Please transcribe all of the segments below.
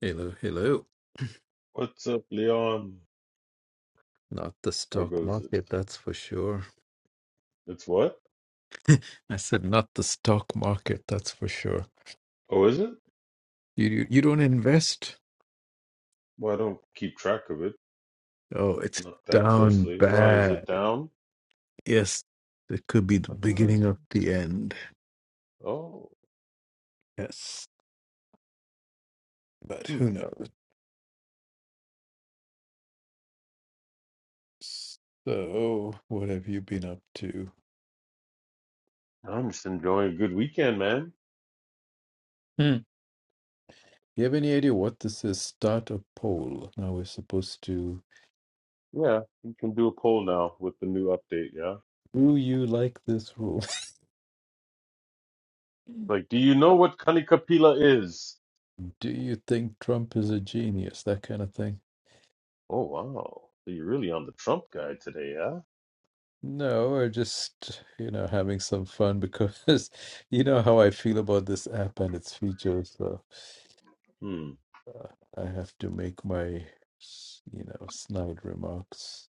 Hello, hello. What's up, Leon? Not the How stock goes it? market, that's for sure. It's what? I said not the stock market, that's for sure. Oh, is it? You you, you don't invest? Well, I don't keep track of it, Oh, it's not that down closely. Why is it bad. down? Yes, it could be the I thought beginning I. of the end. Oh, Yes, but hmm. who knows? So, what have you been up to? I'm just enjoying a good weekend, man. Hmm. You have any idea what this is? Start a poll. Now we're supposed to. Yeah, you can do a poll now with the new update. Yeah, Do you like this rule? like, do you know what Kanikapila is? Do you think Trump is a genius? That kind of thing. Oh, wow. So you're really on the Trump guy today, yeah? No, we're just, you know, having some fun because you know how I feel about this app and its features. So Hmm. I have to make my, you know, snide remarks.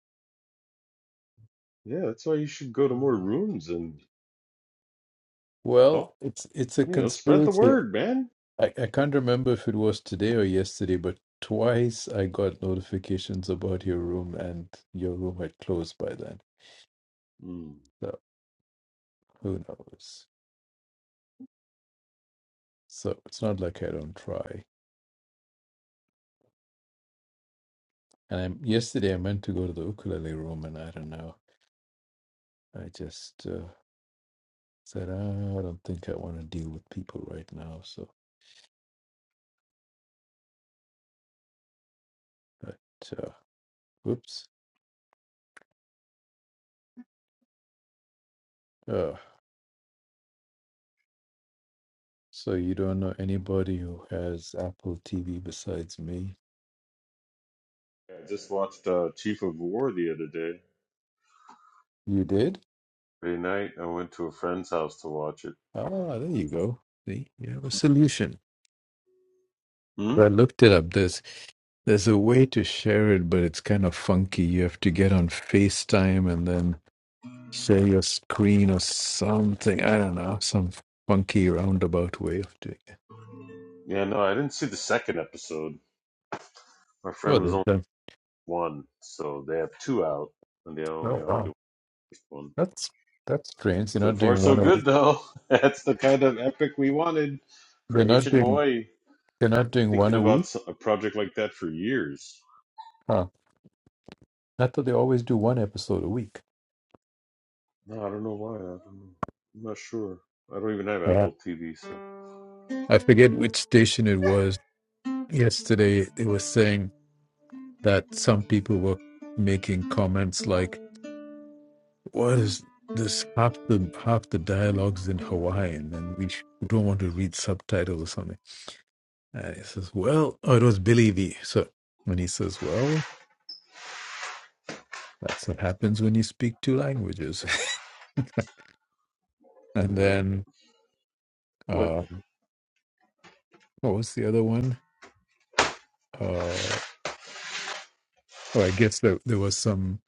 Yeah, that's why you should go to more rooms and Well, talk. it's it's a You know, spread the conspiracy. word, man. I, I can't remember if it was today or yesterday, but twice I got notifications about your room and your room had closed by then. Hmm. So who knows? So it's not like I don't try. And I'm, yesterday I meant to go to the ukulele room and I don't know. I just uh, said, "Ah, I don't think I want to deal with people right now. So, but, uh, whoops. Uh, so you don't know anybody who has Apple TV besides me? Yeah, I just watched uh, Chief of War the other day. You did? Friday night, I went to a friend's house to watch it. Ah, there you go. See, you have a solution. Hmm? I looked it up. There's there's a way to share it, but it's kind of funky. You have to get on FaceTime and then share your screen or something. I don't know, some funky roundabout way of doing it. Yeah, no, I didn't see the second episode. My Oh, friend was there's only one, so they have two out, and they only that. only watched one. That's that's strange. They're So not far, doing so one a good week. though. That's the kind of epic we wanted They're for not ancient doing Hawaii. they're not doing one Thinking a about week. s- a project like that for years. Huh. I thought they always do one episode a week. No, I don't know why. I don't know. I'm not sure. I don't even have Yeah. Apple TV, so I forget which station it was. Yesterday They were saying that some people were making comments like, What is this half the half the dialogues in Hawaiian and we sh- we don't want to read subtitles or something. And he says, Well oh it was Billy V. So when he says, Well, that's what happens when you speak two languages. and you know. then But Uh, what was the other one? Uh, oh, I guess there, there was some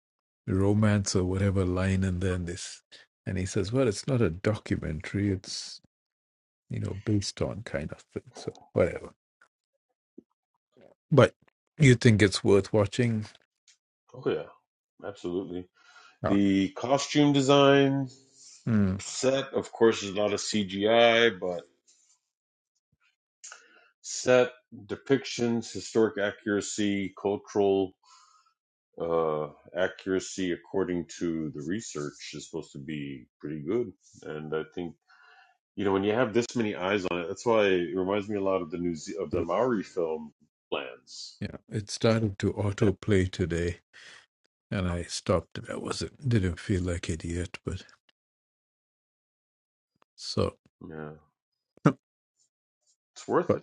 romance or whatever line, and then this, and he says, "Well, it's not a documentary; it's you know based on kind of thing." So whatever. But you think it's worth watching? oh yeah, absolutely. Ah, The costume design. hmm. Set, of course, is not a CGI, but set depictions, historic accuracy, cultural uh, accuracy, according to the research, is supposed to be pretty good. And I think you know when you have this many eyes on it, that's why it reminds me a lot of the New Ze- of the Maori film plans. yeah. It started to autoplay today, and I stopped it. I wasn't didn't feel like it yet, but so. Yeah, it's worth But it.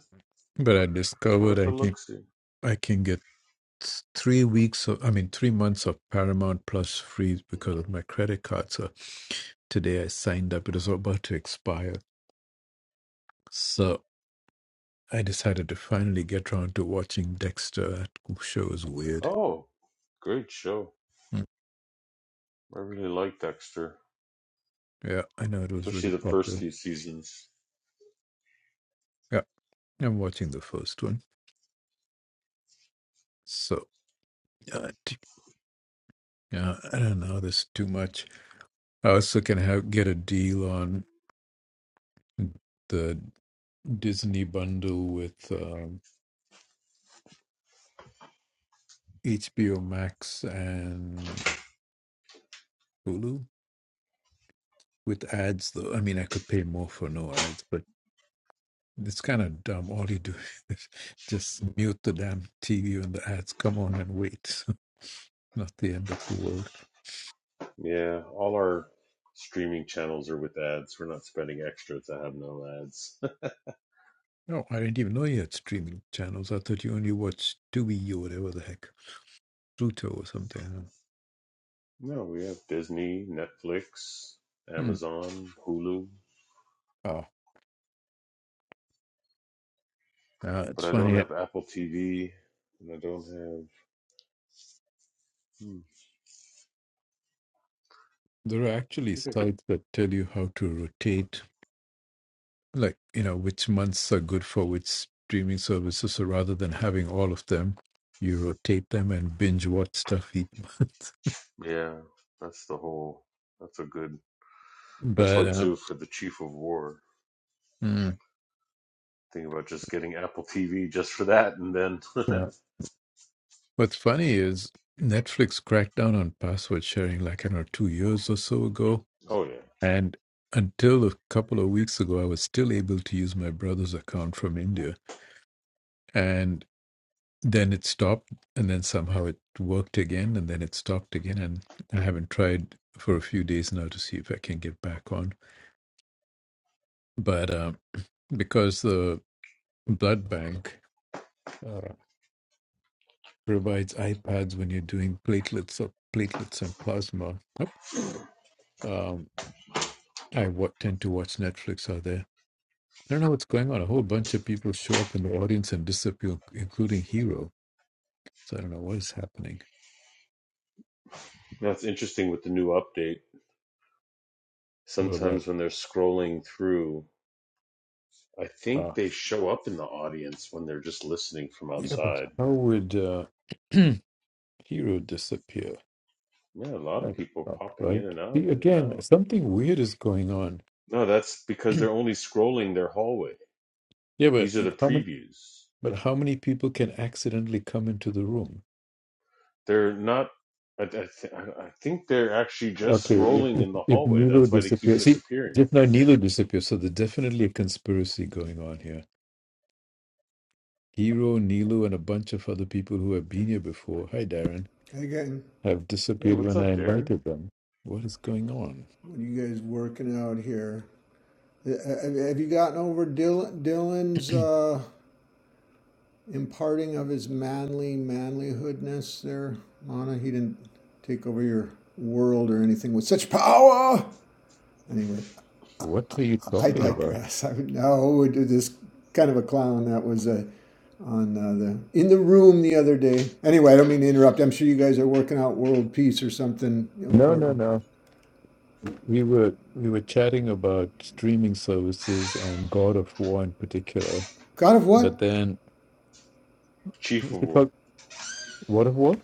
but I discovered Worth a I can look see. I can get s- three weeks of, I mean, three months of Paramount Plus free because of my credit card. So today I signed up. It was about to expire. So I decided to finally get around to watching Dexter. That show was weird. Oh, great show. Mm. I really like Dexter, Yeah, I know it was especially really the first popular. few seasons. Yeah, I'm watching the first one. So uh, t- uh, I don't know. This is too much. I also can have get a deal on the Disney bundle with um, HBO Max and Hulu. with ads though i mean i could pay more for no ads but it's kind of dumb all you do is just mute the damn tv and the ads come on and wait not the end of the world Yeah, all our streaming channels are with ads. We're not spending extra to have no ads. no i didn't even know you had streaming channels i thought you only watched tubi or whatever the heck pluto or something no, we have Disney, Netflix, hmm. Amazon, Hulu, oh uh, but it's I don't funny have Apple TV, and I don't have. Hmm, there are actually I think I could. sites that tell you how to rotate like you know which months are good for which streaming services so rather than having all of them you rotate them and binge watch stuff each month Yeah, that's the whole. That's a good. That's why but um, too for the Chief of War. mm, Think about just getting Apple TV just for that, and then. yeah. what's funny is netflix cracked down on password sharing like i don't know two years or so ago oh yeah, and until a couple of weeks ago i was still able to use my brother's account from india and then it stopped and then somehow it worked again and then it stopped again and i haven't tried for a few days now to see if i can get back on but um, because the blood bank uh, provides ipads when you're doing platelets or platelets and plasma um, i wa- tend to watch netflix out there i don't know what's going on a whole bunch of people show up in the audience and disappear including hero so i don't know what is happening that's interesting with the new update. what about Sometimes when they're scrolling through I uh, think they show up in the audience when they're just listening from yeah but outside. how would uh hero disappear. Yeah, a lot of That's people not popping in right. and out, See, in and again, out. something weird is going on. No, that's because they're only scrolling their hallway. Yeah, but These are the like, how many, previews. but how many people can accidentally come into the room? They're not. I, I, th- I think they're actually just Okay, if scrolling if, in the if hallway. Nilo That's why they keep disappears, see, disappearing. just now Nilo disappears, so there's definitely a conspiracy going on here. Hero, Nilo, and a bunch of other people who have been here before. Hi, Darren, Hey, Again, have Hey, disappeared what's when I up, Darren? invited them. What is going on? when you guys working out here, uh, have you gotten over Dylan, Dylan's uh, imparting of his manly manlyhoodness there, Lana? He didn't take over your world or anything with such power. Anyway, What are you I I talking No, about? digress. I know this kind of a clown that was uh, on uh, the in the room the other day. Anyway, I don't mean to interrupt. I'm sure you guys are working out world peace or something No, no, important. no. We were we were chatting about streaming services and God of War in particular, God of what? but then Chief is of it War. called God of War?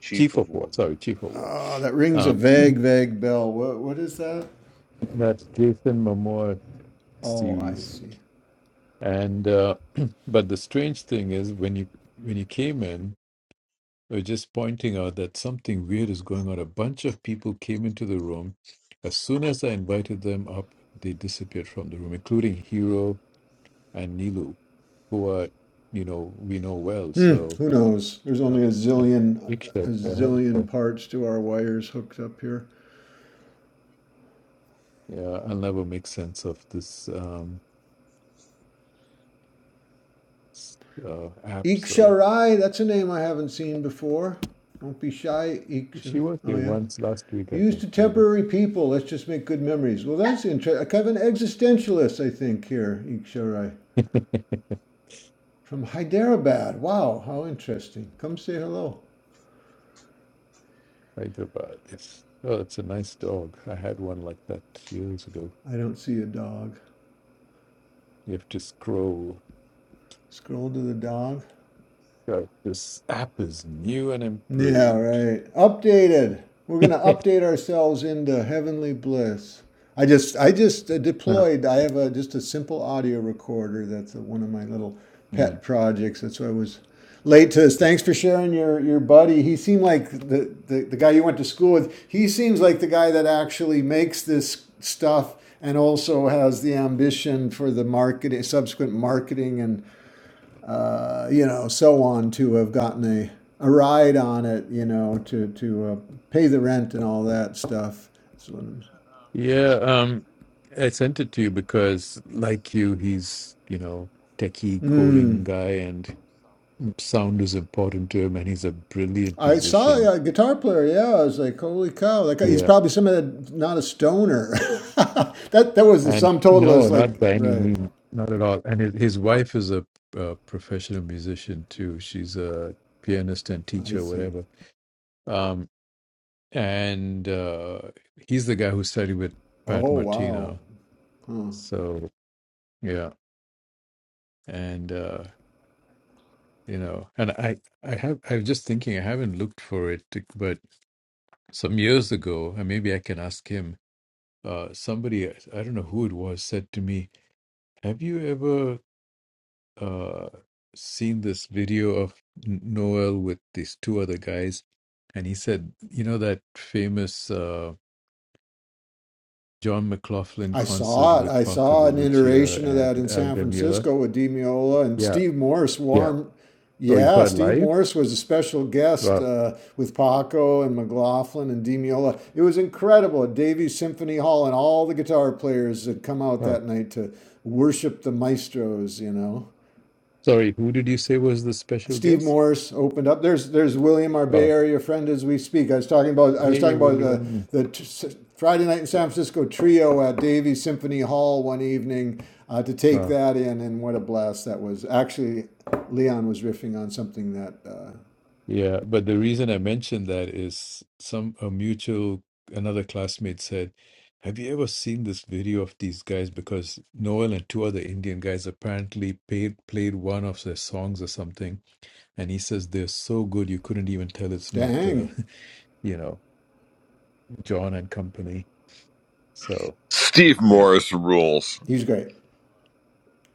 Chief Chief of of War, War. sorry, Chief of War. Oh, that rings a Uh, vague, vague bell. What, what is that? that's Jason Momoa Oh, I series, see. and uh, but the strange thing is when you when you came in, we were just pointing out that something weird is going on. A bunch of people came into the room. As soon as I invited them up, they disappeared from the room, including Hero, and Nilu, who are you know we know well. Hmm, So who knows? There's uh, only a zillion, a Diksha, yeah, zillion parts to our wires hooked up here. yeah, I'll never make sense of this um, s- uh, app. So Iksharai, that's a name I haven't seen before. Don't be shy, Iksha. she was Oh, here yeah. once last week, I Used think, to maybe. temporary people. Let's just make good memories. Well, that's interesting. Kind of an existentialist, I think, here, Iksharai. From Hyderabad. Wow, how interesting. Come say hello. Hyderabad. Yes. Oh, it's a nice dog. I had one like that years ago. I don't see a dog. You have to scroll. Scroll to the dog. God, this app is new and Yeah, improved. right. Updated. We're going to update ourselves into heavenly bliss. I just I just uh, deployed. I have a just a simple audio recorder. That's uh one of my little Mm. pet projects. That's why I was late to this. Thanks for sharing your your buddy. He seemed like the, the the guy you went to school with. He seems like the guy that actually makes this stuff and also has the ambition for the marketing subsequent marketing and uh, you know, so on to have gotten a, a ride on it, you know, to, to uh, pay the rent and all that stuff. So, Yeah, um, I sent it to you because, like you, he's, you know, techie hmm. coding guy and sound is important to him and he's a brilliant I musician. saw a guitar player. Yeah, I was like, "Holy cow!" Like he's Yeah. probably some of the, not a stoner. that that was the And sum total. no, Is like, not by any right? means, not at all. And his, his wife is a, uh professional musician too. She's a pianist and I teacher, see. whatever. Um, and uh, he's the guy who studied with Pat Oh wow. Martino. Huh. So, yeah. And uh, you know and i i have i was just thinking i haven't looked for it but some years ago and maybe i can ask him uh somebody i don't know who it was said to me have you ever uh seen this video of N- noel with these two other guys and he said you know that famous uh john mclaughlin I concert saw it. with I paco saw de an lucia iteration of that and in al San Mueller? Francisco with Demiola and yeah Steve Morse. yeah Warm, oh you yeah. saw it Steve live Morse was a special guest But uh, with Paco and McLaughlin and Demiola. It was incredible at Davies Symphony Hall, and all the guitar players had come out oh, that night to worship the maestros. You know. sorry, who did you say was the special Steve guest? Morse opened up. There's there's William, our Bay Oh, Area friend, as we speak. I was talking about I was hey, talking about the William. the t- s- Friday night in San Francisco trio at Davies Symphony Hall one evening uh, to take Uh, that in, and what a blast that was! Actually, Leon was riffing on something that, uh, yeah, but the reason I mentioned that is some a mutual another classmate said, "Have you ever seen this video of these guys?" Because Noel and two other Indian guys apparently paid, played one of their songs or something, and he says they're so good you couldn't even tell it's not the, dang, you know. John and company. So Steve yeah, Morris rules. he's great.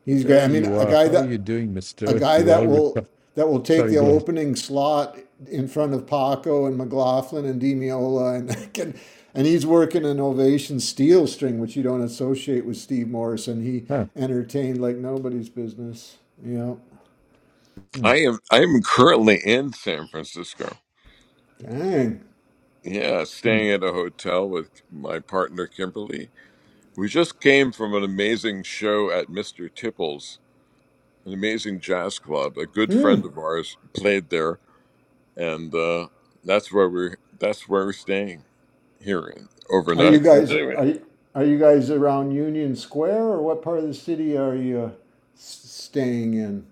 He's great. there I mean, you a are. guy How are you that doing, a Mister? guy You that all will recovered? that will take Sorry, the go ahead. opening slot in front of Paco and McLaughlin and Demiola and can, and he's working an ovation steel string, which you don't associate with Steve Morrison. He Huh. entertained like nobody's business. Yeah, Mm, I am I am currently in San Francisco. dang. Yeah, mm. staying at a hotel with my partner Kimberly. We just came from an amazing show at Mr. Tipples, an amazing jazz club. A good Hmm. friend of ours played there, and uh, that's where we're that's where we're staying here in, Are you overnight. And guys Anyway, are you- are you guys around Union Square or what part of the city are you uh, staying in?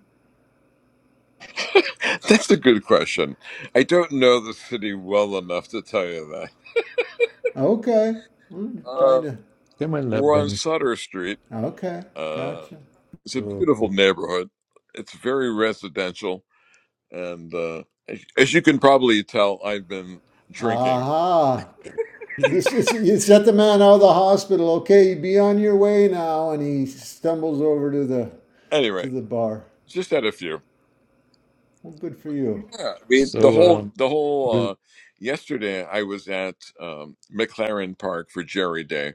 that's a good question. I don't know the city well enough to tell you that. Okay. Hmm, trying Uh, to. Come on, love we're on bunny. Sutter Street. Okay. uh, Gotcha. It's a Oh, beautiful neighborhood. It's very residential, and uh, as as you can probably tell, I've been drinking. Aha. This it's, it's let the man out of the hospital. Okay, be on your way now. And he stumbles over to the to Anyway, the bar. just had a few. Well, good for you. Yeah, I mean the So whole um, the Will- whole. Uh, yesterday, I was at um, McLaren Park for Jerry Day,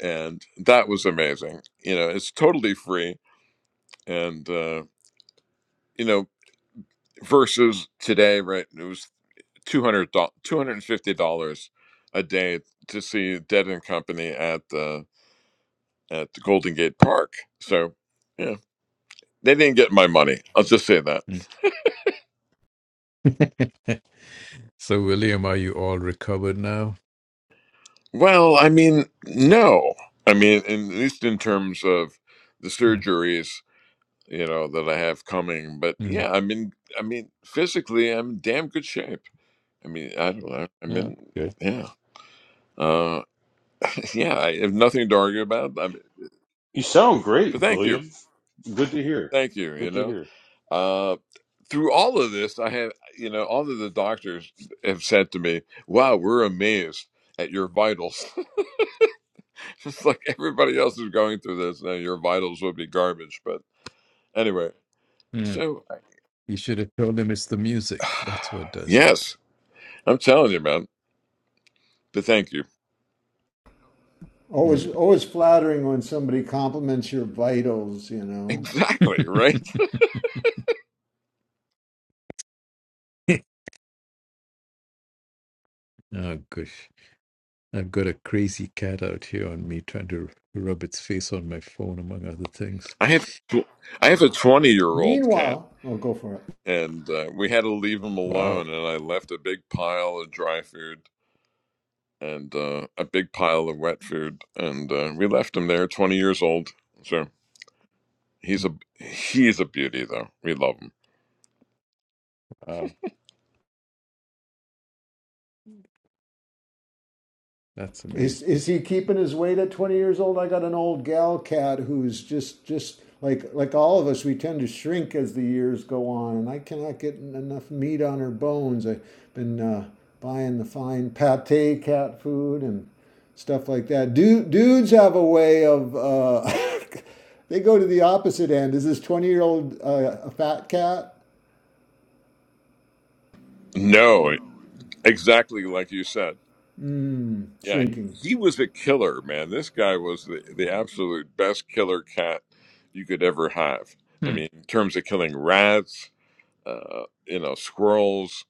and that was amazing. You know, it's totally free, and uh, you know, versus today, right? It was two hundred two hundred and fifty dollars a day to see Dead and Company at uh, at the Golden Gate Park. So, yeah, they didn't get my money. I'll just say that. Mm. so William, are you all recovered now? Well, I mean, no. I mean, in, at least in terms of the Mm, surgeries, you know, that I have coming. But mm. yeah, I mean, I mean, physically, I'm in damn good shape. I mean, I don't know. I No, mean, good. yeah, uh, yeah. I have nothing to argue about. I mean, You sound great, but thank you, William. Good to hear. thank you. You Good to know, hear. uh, through all of this, I have, you know, all of the doctors have said to me, wow, we're amazed at your vitals. It's like everybody else is going through this. Now your vitals would be garbage. But anyway, Mm. so You should have told him it's the music. That's what does it. yes, I'm telling you, man. But thank you. Always Mm. always flattering when somebody compliments your vitals. You know. Exactly, right? Oh gosh, I've got a crazy cat out here on me trying to rub its face on my phone, among other things. I have, a tw- I have a 20 year old cat Meanwhile, oh, go for it. and uh, we had to leave him Wow. alone. And I left a big pile of dry food and uh, a big pile of wet food. And uh, we left him there 20 years old. So He's a he's a beauty though. We love him. Wow. That's amazing. Is is he keeping his weight at 20 years old? I got an old gal cat who's just just like like all of us. We tend to shrink as the years go on, and I cannot get enough meat on her bones. I've been uh, buying the fine pate cat food and stuff like that. Dude, dudes have a way of. Uh, They go to the opposite end. Is this 20 year old uh, a fat cat? No, exactly like you said. Mmm, Yeah, he, shrinking. he was a killer, man. This guy was the, the absolute best killer cat you could ever have. I Hmm. mean, in terms of killing rats, uh, you know, squirrels.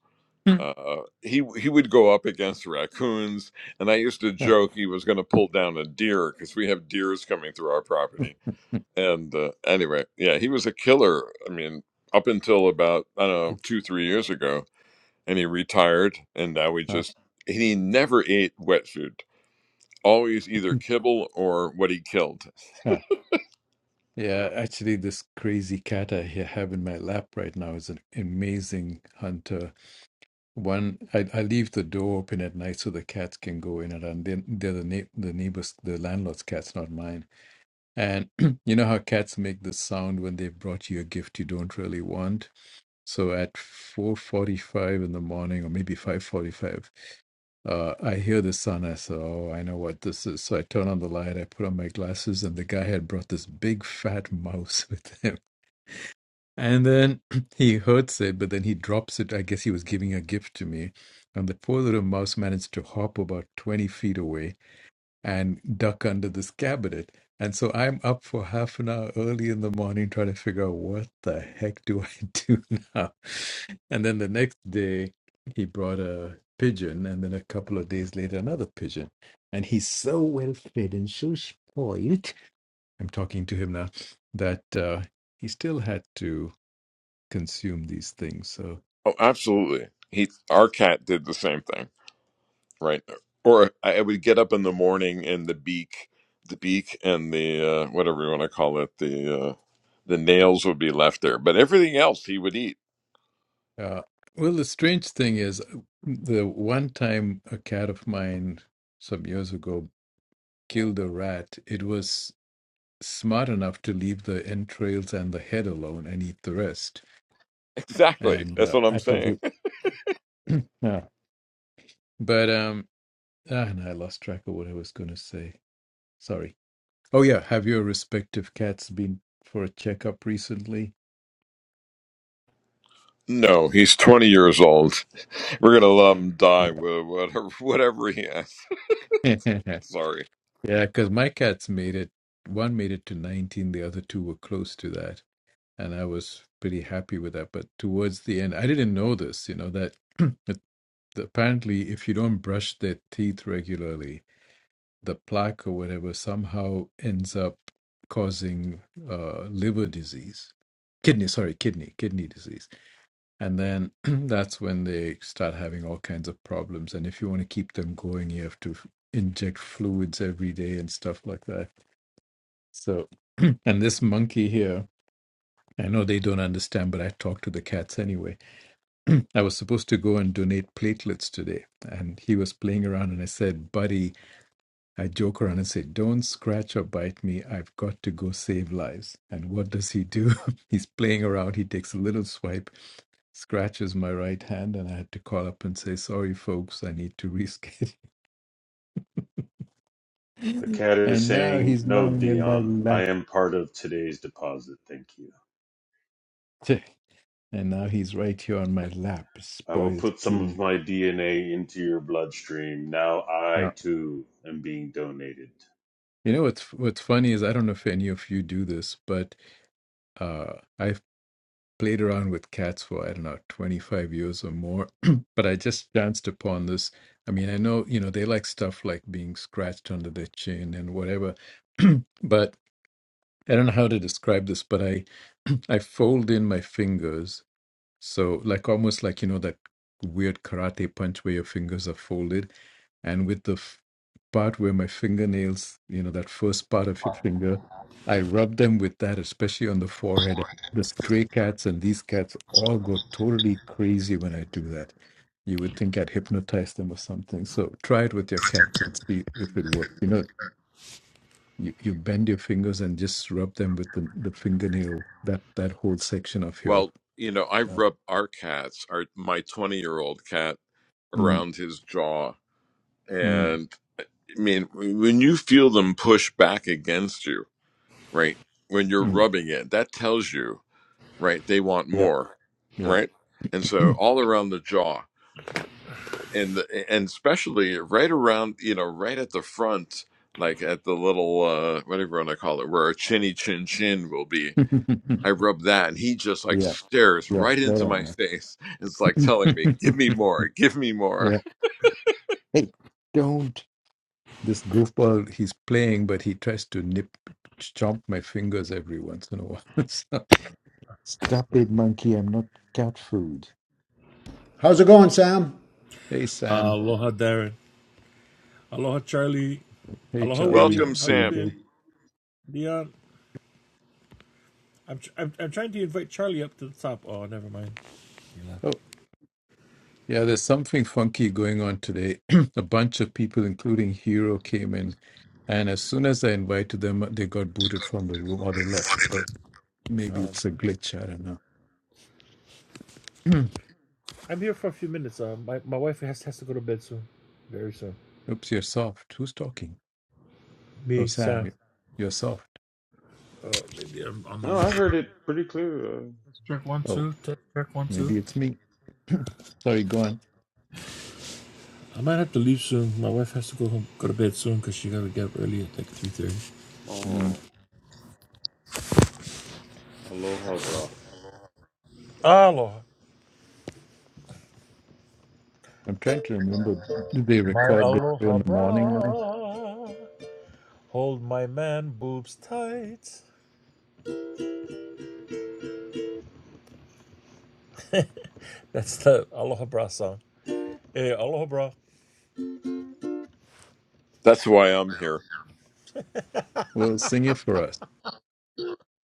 Hmm. Uh, he he would go up against raccoons, and I used to Huh. joke he was going to pull down a deer because we have deers coming through our property. And uh, anyway, yeah, he was a killer. I mean, up until about I don't know Oh, two three years ago, and he retired and now he huh. just and he never ate wet food always either kibble or what he killed Huh. Yeah, actually, this crazy cat I ha- have in my lap right now is an amazing hunter. One, I, I leave the door open at night so the cats can go in and out. And then they're the na- the neighbors, the landlord's cats, not mine. And you know how cats make the sound when they've brought you a gift you don't really want. So at 4:45 in the morning, or maybe 5:45, Uh, I hear the sound. I said, "Oh, I know what this is." So I turn on the light. I put on my glasses, and the guy had brought this big fat mouse with him. And then he hurts it, but then he drops it. I guess he was giving a gift to me, and the poor little mouse managed to hop about twenty feet away and duck under this cabinet. And so I'm up for half an hour early in the morning trying to figure out what the heck do I do now? And then the next day, he brought a pigeon, and then a couple of days later, another pigeon. And he's so well fed and so spoiled. I'm talking to him now that uh, he still had to consume these things. So, oh absolutely he our cat did the same thing right? Or I would get up in the morning and the beak, the beak and the uh, whatever you want to call it, the uh, the nails would be left there, but everything else he would eat. uh, well, the strange thing is, the one time a cat of mine some years ago kill the rat, it was smart enough to leave the entrails and the head alone and eat the rest. Exactly. And uh, That's what I I'm thought, saying. you, yeah. but um, ah, and I lost track of what I was going to say. Sorry. Oh yeah, have your respective cats been for a checkup recently? No, he's 20 years old. We're gonna let him Yeah, die with whatever whatever he has. yeah, Sorry. because my cats made it. One made it to nineteen, the other two were close to that, and I was pretty happy with that. But towards the end, I didn't know this, you know that. at apparently if you don't brush their teeth regularly the plaque or whatever somehow ends up causing uh, liver disease kidney sorry kidney kidney disease and then that's when they start having all kinds of problems and if you want to keep them going you have to f- inject fluids every day and stuff like that so and this monkey here i know they don't understand but i talk to the cats anyway I was supposed to go and donate platelets today. And he was playing around, and I said, Buddy, I joke around and say, Don't scratch or bite me. I've got to go save lives. And what does he do? He's playing around. He takes a little swipe, scratches my right hand, and I had to call up and say, Sorry, folks, I need to reschedule. The cat is and now saying, he's No, lying in my Dion, I lap. am part of today's deposit, thank you. And now he's right here on my lap, I will spoiled put some of kitty. my DNA into your bloodstream. Now I, Now, too, am being donated. you know what's what's funny is I don't know if any of you do this, but Uh, I've played around with cats for, I don't know, 25 years or more, but I just chanced upon this. I mean, I know, you know, they like stuff like being scratched under their chin and whatever, but I don't know how to describe this, but I I fold in my fingers so like almost like you know that weird karate punch where your fingers are folded, and with the f- part where my fingernails, you know, that first part of your finger, I rub them with that, especially on the forehead. The stray cats and these cats all go totally crazy when I do that. You would think I'd hypnotize them or something. So try it with your cats and see if it works. You know, you, you bend your fingers and just rub them with the, the fingernail, that, that whole section of your. Well, you know, I've Uh, rubbed our cats, our my 20 year old cat. mm, around his jaw. mm, And I mean, when you feel them push back against you, right? When you're mm. rubbing it, that tells you, right? They want Yeah, more, yeah. right? And yeah, so all around the jaw and the, and especially right around, you know, right at the front, like at the little, uh, whatever you want to call it, where a chinny chin chin will be. I rub that and he just like yeah, stares that right into my I face. It's like telling me, give know. me more, give me more. yeah. Hey, don't. This goofball, he's playing, but he tries to nip, chomp my fingers every once in a while. so, Stop it, monkey. I'm not cat food. How's it going, Sam? Hey, Sam. Aloha, Darren. Aloha, Charlie. Hey, Aloha, Hey, Charlie. William. Welcome, How Charlie. you Sam. been, CJ. Dion? I'm, tr- I'm I'm trying to invite Charlie up to the top. Oh, never mind. Oh, yeah, there's something funky going on today. a bunch of people, including Hero, came in. And as soon as I invited them, they got booted from the room or they left. So maybe Um, it's a glitch. I don't know. I'm here for a few minutes. Uh, my my wife has has to go to bed soon, very soon. Oops, you're soft. Who's talking? Oh, Me, Sam, Sam. you- you're soft. Uh, maybe I'm on the No, mic. I heard it pretty clear. Uh, Check one, Oh, two. Check, check one, two. maybe it's me. Sorry, go on. I might have to leave soon. My wife has to go home, go to bed soon because she got to get up early at like three thirty. Mm, oh, aloha, bra. Aloha, I'm trying to remember. Did they my record this show aloha in the morning now? bra. Hold my man boobs tight. That's the Aloha Bra song. Hey, Aloha Bra. That's why I'm here. Well, sing it for us.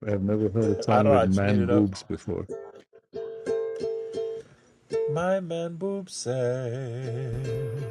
I've never heard a I song don't know. with I just made man it up. boobs before. My man boob say.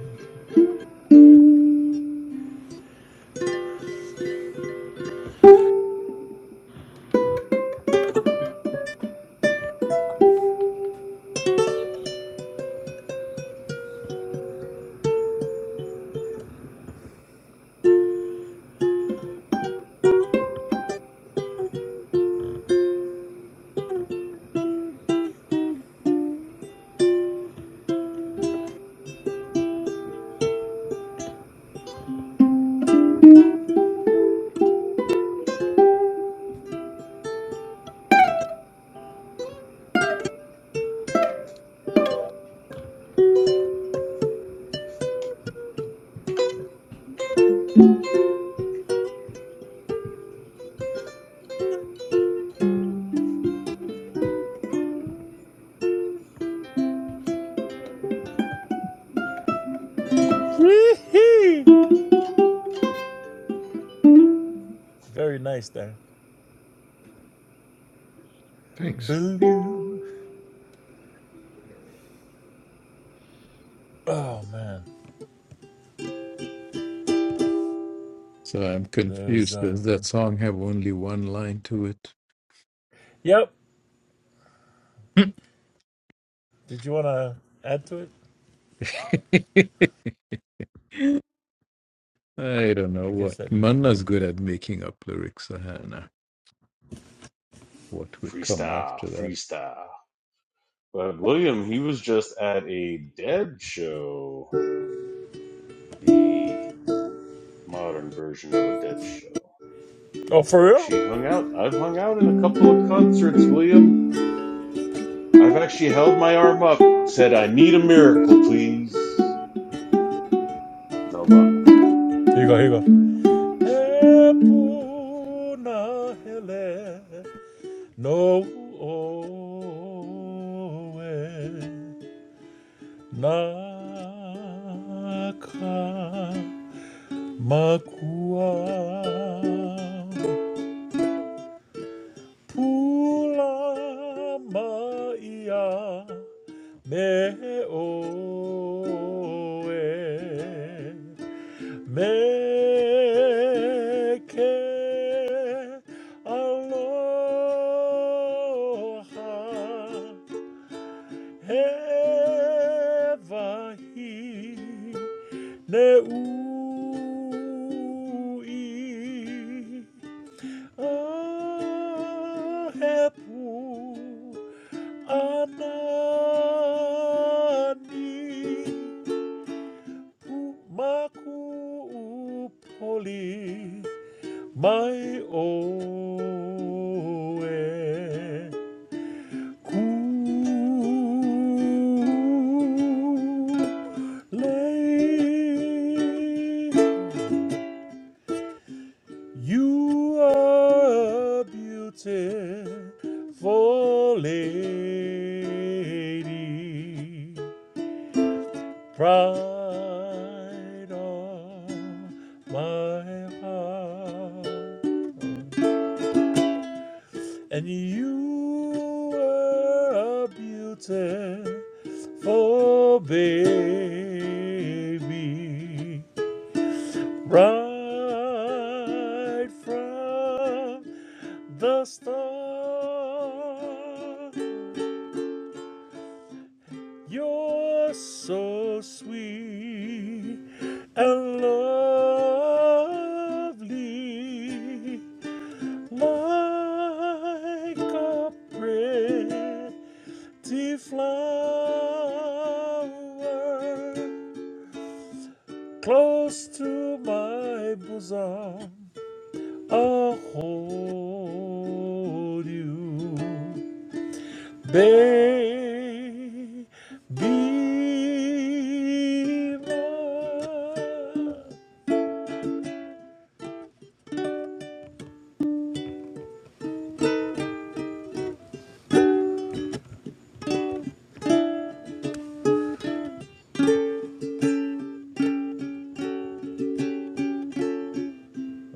Wee-hee. Very nice there. Thanks. Blue. Oh, man. So I'm There's, confused. uh. Does that song have only one line to it? Yep. Did you want to add to it? I don't know I guess what. that. I Manna's don't good know. at making up lyrics, I do What would come Freestyle, after that? freestyle. But William, he was just at a dead show, the modern version of a dead show. Oh, for I've real? actually hung out. I've hung out in a couple of concerts, William. I've actually held my arm up, said, I need a miracle, please. No luck. Here you go. Here you go. Hepuna hele no oe. Nakamakua Pula Maia Me Oe Me Ke Aloha ever He Evahi Leui Ahepu Anani Umaku Upoli mai oe lady, you are a beautiful lady, pride of my heart. And you were a beautiful baby, right from the start. You're so sweet and lovely. like a pretty flower close to my bosom. I'll hold you, baby.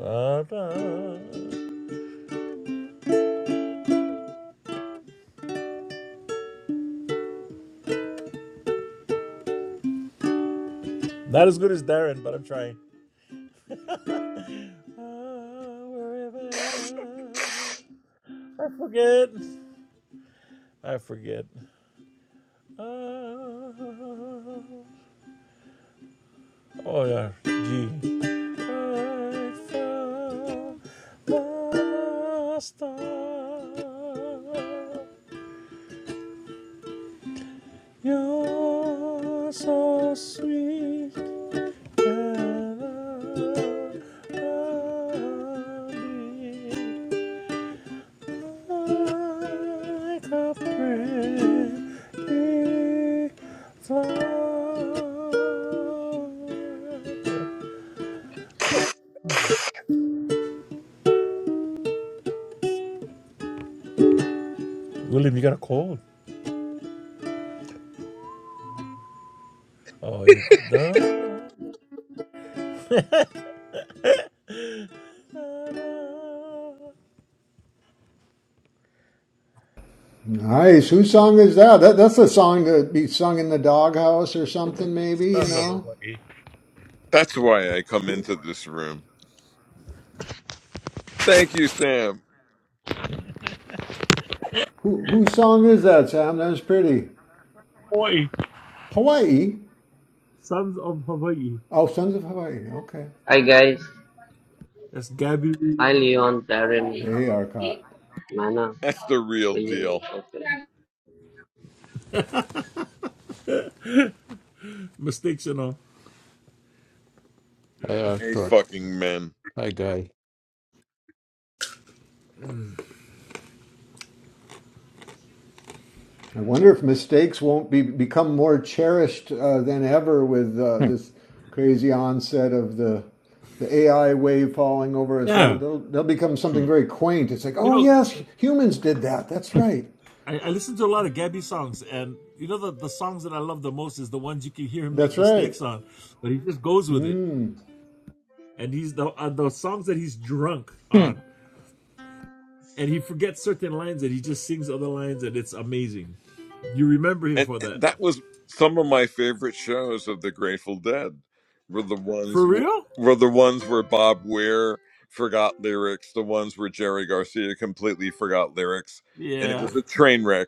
Ah, ah. Not as good as Darren, but I'm trying. Ah, wherever. I forget. I forget. Ah, oh yeah, G. I found the star. You're so sweet. And I, I like William, you got a cold. Oh, yeah. Da, Nice. Whose song is that? that that's a song that'd be sung in the doghouse or something, maybe, you Sons of know? Hawaii. That's why I come Who, into this room. Thank you, Sam. who, whose song is that, Sam? That was pretty. Hawaii. Hawaii. Sons of Hawaii. Oh, Sons of Hawaii. Okay. Hi guys, That's Gabby I Leon Darren Hey, Arcot. Mana That's the real William and deal. Shorter. mistakes, you know. Hi, A Arkot. fucking men. Hi, I wonder if mistakes won't be become more cherished uh, than ever with uh, this crazy onset of the the AI wave falling over us. They'll, Yeah. they'll, they'll become Hmm. something very quaint. It's like, You oh know, yes, humans did that. That's right. I, I listen to a lot of Gabby songs, and you know the, the songs that I love the most is the ones you can hear him make That's right. mistakes on, but he just goes with it. Mm. and he's the uh, the songs that he's drunk on, and he forgets certain lines and he just sings other lines, and it's amazing. You remember him And for that? that was some of my favorite shows of the Grateful Dead. Were the For ones real? were the ones where Bob Weir forgot lyrics, the ones where Jerry Garcia completely forgot lyrics, and it Yeah, was a train wreck.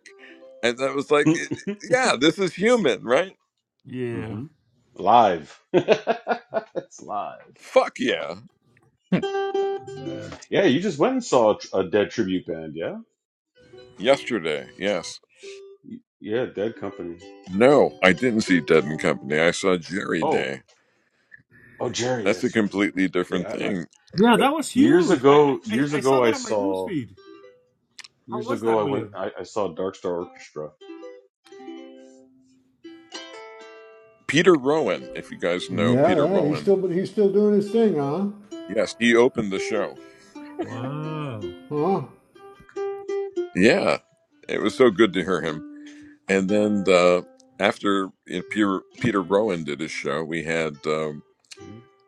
And that was like, it- yeah, this is human, right? yeah, hmm Live. it's live. Fuck yeah. yeah, Yeah, you just went and saw a, tr- a dead tribute band, yeah? Yesterday, yes. Y- Yeah, Dead Company. No, I didn't see Dead and Company. I saw Jerry Oh, Day. oh, Jerry, That's a that's right. completely different Yeah, I, I, thing. yeah. That But was years huge. I I ago, I- years I saw ago, I that on my saw, newsfeed. How years was ago, that, I went, William? I, I saw Dark Star Orchestra. Peter Rowan, if you guys know Yeah, Peter yeah. He's Rowan, still, but he's still doing his thing, huh? yes, he opened the show. Wow, Huh? Yeah, it was so good to hear him. And then the, after you know, Peter, Peter Rowan did his show, we had um,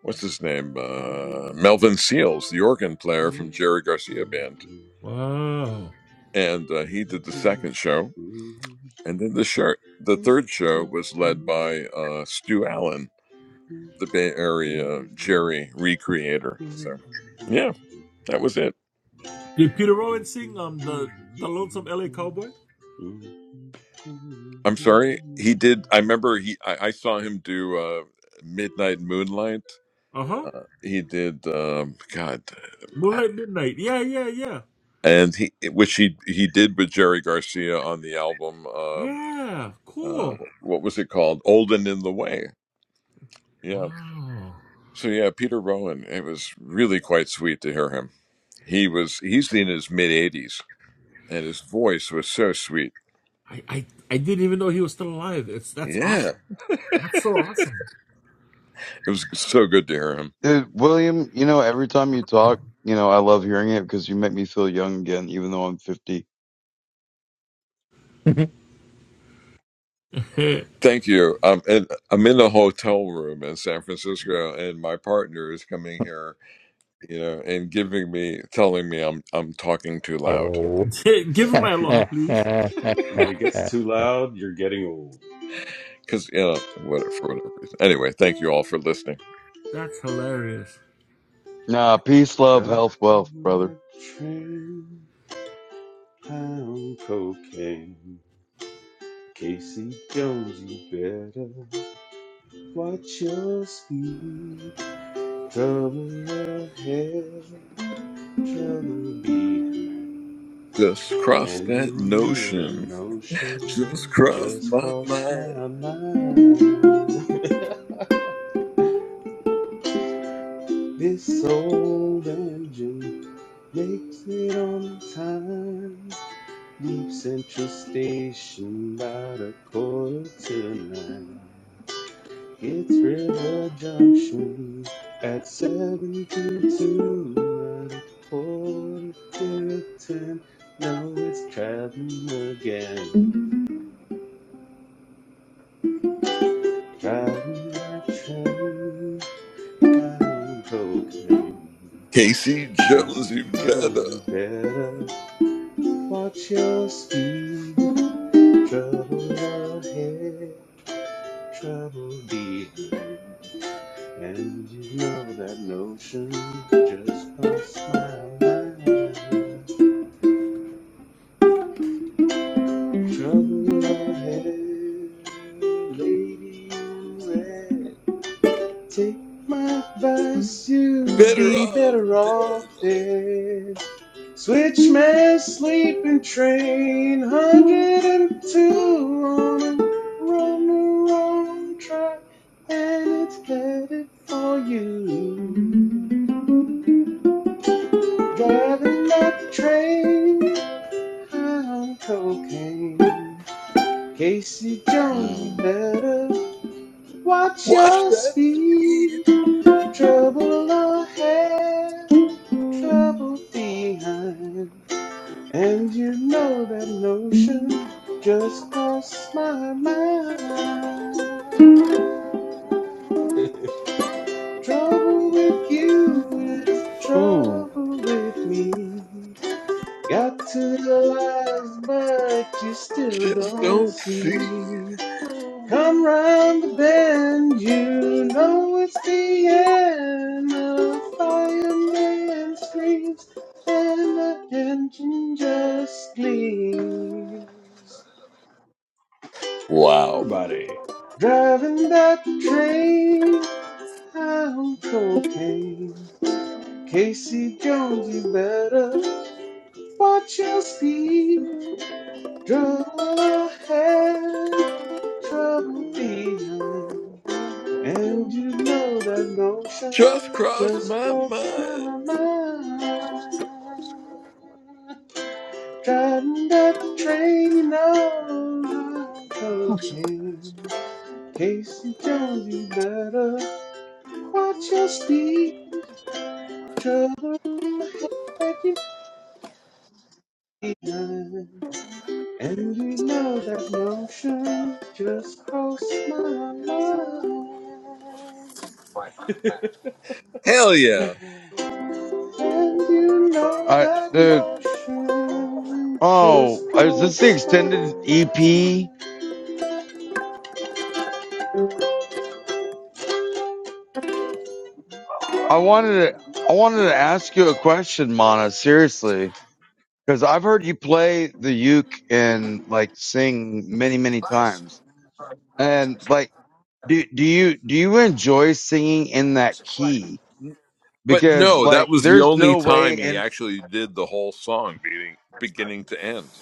what's his name, uh, Melvin Seals, the organ player from Jerry Garcia Band, wow. and uh, he did the second show. And then the shirt, the third show was led by uh, Stu Allen When the Bay Area Jerry recreator. So yeah, that was it. Did Peter Rowan sing um the the Lonesome L.A. Cowboy? I'm sorry. He did. I remember he. I, I saw him do uh, Midnight Moonlight. Uh huh. Uh, he did. Um, God, Moonlight Midnight. Yeah, yeah, yeah, and he which he he did with Jerry Garcia on the album. um yeah. uh, Cool. what was it called? Old and in the Way. Yeah. Wow. So yeah, Peter Rowan. It was really quite sweet to hear him. He was. He's in his mid 80s, and his voice was so sweet. I, I I didn't even know he was still alive. It's that's Yeah. awesome. That's so awesome. It was so good to hear him. Dude, William, you know, every time you talk, you know, I love hearing it because you make me feel young again, even though I'm 50. Guy. Thank you. Um, and I'm in the hotel room in San Francisco, and my partner is coming here, you know, and giving me, telling me I'm I'm talking too loud Oh, Give him my aloha, please. it gets too loud, you're getting old. because you know what for whatever reason. Anyway, thank you all for listening. That's hilarious. Nah, peace, love, Driving health, wealth, brother. my train, pound cocaine. Casey Jones, you better watch your speed. Trouble ahead, trouble behind. Just cross And that you know that notion. notion Just cross just my crossed mind. my mind. This old engine makes it on time. Leave Central Station about a quarter to nine. It's River Junction at 722 at a quarter to ten. Now it's traveling again. Driving that train, high on cocaine. Casey Jonesy Casey Jones, better, you better watch your speed. Trouble ahead, trouble behind. And you know that notion just crossed my mind. Trouble ahead, lady in red. Take my advice, you'd better be off better off dead. dead. Switch my sleeping train, 102 on a wrong, wrong track, and it's headed for you. Driving that train high on cocaine. Casey Jones, you Mm. better watch Watch your that speed. speed. Trouble ahead, trouble behind. And you know that notion just crossed my mind. Trouble with you is Ooh, trouble with me. Got to the lies, but you still Just don't don't see. see. Come round the bend, you know it's the end. A fireman screams and the engine just gleams. Wow. Everybody. Driving back the train, high on cocaine. Casey Jones, you better watch your speed. Trouble ahead, trouble behind. And you know that notion Just crossed just my crossed mind. my mind. Driving that train, you know, I'm cocaine. Casey tells you better watch your speed. Trouble ahead you behind. And you know that notion just crossed my mind. Hell yeah. And you know I, that dude, notion oh, just is this crossed the my extended EP? mind. I wanted to, I wanted to ask you a question, Mana, seriously, because I've heard you play the uke and like sing many, many times. And like, do, do you, do you enjoy singing in that key? But because no, that like was the there's only no time way he and actually did the whole song beating, beginning to end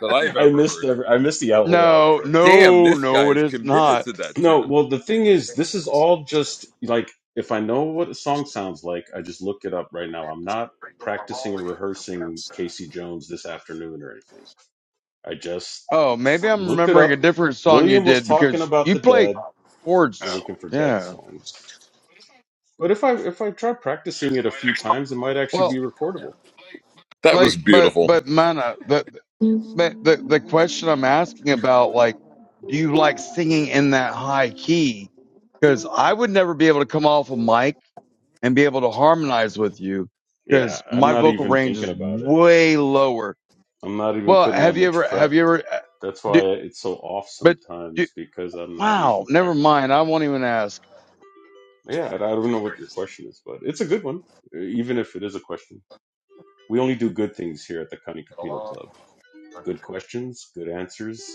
that I've I ever missed heard. the I missed the out- whole no outro. Damn, no this guy no it is is committed not to that tune. No, well the thing is, this is all just like if I know what a song sounds like, I just look it up right now. I'm not practicing and rehearsing Casey Jones this afternoon or anything. I just oh maybe i'm looked it remembering a up. different song you William was did talking because about you the play dead. You're chords looking for dead yeah songs. But if I if I try practicing it a few times, it might actually be well recordable. That was like but beautiful. but mana the the the the question i'm asking about like do you like singing in that high key because i would never be able to come off a mic and be able to harmonize with you Yeah, because I'm my not vocal even range thinking is about it. way lower I'm not even well putting that have you much ever have prep. you ever uh, That's why do, it's so off But you, sometimes because I'm not wow, even never mind. practicing. I won't even ask. Yeah, I I don't know what your question is, but it's a good one, e, even if it is a question. We only do good things here at the Kani Kapila Club. Good questions, good answers,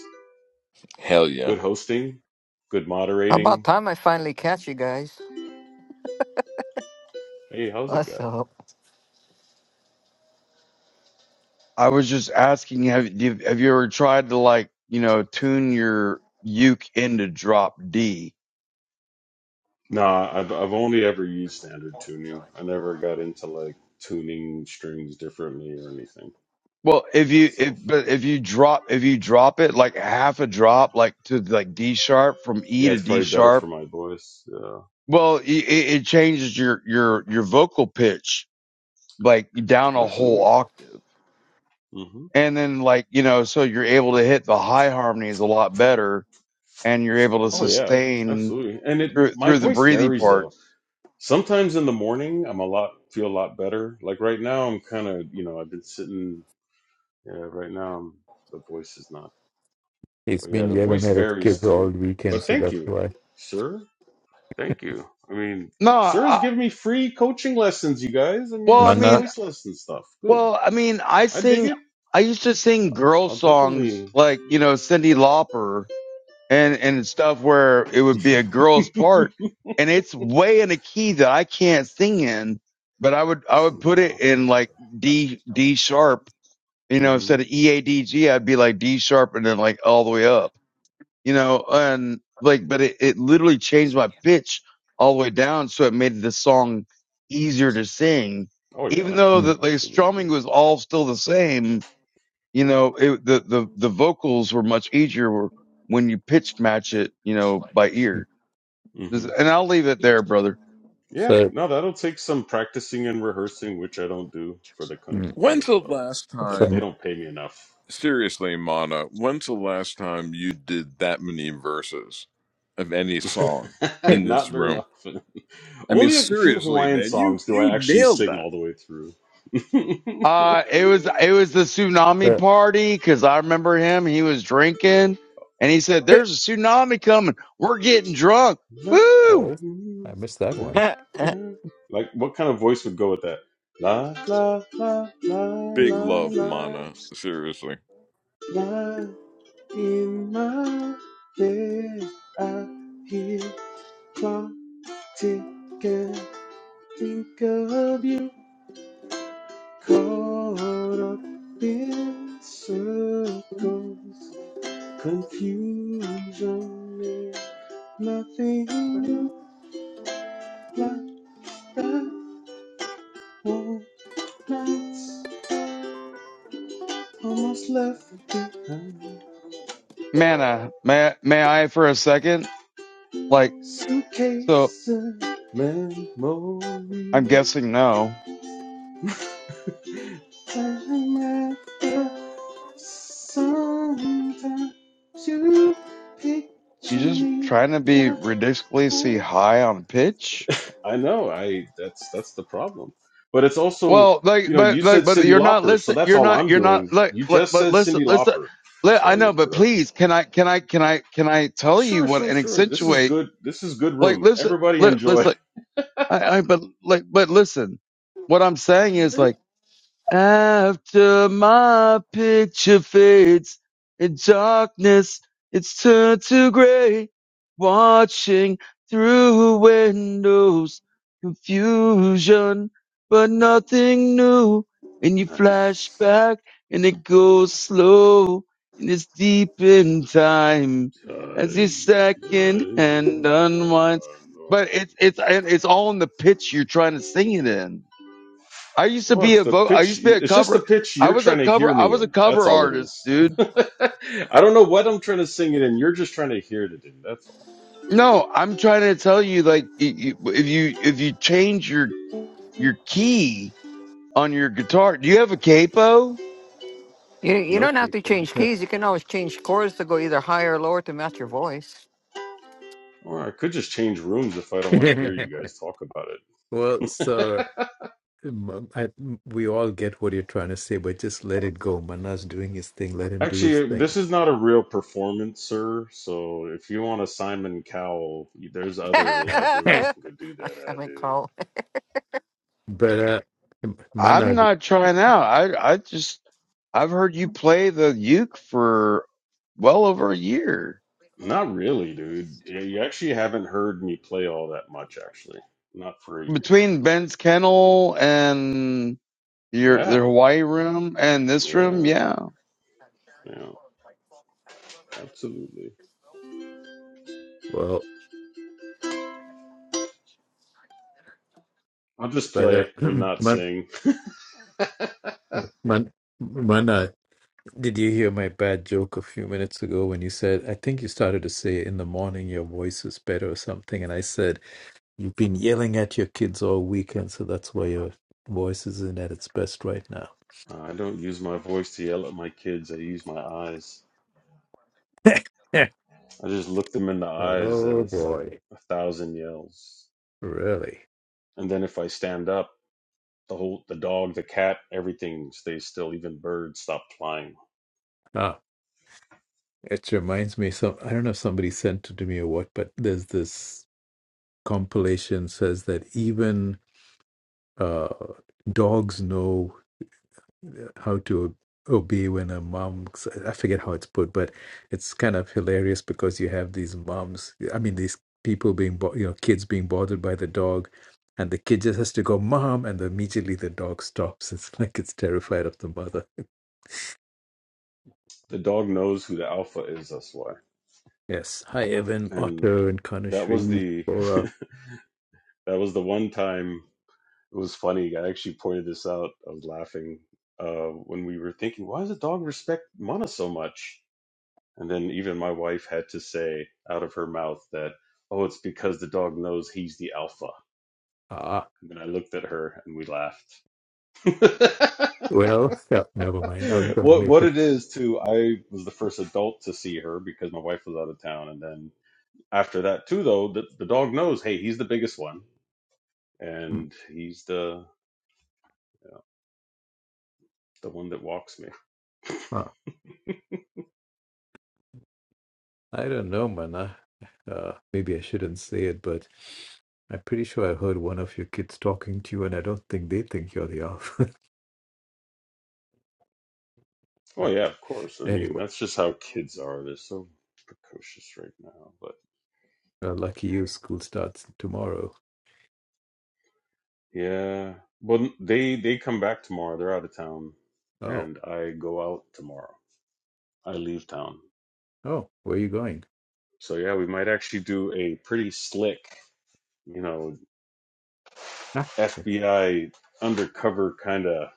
Hell yeah. good hosting, good About moderating. time I finally catch you guys. Hey, how's it What's guy? up? I was just asking have do you- have you ever tried to like you know tune your uke into drop D? Nah, I've, I've only ever used standard tuning. I never got into like tuning strings differently or anything Well, if you if myself. but if you drop if you drop it like half a drop like to like D sharp from E Yeah, to it's D probably better for sharp, my voice. Yeah, well it, it changes your your your vocal pitch like down a whole absolutely. octave, hmm and then like you know so you're able to hit the high harmonies a lot better, and you're able to Oh yeah, sustain absolutely. And it through my through the voice breathy varies though. parts. Sometimes in the morning, I'm a lot feel a lot better. Like right now, I'm kind of you know I've been sitting. Yeah, right now I'm, the voice is not. he's But yeah, been the yelling voice at his varies kid all too. weekend, But so thank that's you, why. sir. Thank you. I mean, No, sir has I, given me free coaching lessons. You guys. I mean, well, this I is mean, Mana, voice lesson stuff. Good. well, I mean, I I dig sing. it. I used to sing girl I'll songs definitely like you know Cyndi Lauper and and stuff where it would be a girl's part, and it's way in a key that I can't sing in. But I would I would Cindy put it in Lauper. like D D sharp, you know, Mm-hmm. instead of E A D G, I'd be like D sharp and then like all the way up. you know, and like, but it, it literally changed my pitch all the way down. So it made the song easier to sing, Oh even yeah, though the mm, like absolutely. strumming was all still the same. You know, it, the, the, the vocals were much easier when you pitch match it, you know, by mm. ear. hmm And I'll leave it there, brother. Yeah, so no, that'll take some practicing and rehearsing, which I don't do for the mm, When's Kanikapila the Club. last That they time, some. don't pay me enough. seriously, Mana, when's the last time you did that many verses of any song uh, in this Not very room? often. I mean, Only a few seriously, Hawaiian man, songs you do you I actually nailed sing that. all the way through. Uh, it was, it was the tsunami party. Cause I remember him, he was drinking and he said, there's a tsunami coming. We're getting drunk. La, Woo! oh, I you, missed that la, one. la. Like, what kind of voice would go with that? La la la la Big la love, la Mana. Seriously. la in my bed I hear. Can't think of you caught up in circles, confusion is nothing new like that old nights almost left behind. Manna, may may I for a second? Like, so Suitcase of I'm memories guessing no. Time after sometimes you picture You just me. trying to be ridiculously high on pitch? I know. I that's that's the problem. But it's also, Well, like, you know, you but like, said but Cyndi you're not Lauper, so listening. that's You're all not. I'm You're doing. not. Like, You like just but said listen, Cyndi listen. Lauper, Li- so I I know, looked but it up. please, can I, can I, can I, can I tell you Sure, what sure, and sure. This is accentuate? good. This is good Like, room. listen, Everybody li- enjoy. listen. I, I, but like, but listen. What I'm saying is like. After my picture fades in darkness, it's turned to gray. Watching through windows, confusion, but nothing new. And you flash Nice. back and it goes slow and it's deep in time as the Time second hand and unwinds. But it's, it's, on and it's all in the pitch you're trying to sing it in. I used to Well, be it's a the vo I pitch. used to be a It's just the cover. pitch I you're was a trying to cover. hear I me was a in. That's cover all it artist, is. dude. I don't know what I'm trying to sing it in. You're just trying to hear it in. That's all. No, I'm trying to tell you, like, y- y- if you if you change your your key on your guitar, do you have a capo? You you No don't have to capo. change Yeah. keys. You can always change chords to go either higher or lower to match your voice. Or I could just change rooms if I don't want to hear you guys talk about well, it. sir, m- I, m- we all get what you're trying to say, but just let it go. Mana's doing his thing. Let him do his Actually, thing. this is not a real performance, sir. So if you want a Simon Cowell, there's other live but rooms I you can go do that at, mean, dude. call. uh, I'm Mana, not trying out. I I just I've heard you play the uke for well over a year Not really, dude. Yeah, You actually haven't heard me play all that much, actually. Not for a year. between Ben's kennel and your the Yeah, Hawaii room and this room. yeah, Yeah, yeah. Absolutely. well, I'll just but uh, play and not man, sing. man, Mana. Did you hear my bad joke a few minutes ago when you said, I think you started to say in the morning your voice is better or something? And I said, You've been yelling at your kids all weekend, so that's why your voice isn't at its best right now. I don't use my voice to yell at my kids. I use my eyes. I just look them in the eyes and oh it's like boy. a thousand yells. Really? And then if I stand up, the whole the dog, the cat, everything stays still. Even birds stop flying. Ah, it reminds me some I don't know if somebody sent it to me or what, but there's this compilation says that even uh dogs know how to obey when a mom i forget how it's put but it's kind of hilarious because you have these moms i mean these people being bo- you know kids being bothered by the dog and the kid just has to go mom and immediately the dog stops it's like it's terrified of the mother The dog knows who the alpha is, that's why. yes hi evan And otto and that was kanashri the Laura. that was the one time it was funny. I actually pointed this out. I was laughing uh, when we were thinking, why does the dog respect Mana so much? And then even my wife had to say out of her mouth that, oh, it's because the dog knows he's the alpha. ah And then I looked at her and we laughed. well yeah, never mind i was going to what make what it it is too, I was the first adult to see her because my wife was out of town. And then after that too though, the, the dog knows, hey, he's the biggest one. mm, And he's the yeah, the one that walks me. uh, I don't know, man. Uh, uh, maybe I shouldn't say it, but I'm pretty sure I heard one of your kids talking to you, and I don't think they think you're the alpha. oh but yeah, of course. I mean anyway, that's just how kids are. They're so precocious right now. but. uh, lucky you, school starts tomorrow. Yeah. but they they come back tomorrow. They're out of town, Oh, and I go out tomorrow. I leave town. oh, where are you going? So yeah, we might actually do a pretty slick, you know, Ah, FBI undercover kind of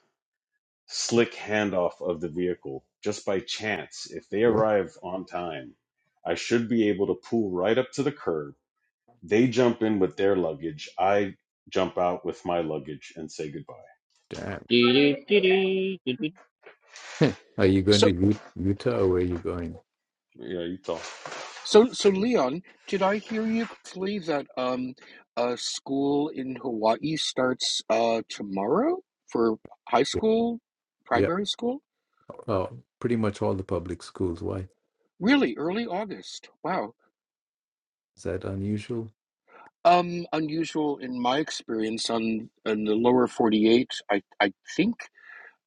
slick handoff of the vehicle just by chance. If they what? arrive on time, I should be able to pull right up to the curb. They jump in with their luggage. I jump out with my luggage and say goodbye. Damn. Dee-dee-dee-dee-dee-dee. Are you going So, to U- Utah or where are you going? Yeah, you talk. so, so, Leon, did I hear you correctly that um, uh, school in Hawaii starts uh tomorrow for high school, Yep. primary school? Oh, pretty much all the public schools. Why? Really, early August. Wow. Is that unusual? Um, unusual in my experience on in the lower 48. I I think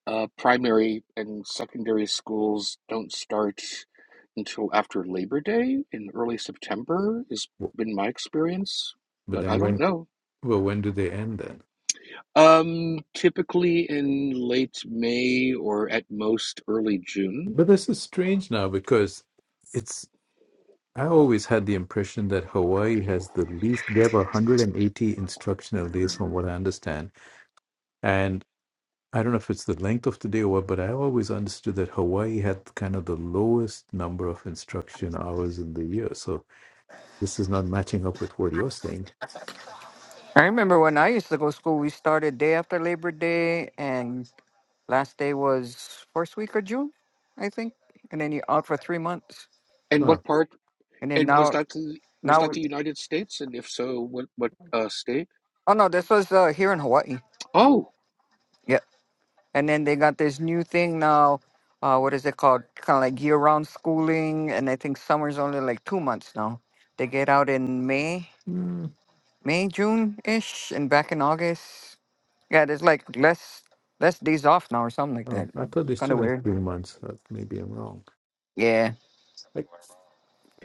uh primary and secondary schools don't start until after Labor Day in early September, Has W- been my experience, But but I then don't when, know. well, when do they end then? Um, typically in late May or at most early June. But this is strange now because it's I always had the impression that Hawaii has the least. They have 180 instructional days, from what I understand. And I don't know if it's the length of the day or what, but I always understood that Hawaii had kind of the lowest number of instruction hours in the year. So this is not matching up with what you're saying. I remember when I used to go to school. We started day after Labor Day, and last day was first week of June, I think. And then you're out for three months. And Huh. what part? And then And was now, that the, was now, that we- the United States? And if so, what what uh, state? oh no, this was uh, here in Hawaii. Oh, And then they got this new thing now. Uh, what is it called? Kind of like year-round schooling, and I think summer's only like two months now. They get out in May, Mm. May, June ish, and back in August. Yeah, there's like less less days off now or something like Oh, that. I thought It's they Kind of still have weird. three months. Uh, Maybe I'm wrong. Yeah, Like,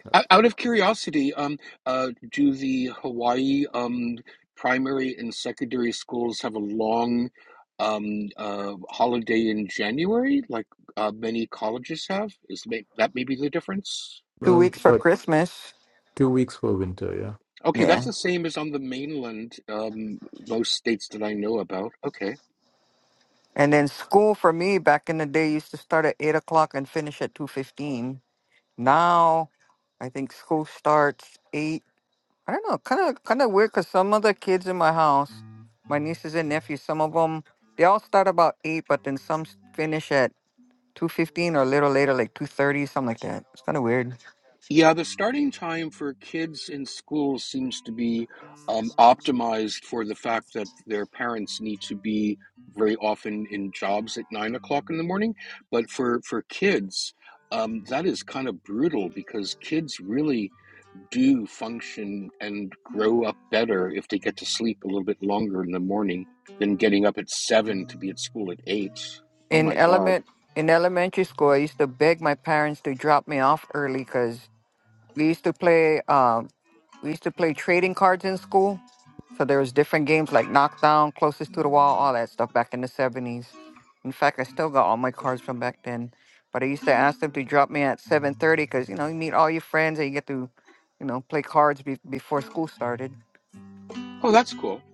uh, o- out of curiosity, um, uh, do the Hawaii um primary and secondary schools have a long um uh holiday in January, like uh, many colleges have? Is may, that maybe the difference? two well, weeks for but Christmas. two weeks for winter, yeah. Okay, that's Yeah, the same as on the mainland, um, most states that I know about. Okay. and then school for me back in the day used to start at eight o'clock and finish at two fifteen. Now, I think school starts eight I don't know, kind of kind of weird because some of the kids in my house, my nieces and nephews, some of them they all start about eight, but then some s- finish at two fifteen or a little later, like two thirty, something like that. It's kind of weird. Yeah, the starting time for kids in school seems to be um, optimized for the fact that their parents need to be very often in jobs at nine o'clock in the morning. But for, for kids, um, that is kind of brutal because kids really do function and grow up better if they get to sleep a little bit longer in the morning than getting up at seven to be at school at eight. Oh In my God. element in elementary school, I used to beg my parents to drop me off early cause. We used to play um we used to play trading cards in school. So there was different games like knockdown, closest to the wall, all that stuff back in the seventies. In fact, I still got all my cards from back then. But I used to ask them to drop me at seven thirty because you know you meet all your friends and you get to, you know, play cards be- before school started. Oh, that's cool.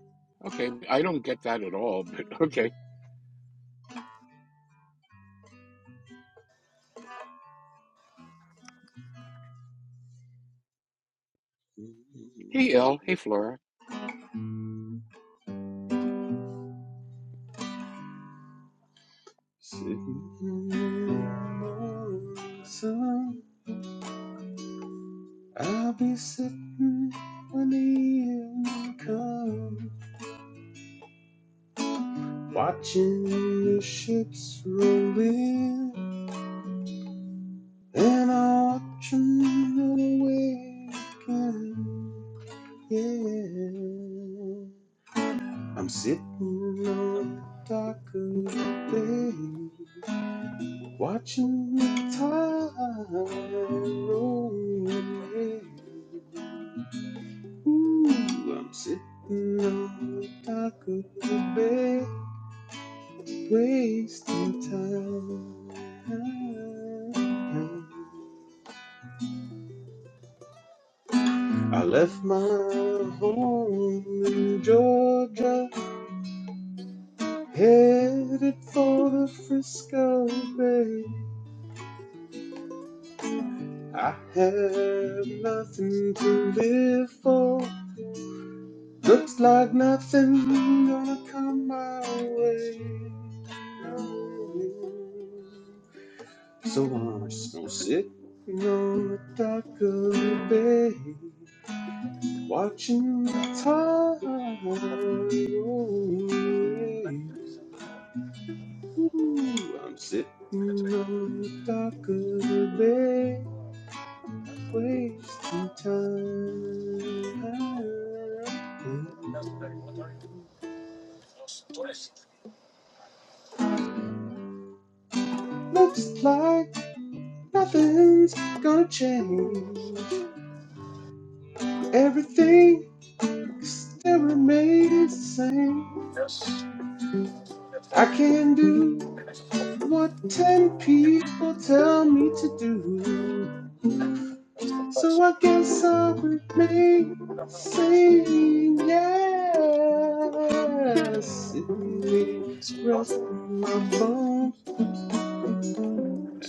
Okay. I don't get that at all, but okay. Hey, El. Hey, Flora. Sitting in the morning sun, I'll be sitting when the evening comes, watching the ships roll in, and I'll watch them roll away again. Yeah, I'm sitting on the dock of the bay, watching the tide roll in. Ooh, I'm sitting on the dock of the bay, wasting time. I left my home in Georgia, headed for the Frisco Bay. I have nothing to live for. Looks like nothing gonna come my way. So I'm just gonna sit on the dock of the bay, watching the tide roll away. Ooh, I'm sitting on the dock of the bay, wasting time. Looks like nothing's gonna change. Everything still remains the same. I can do what ten people tell me to do. So I guess I will remain the same. Yes, it may rest in my bones,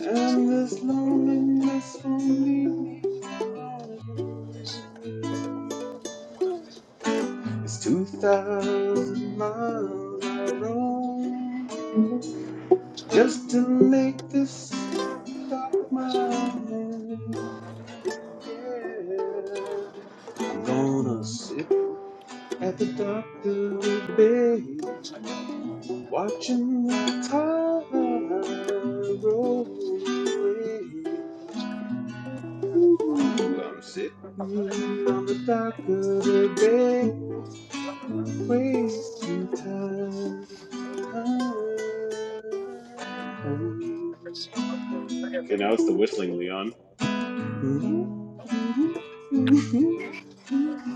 and this loneliness won't leave me alone. It's two thousand miles I roam just to make this Stop my hand, Yeah. I'm gonna sit at the doctor today, watching the time roll away. Ooh, I'm sitting on the doctor today, wasting time. Okay, now it's the whistling, Leon. Mm-hmm. Mm-hmm. Mm-hmm. Oh,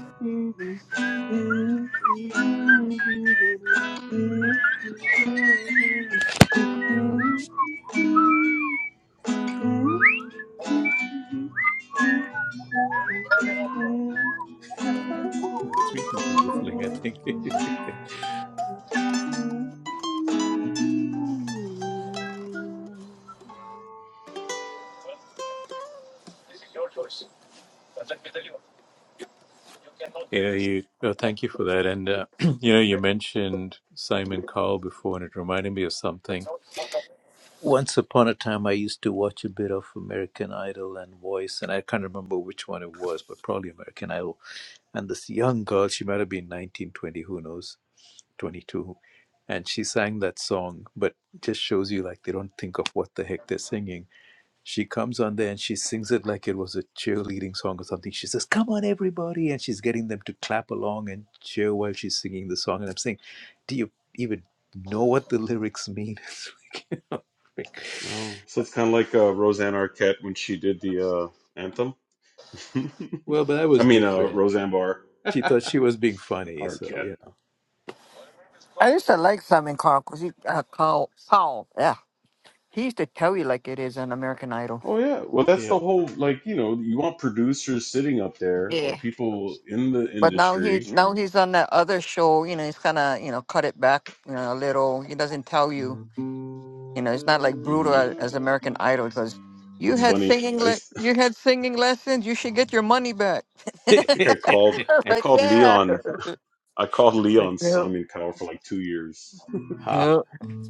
The three people whistling, I think. You know, you well, thank you for that. And uh, you know, you mentioned Simon Cowell before, and it reminded me of something. Once upon a time, I used to watch a bit of American Idol and Voice, and I can't remember which one it was, but probably American Idol. And this young girl, she might have been 19, 20, who knows, 22, and she sang that song, but just shows you like they don't think of what the heck they're singing. She comes on there and she sings it like it was a cheerleading song or something. She says, Come on, everybody. And she's getting them to clap along and cheer while she's singing the song. And I'm saying, Do you even know what the lyrics mean? But- so it's kind of like uh, Roseanne Arquette when she did the uh, anthem. I well, but that was mean, uh, different. Roseanne Barr She thought she was being funny. Arquette. So, you I used to like Simon Cowell because he uh, Cowell Powell. Yeah, he used to tell you like it is on American Idol. Oh yeah. Well, that's know. the whole like, you know, you want producers sitting up there Yeah. or people in the But now he industry. now he's on that other show. You know, he's kind of you know cut it back you know, a little. He doesn't tell you. You know, it's not like brutal hmm as, as American Idol because you It's Yeah. had funny. singing I le- used you had singing lessons. You should get your money back. I think I Mm. called I like called yeah. Leon I called Like, Leon yeah. Simon Cowell for like two years. ha. Yeah.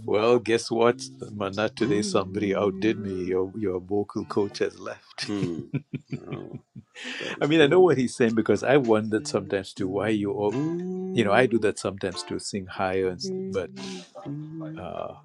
Well, guess what? Not today. Somebody outdid me. Mm, Your, your vocal coach has left. Hmm. No, God it I was mean, I know killing what he's saying because I wondered sometimes too why you all, you know, I do that sometimes to sing higher, and st- but me. uh,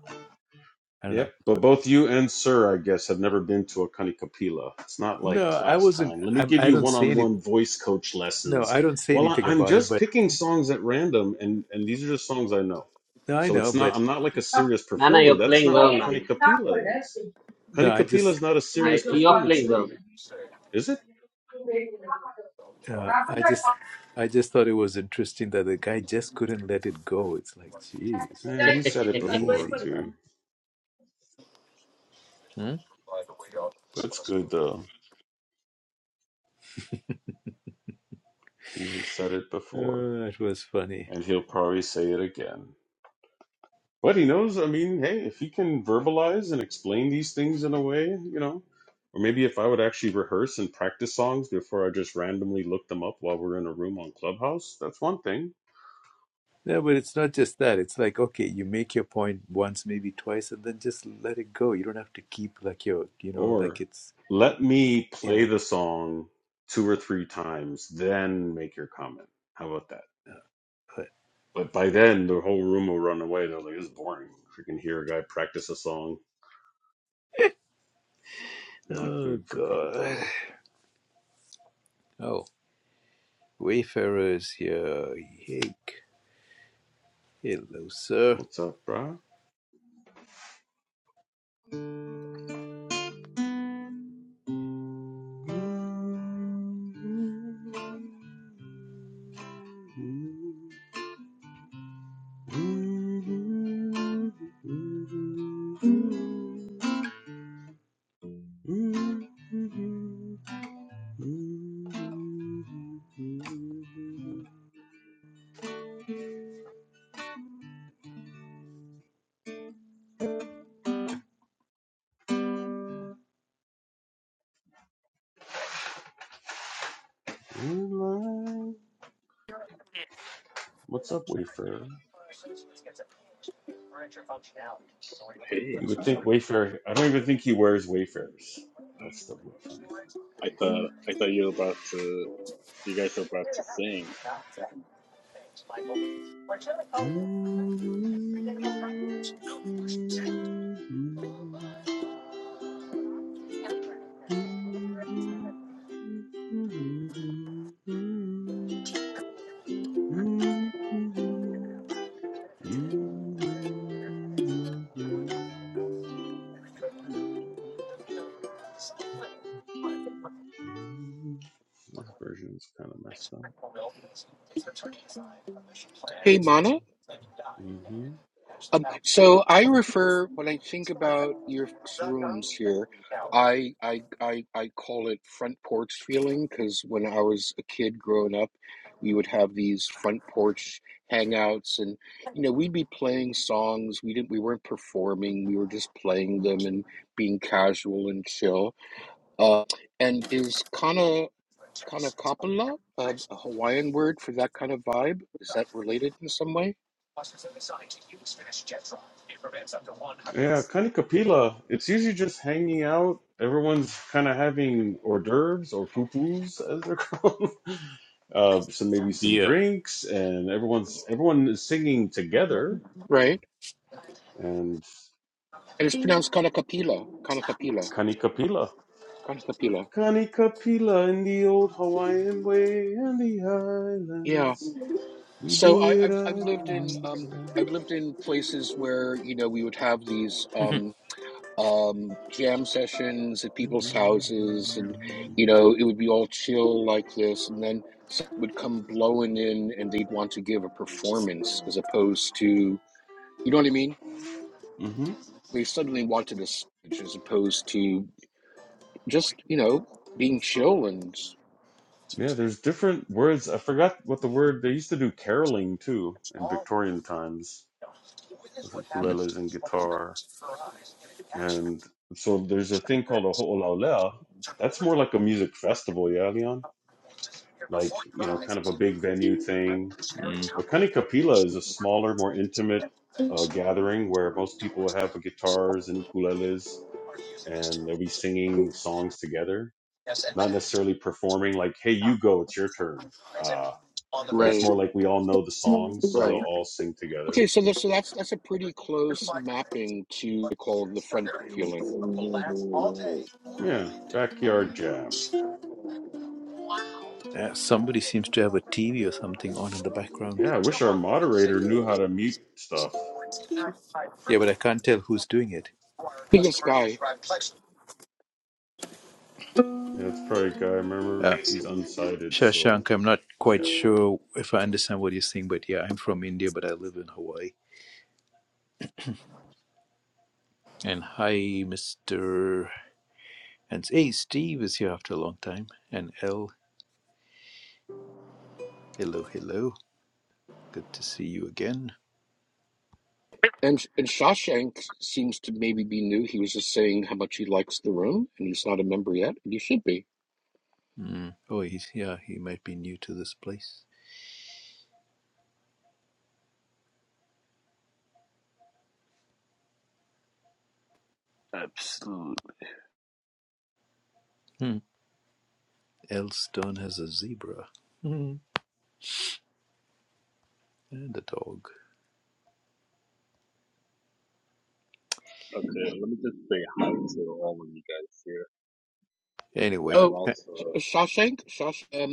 I don't know. Yep. But both you and Sir, I guess, have never been to a Kanikapila. It's not like No, I class wasn't. time. Let me I'm, give I you don't say any. one-on-one voice coach No, lessons. I don't say Well, I, anything I'm about it. just But picking songs at random, and and these are just songs I know. no, I So know. it's not. But I'm not like a serious Nana, performer. you're That's playing not well, what Nana. Kanikapila is. no, I Kanikapila just, is not a I, serious you're performance playing well. thing, is it? uh, I just, I just thought it was interesting that the guy just couldn't let it go. It's like, geez, Eh, he said it before easy. guy. too, Hmm? but it's good though. He has said it before, Uh, it was funny. and he'll probably say it again. But he knows, I mean, hey, if he can verbalize and explain these things in a way, you know, or maybe if I would actually rehearse and practice songs before I just randomly look them up while we're in a room on Clubhouse, that's one thing. Yeah, but it's not just that. It's like, okay, you make your point once, maybe twice, and then just let it go. You don't have to keep like your, you know, like Or it's, let me you play know. the song two or three times, then make your comment. How about that? But by then, the whole room will run away. They're like, it's boring. Freaking hear a guy practice a song. Not Oh, good for content. God. Oh, Wayfarer's here. Hey, hello, sir. What's up, brah? What's up, Wayfarer? Hey, You would think Wayfarer. I don't even think he wears Wayfarers. That's the funny I thing. thought I thought you were about to you guys are about to sing. Wayfarer. This version's kind of messed up. Hey, Mana. hmm Um, so I refer when I think about your folks' rooms here, I I I, I call it front porch feeling because when I was a kid growing up, we would have these front porch hangouts, and you know we'd be playing songs. We didn't we weren't performing. We were just playing them and being casual and chill. Uh, and is kana kana kapala a a Hawaiian word for that kind of vibe? Is that related in some way? Yeah, Connie Kapila. It's usually just hanging out. Everyone's kind of having hors d'oeuvres or poo poos, as they're called. Uh, some maybe some Beer. drinks, and everyone's everyone is singing together. Right. And And it's pronounced Kanakapila, Kanakapila, Connie Kapila. Kanakapila. Kani Kapila in the old Hawaiian way and the Yeah. islands. We So I, do it I've I've lived in island um style. I've lived in places where you know we would have these um um jam sessions at people's houses, and you know hmm it would be all chill like this, and then someone would come blowing in, and they'd want to give a performance as opposed to you know what I mean. hmm They suddenly wanted a stage as opposed to just you know being chill and Yeah, there's different words. I forgot what the word they used to do caroling too in Victorian times with ukuleles and guitar. And so there's a thing called a ho'olaulea. That's more like a music festival, yeah, Leon? Like, you know, kind of a big venue thing Mm. A Kapila is a smaller, more intimate uh, gathering where most people have guitars and ukuleles, and they'll be singing songs together. Not necessarily performing like, "Hey, you go, it's your turn," uh, but it's right, more like we all know the songs, so we'll right. all sing together. Okay, so this, so that's that's a pretty close mapping to call the friend It was it feeling. was, it was Yeah, backyard jam. Uh, somebody seems to have a TV or something on in the background. Yeah, I wish our moderator knew how to mute stuff. Yeah, but I can't tell who's doing it. Biggest guy, Yeah, it's probably a guy. Remember, Uh, he's unsighted, so Shashank, I'm not yeah. quite sure if I understand what you're saying, but yeah, I'm from India, but I live in Hawaii. And hi, Mr. And hey, Steve is here after a long time. And L, hello, hello. Good to see you again. and and Shawshank seems to maybe be new. He was just saying how much he likes the room, and he's not a member yet, and he should be. Hmm. Oh, he's yeah, he might be new to this place. absolute Hmm. L Stone has a zebra Hmm. and a dog. Okay, let me just say hi to all of you guys here, and Anyway, I'm Oh, also Shawshank, Shawshank.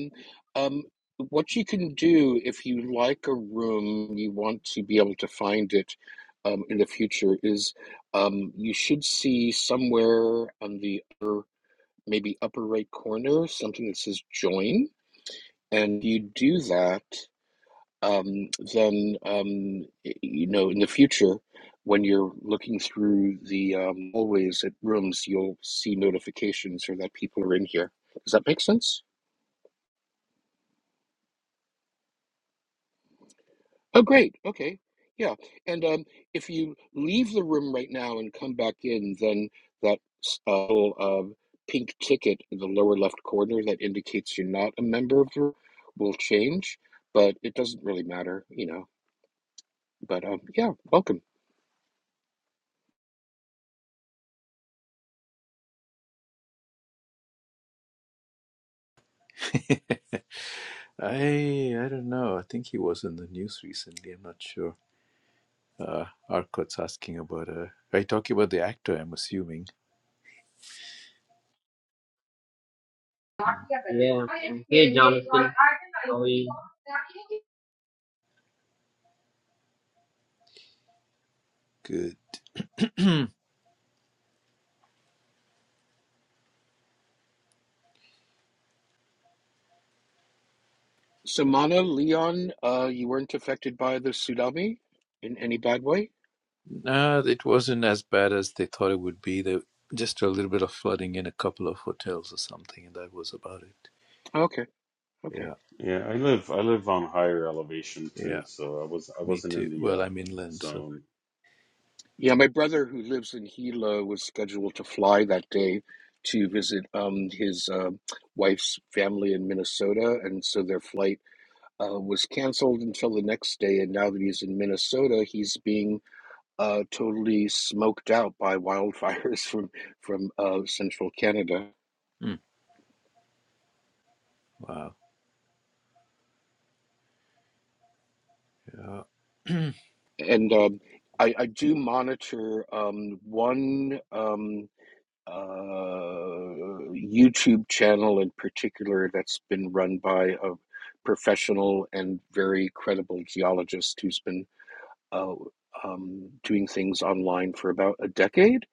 Um, um, what you can do if you like a room, you want to be able to find it. Um, in the future is um, you should see somewhere on the upper, maybe upper right corner something that says join and you do that, um, then um, you know in the future when you're looking through the um, hallways at rooms, you'll see notifications or that people are in here. Does that make sense? Oh, great. Okay. Yeah. And um, if you leave the room right now and come back in, then that s- uh, little uh, pink ticket in the lower left corner that indicates you're not a member of the room will change, but it doesn't really matter, you know. But um, yeah, welcome. I I don't know. I think he was in the news recently. I'm not sure. Uh, Arcot's asking about. Uh, are you talking about the actor? I'm assuming. Hmm. yeah. Hey Jonathan, how are you? Good. Samana, Leon, uh, you weren't affected by the tsunami in any bad way? No, it wasn't as bad as they thought it would be. There just a little bit of flooding in a couple of hotels or something, and that was about it. Okay, okay. Yeah, Yeah, I live I live on higher elevation yeah, too, so I was I me wasn't in too. Well, the uh, I'm inland, so zone. Yeah, my brother who lives in Gila was scheduled to fly that day to visit um, his uh, wife's family in Minnesota, and so their flight uh, was canceled until the next day. And now that he's in Minnesota, he's being uh, totally smoked out by wildfires from from uh, central Canada. mm, wow. Yeah. And um, I, I do monitor um, one. Um, uh, YouTube channel in particular that's been run by a professional and very credible geologist who's been uh, um, doing things online for about a decade.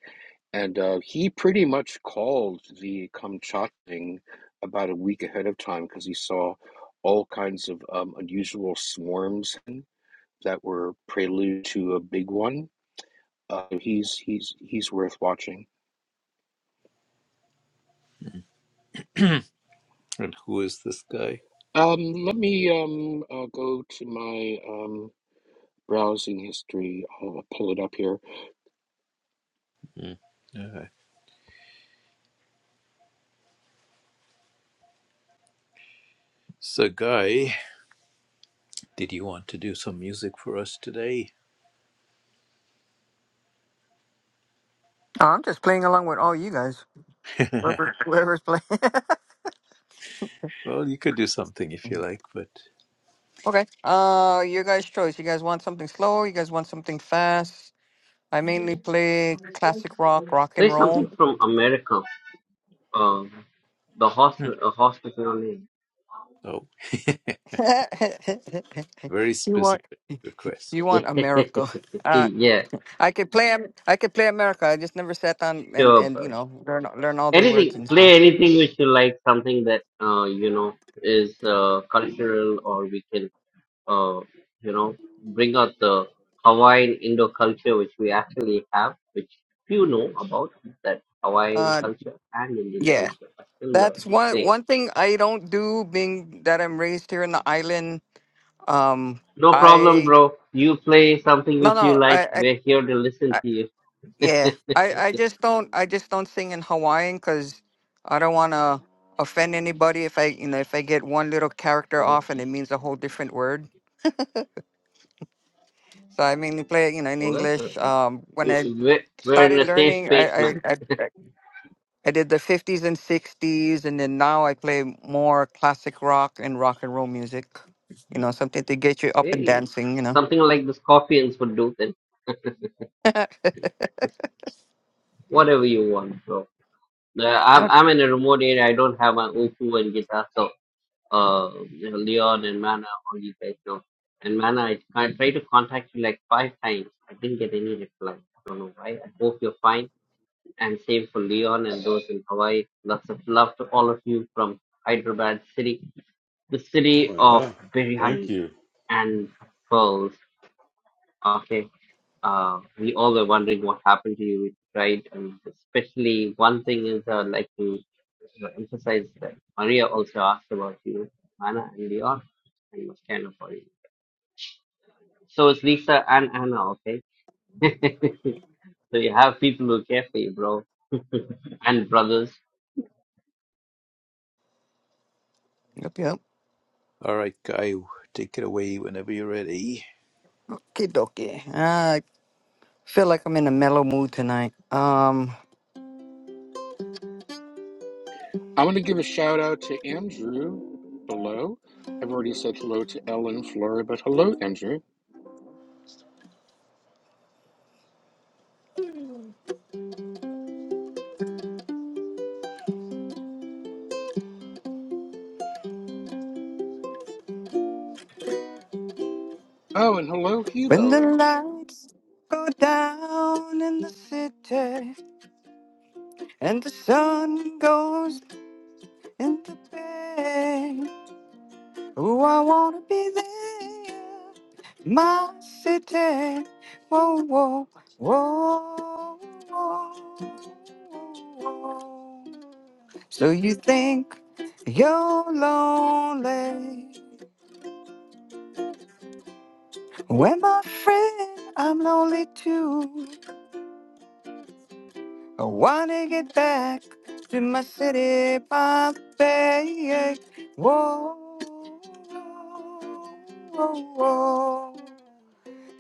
And uh, he pretty much called the Kamchat thing about a week ahead of time because he saw all kinds of um, unusual swarms that were prelude to a big one. Uh, he's he's he's worth watching. And who is this guy? Um, let me um uh, go to my um browsing history. I'll pull it up here. Mm. Uh, so, Guy, did you want to do some music for us today? I'm just playing along with all you guys. Wh- Whoever's playing. well, you could do something if you like, but Okay. Uh, your guys' choice. You guys want something slow? You guys want something fast? I mainly play classic rock, rock and Play something roll. from America. Um, the hospital, Hmm. uh, hospital name. oh, very you specific You request. want America? Uh, yeah, I could play. Am- I could play America. I just never sat down and sure, and bud. you know learn learn all their words Anything, and play stuff. anything which you like, something that uh, you know is uh, cultural, or we can uh, you know bring out the Hawaiian Indo culture, which we actually have, which few know about that Hawaiian Uh, culture and Indian yeah, culture are similar that's and one same. one thing I don't do. Being that I'm raised here in the island, um, No problem, I bro. You play something no which you no like. I, We're here to I, listen I to you. yeah I I just don't I just don't sing in Hawaiian because I don't want to offend anybody if I you know if I get one little character off and it means a whole different word. So I mainly play, you know, in well, that's English. okay. We- Um, when I We're, we're in started a safe learning, space, I man. I, I I did the fifties and sixties, and then now I play more classic rock and rock and roll music. You know, something to get you up and Hey, dancing. You know. something like the scorpions would do then. Just whatever you want, bro. Uh, I'm Ah, I'm in a remote area. I don't have my Ofu and guitar, so uh, you know, Leon and Mana, all you guys know. And Mana, I, I tried to contact you like five times. I didn't get any reply. I don't know why. I hope you're fine. And same for Leon and those in Hawaii. Lots of love to all of you from Hyderabad city, the city Oh of yeah, thank biryani you, and pearls. Okay. Uh, we all were wondering what happened to you, right? And especially one thing is uh, like to you emphasize that Maria also asked about you, Anna and Leon, and was kind of worried. So is Lisa and Anna, okay? so you have people who care for you, bro, and brothers. yep, yep. All right, Kyle, take it away whenever you're ready. Kidoki. I feel like I'm in a mellow mood tonight. Um, I want to give a shout out to Andrew below. I've already said hello to Ellen Flora, but hello, Andrew. Oh, and hello, when the Hito. lights go down in the city and the sun goes into bed. Oh, I wanna be there, my city. Whoa, whoa, whoa, whoa. So you think you're lonely? Well, my friend, I'm lonely too. I wanna get back to my city, my bay. Whoa, whoa, whoa.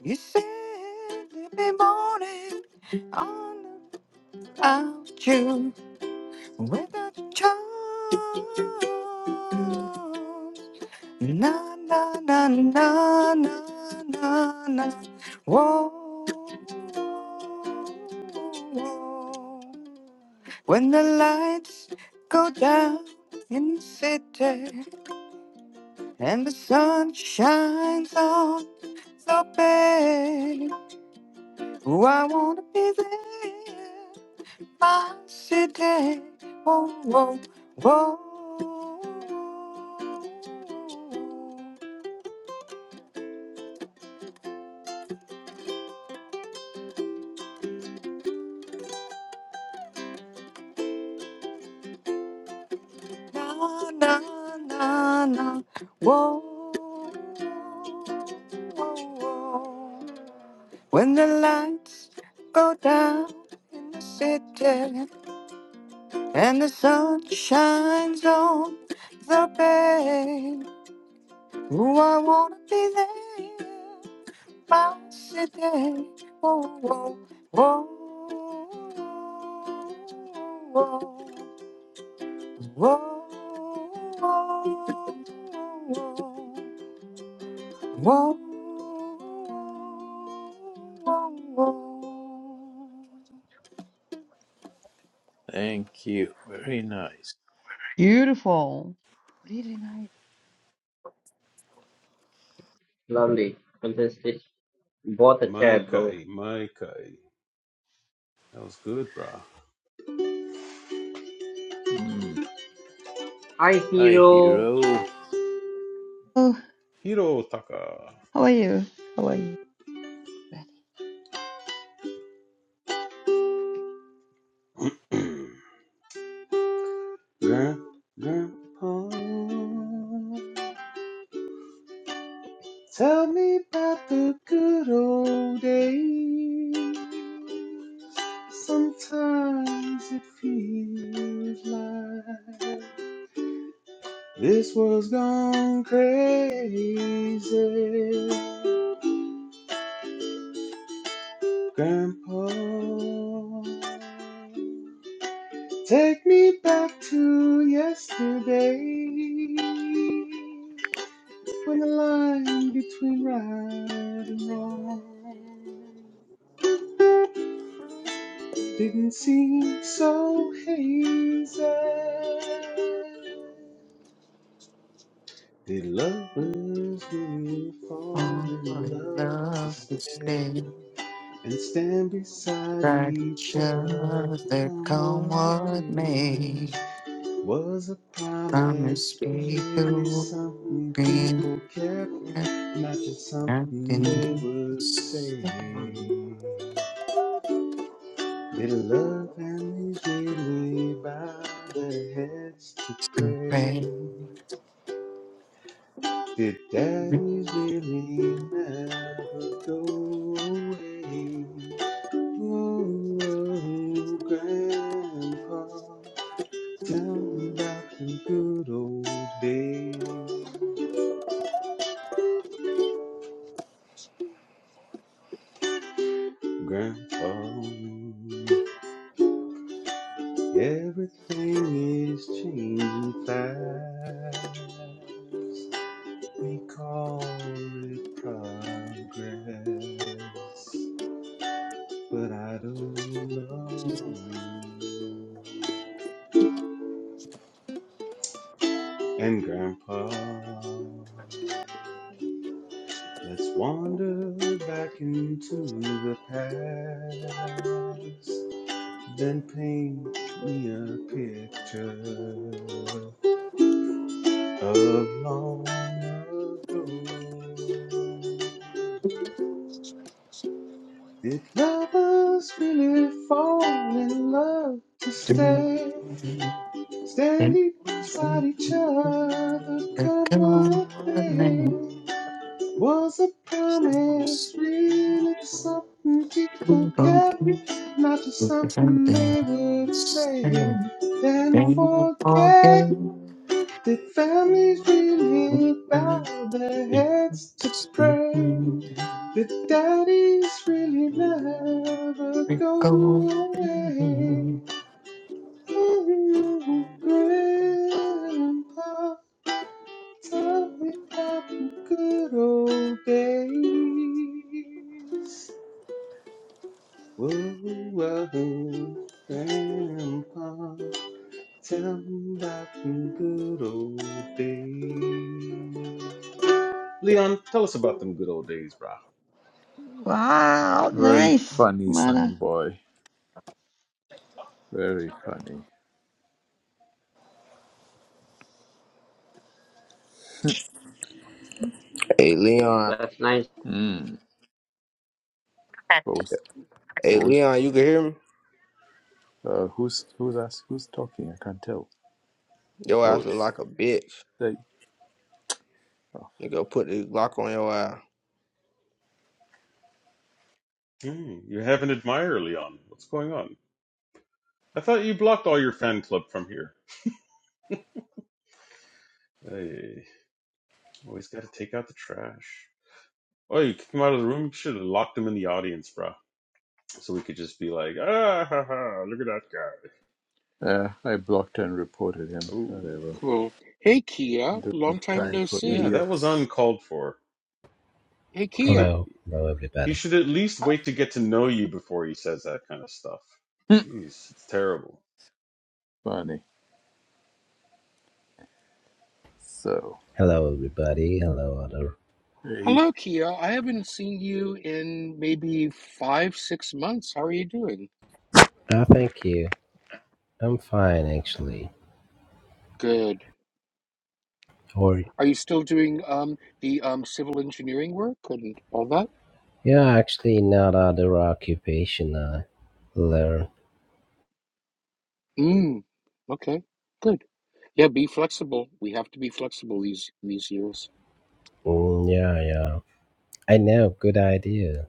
You said every morning all about you without your charms. Na na na na na na na. Whoa. whoa. When the lights go down in the city and the sun shines on the bay. Oh, I wanna be there by today. Whoa, whoa, whoa. Na na na na. Whoa. whoa. whoa. When the lights go down in the city and the sun shines on the bay, oh, I wanna be there mouse today. Whoa, whoa, whoa, whoa, whoa, whoa, whoa, whoa. Thank you. Very nice. Beautiful. Really nice. Lovely, fantastic. Bought a chair, bro. Maikai, Maikai. That was good, brah. Hmm. Hi, Hi, hero. hero. Oh, Hiro Taka. how are you? How are you? Grand- Grandpa, tell me about the good old days. Sometimes it feels like This was gone crazy, Grandpa. Take me back to yesterday when the line between right and wrong didn't seem so hazy. Did lovers really fall Our in love to love to stay? stay and stand beside right each each other. other, Come come what what may, may. was a Promise promise really people something be people kept, not just something they nothing would less. say. Little love families really bow their heads to Ready pray. Did daddies really never go away? Ooh, Grandpa, tell me about the good old days. Grandpa, everything is changing fast. We call it progress, but I don't know. And Grandpa. Let's wander back into the past. Then paint me a picture of long ago. Did lovers really fall in love to to be stay? and Standing beside feel each other, like come a what may. woman. Was a promise really something We people kept? don't get Not just to be something something. they would say, And then then we forget forget the families really bow their heads to pray. The daddies really never we go go. away. Ooh, grandpa, tell me about the good old days. Whoa, whoa, grandpa. Them good old days. Leon, tell us about them good old days, brah. Wow, Very nice, funny, son Mana. boy. Very funny. Hey Leon, That's nice. Hmm. What was, hey what was, Leon, you can hear me? uh, who's, who's, ask, who's talking? I can't tell. Your Oh, ass look it's like a bitch. they. Oh. Nigga, put the Glock on your ass. Hmm, you have an admirer, Leon. What's going on? I thought you blocked all your fan club from here. Hey, always got to take out the trash. Oh, you kicked him out of the room. You should have locked him in the audience, brah. So we could just be like, ah, ha, ha, look at that guy. Uh, I blocked and reported him. Oh, Whatever. Cool. Hey, Kia. Doing a Long time time no for yeah, see. that was idiots. uncalled for. Hey, He Kia. did. Hello, hello He everybody. should at least Hi. wait to get to know you before he says that kind of stuff. Hmm. Jeez, it's terrible. Funny. So, Hello everybody. Hello other. hey, Hello, Kia. I haven't seen you in maybe five, six months. How are you doing? Uh, thank you. I'm fine actually. Good. Or Are you still doing um the um civil engineering work and all that? yeah, actually not other occupation. I learn. Mm, okay, good. Yeah, be flexible. We have to be flexible these these years. Mm, yeah, yeah. I know. Good idea.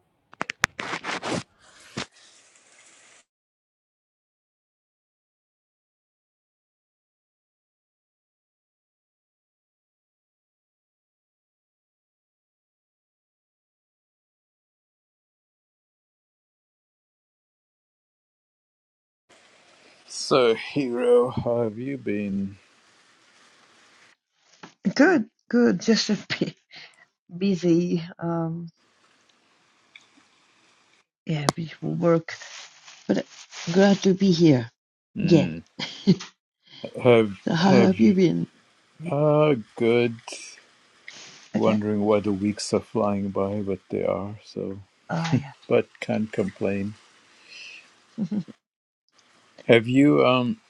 so hero, how have you been? Good, good. Just a bit busy. Um, yeah, beautiful work. But glad to be here again. Hmm. Have So how have have you you? been? Ah, good. Okay. Wondering why the weeks are flying by, but they are. So, Oh yeah. but can't complain. Have you um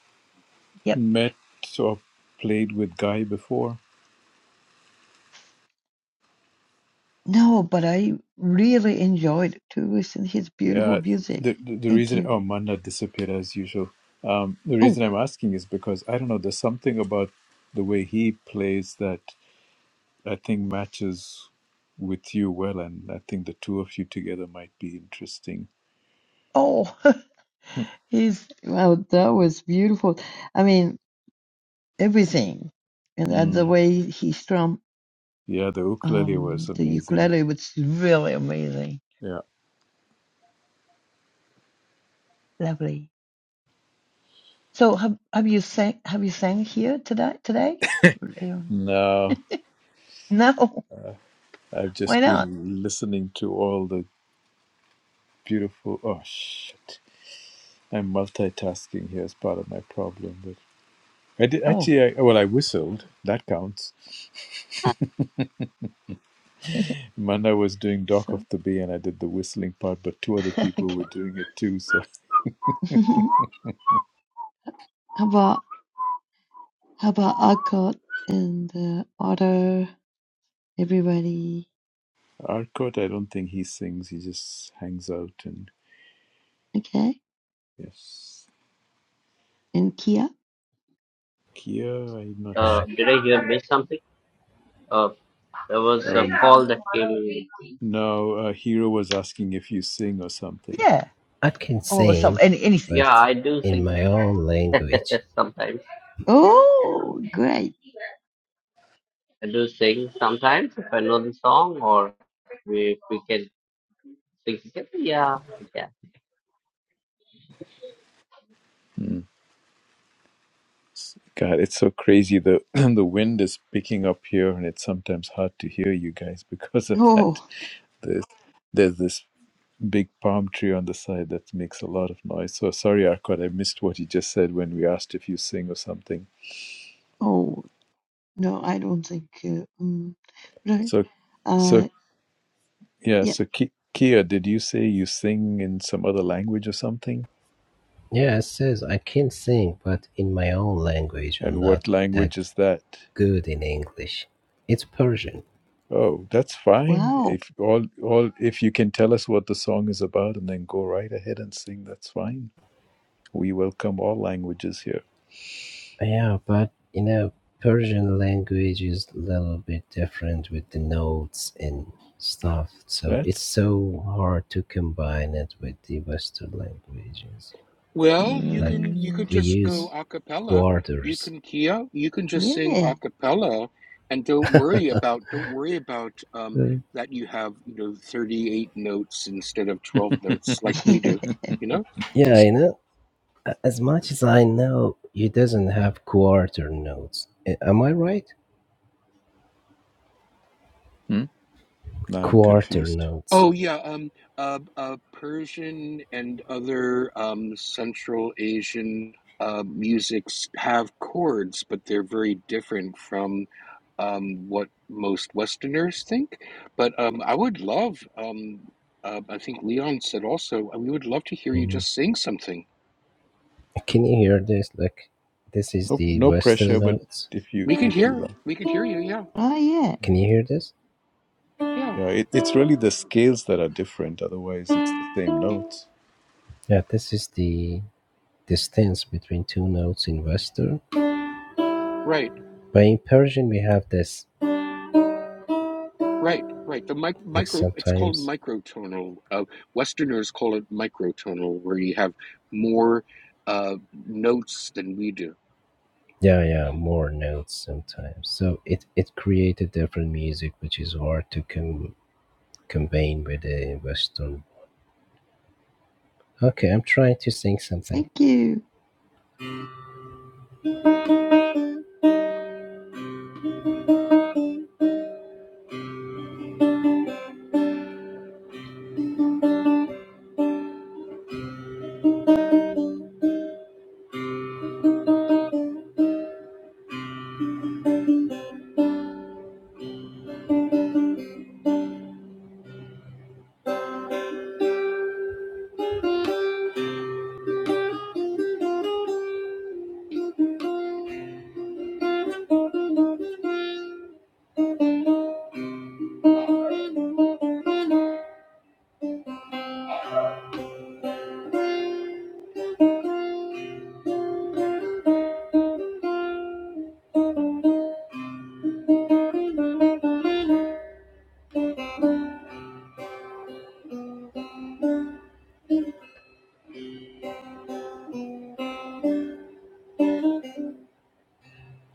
yep. met or played with Guy before? No, but I really enjoyed to listen his beautiful Yeah. music. The the, the Thank reason you. oh Manna disappeared as usual. Um, the reason Oh, I'm asking is because I don't know. There's something about the way he plays that I think matches with you well, and I think the two of you together might be interesting. oh, he's well. That was beautiful. I mean. everything. And that the Mm. way he strummed Yeah, the ukulele um, was the amazing. ukulele was really amazing, Yeah. lovely. So have have you sang have you sang here today today? Leon? Now No, I've why just not? been listening to all the beautiful. Oh shit! I'm multitasking here as part of my problem, but I did Oh, actually. I, well, I whistled. That counts. Manda was doing Dock so of the Bay, and I did the whistling part, but two other people were okay. doing it too. So how about how about Alcott and uh, Otter, everybody? Arcot, I don't think he sings. He just hangs out and Okay, Yes. and Kia. Kia, I'm not Uh, sure. Like did I hear miss something? Uh, there was a Oh, call that came in. no, uh, Hero was asking if you sing or something. Yeah, I can or some sing, any anything. Yeah, but I do in sing my own language. sometimes. Oh, great. I do sing sometimes if I know the song or if we can sing together. Yeah, I can. Hmm. God, it's so crazy. The the wind is picking up here, and it's sometimes hard to hear you guys because of that. Oh, There's there's this big palm tree on the side that makes a lot of noise. So sorry, Arcot, I missed what you just said when we asked if you sing or something. oh. No, I don't think. Uh, um, right. So, so Uh, yeah, yeah. so Ki- Kia, did you say you sing in some other language or something? Yeah, it says I can sing, but in my own language, And I'm what not that language is that? good in English. It's Persian. Oh, that's fine. Wow. If all all if you can tell us what the song is about and then go right ahead and sing, that's fine. We welcome all languages here. Yeah, but you know, Persian language is a little bit different with the notes and stuff. So it's That's so hard to combine it with the Western languages. Well, you mm. Like can you can we just go use a cappella. You quarters. can Kia, you can just sing Yeah. a cappella and don't worry about don't worry about um Uh, that you have, you know, 38 notes instead of 12 notes like we do, oh, you know? Yeah, you know, a- as much as I know, it doesn't have quarter notes. A- Am I right? Hmm? now I'm Quarter confused. notes. Oh yeah, um, uh, uh, Persian and other um, Central Asian uh, musics have chords, but they're very different from um, what most Westerners think. But um, I would love, um, uh, I think Leon said also, uh, we would love to hear you Mm. just sing something. Can you hear this? Like, this is No the no Western pressure, but notes. if you We can if you hear, like. we can hear you. Yeah, yeah. Can Yeah, you hear this? yeah, yeah it, it's really the scales that are different, otherwise it's the same notes. Yeah, this is the distance between two notes in Western. right. But in Persian, we have this Right, right. The mic like micro, it's called sometimes, microtonal. Uh, Westerners call it microtonal, where you have more uh, notes than we do. yeah, yeah, more notes sometimes. So it it created different music, which is hard to com- convey with the Western. Okay, I'm trying to sing something. Thank you.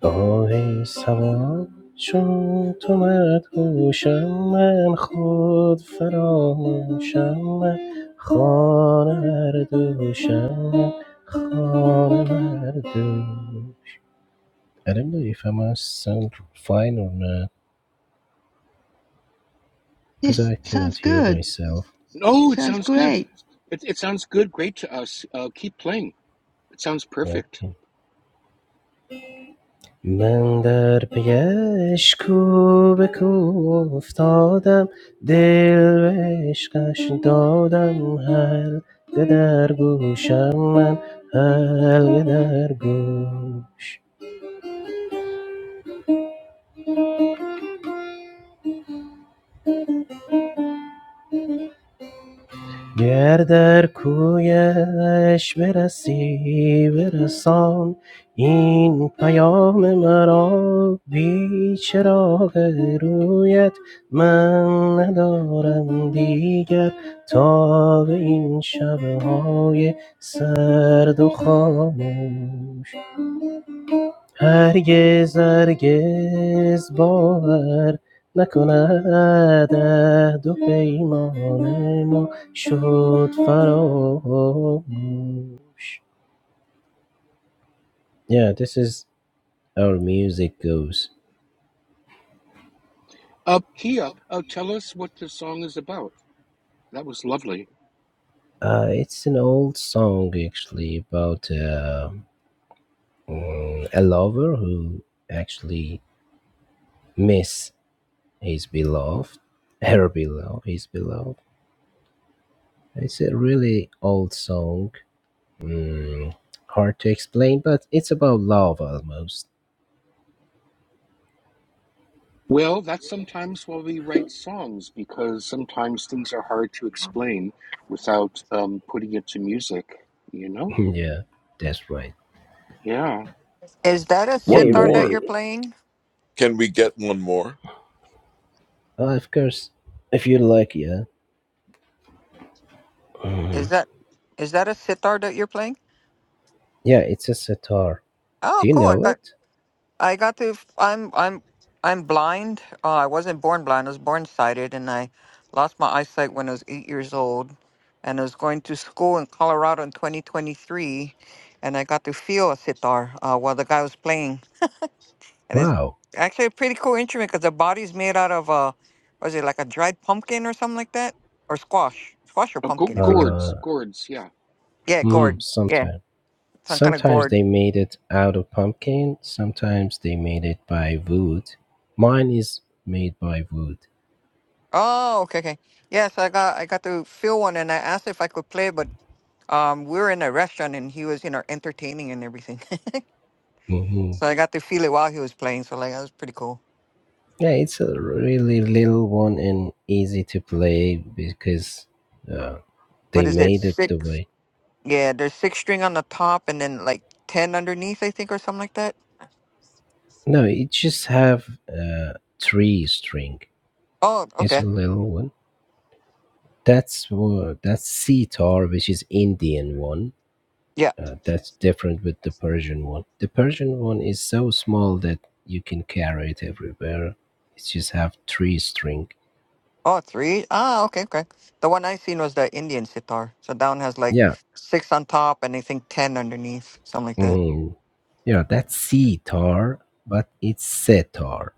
آه ای سبا چون تو مدهوشم من خود فراموشم من خانه مردوشم من خانه مردوشم I don't know if I must sound fine or not because Yes, I cannot sounds hear good. myself. Oh, it Sounds sounds good. great. It, it sounds good. Great to us. Uh, keep playing. It sounds perfect. Okay. من در پی کوب کوب افتادم دل به عشقش دادم حلقه در گوشم من حلقه در گوش گر در کویش برسی برسان این پیام مرا بی چراغ رویت من ندارم دیگر تا به این شبهای سرد و خاموش هرگز هرگز باور نکند عهد و پیمان ما شد فراموش Yeah, this is our music goes. Uh, Kia, uh, tell us what the song is about. That was lovely. Uh, it's an old song actually about uh, mm, a lover who actually miss his beloved, her beloved, his beloved. It's a really old song Mm, hard to explain, but it's about love almost. Well, that's sometimes why we write songs, because sometimes things are hard to explain without um, putting it to music, you know? yeah, that's right. Yeah. Is that a Yeah, One sitar that more. uranium. you're playing? Can we get one more? Uh, of course, if you like, yeah. Is Mhm. that is that a sitar that you're playing? Yeah, it's a sitar. Oh, Do you cool! know it? I got to. f- I'm. I'm. I'm blind. Uh, I wasn't born blind. I was born sighted, and I lost my eyesight when I was eight years old. And I was going to school in Colorado in 2023, and I got to feel a sitar uh, while the guy was playing. And it's Wow. actually a pretty cool instrument because the body's made out of uh, was it like a dried pumpkin or something like that, or squash, squash or Uh, Go- pumpkin? I forget. gourds, Uh, gourds, yeah. Yeah, mm, gourd. Yeah, sometime. some kind of Sometimes gourd. they made it out of pumpkin. Sometimes they made it by wood. Mine is made by wood. Oh, okay, okay. Yeah, so I got I got to feel one, and I asked if I could play, but Um, we were in a restaurant and he was, you know, entertaining and everything. Mhm. so I got to feel it while he was playing. So like that was pretty cool. Yeah, it's a really little one and easy to play because uh, What they is it? made it the Six? way. Yeah, there's six string on the top and then like ten underneath, I think, or something like that. No, it just have uh, three string. Oh, It's a okay. little one. That's wha- that's sitar, which is Indian one. Yeah. Uh, that's different with the Persian one. The Persian one is so small that you can carry it everywhere. It just have three string. Oh, three. Ah, okay, okay. The one I seen was the Indian sitar. So down has like Yeah, six on top and I think ten underneath, something like that. mm, yeah, that's sitar, but it's setar.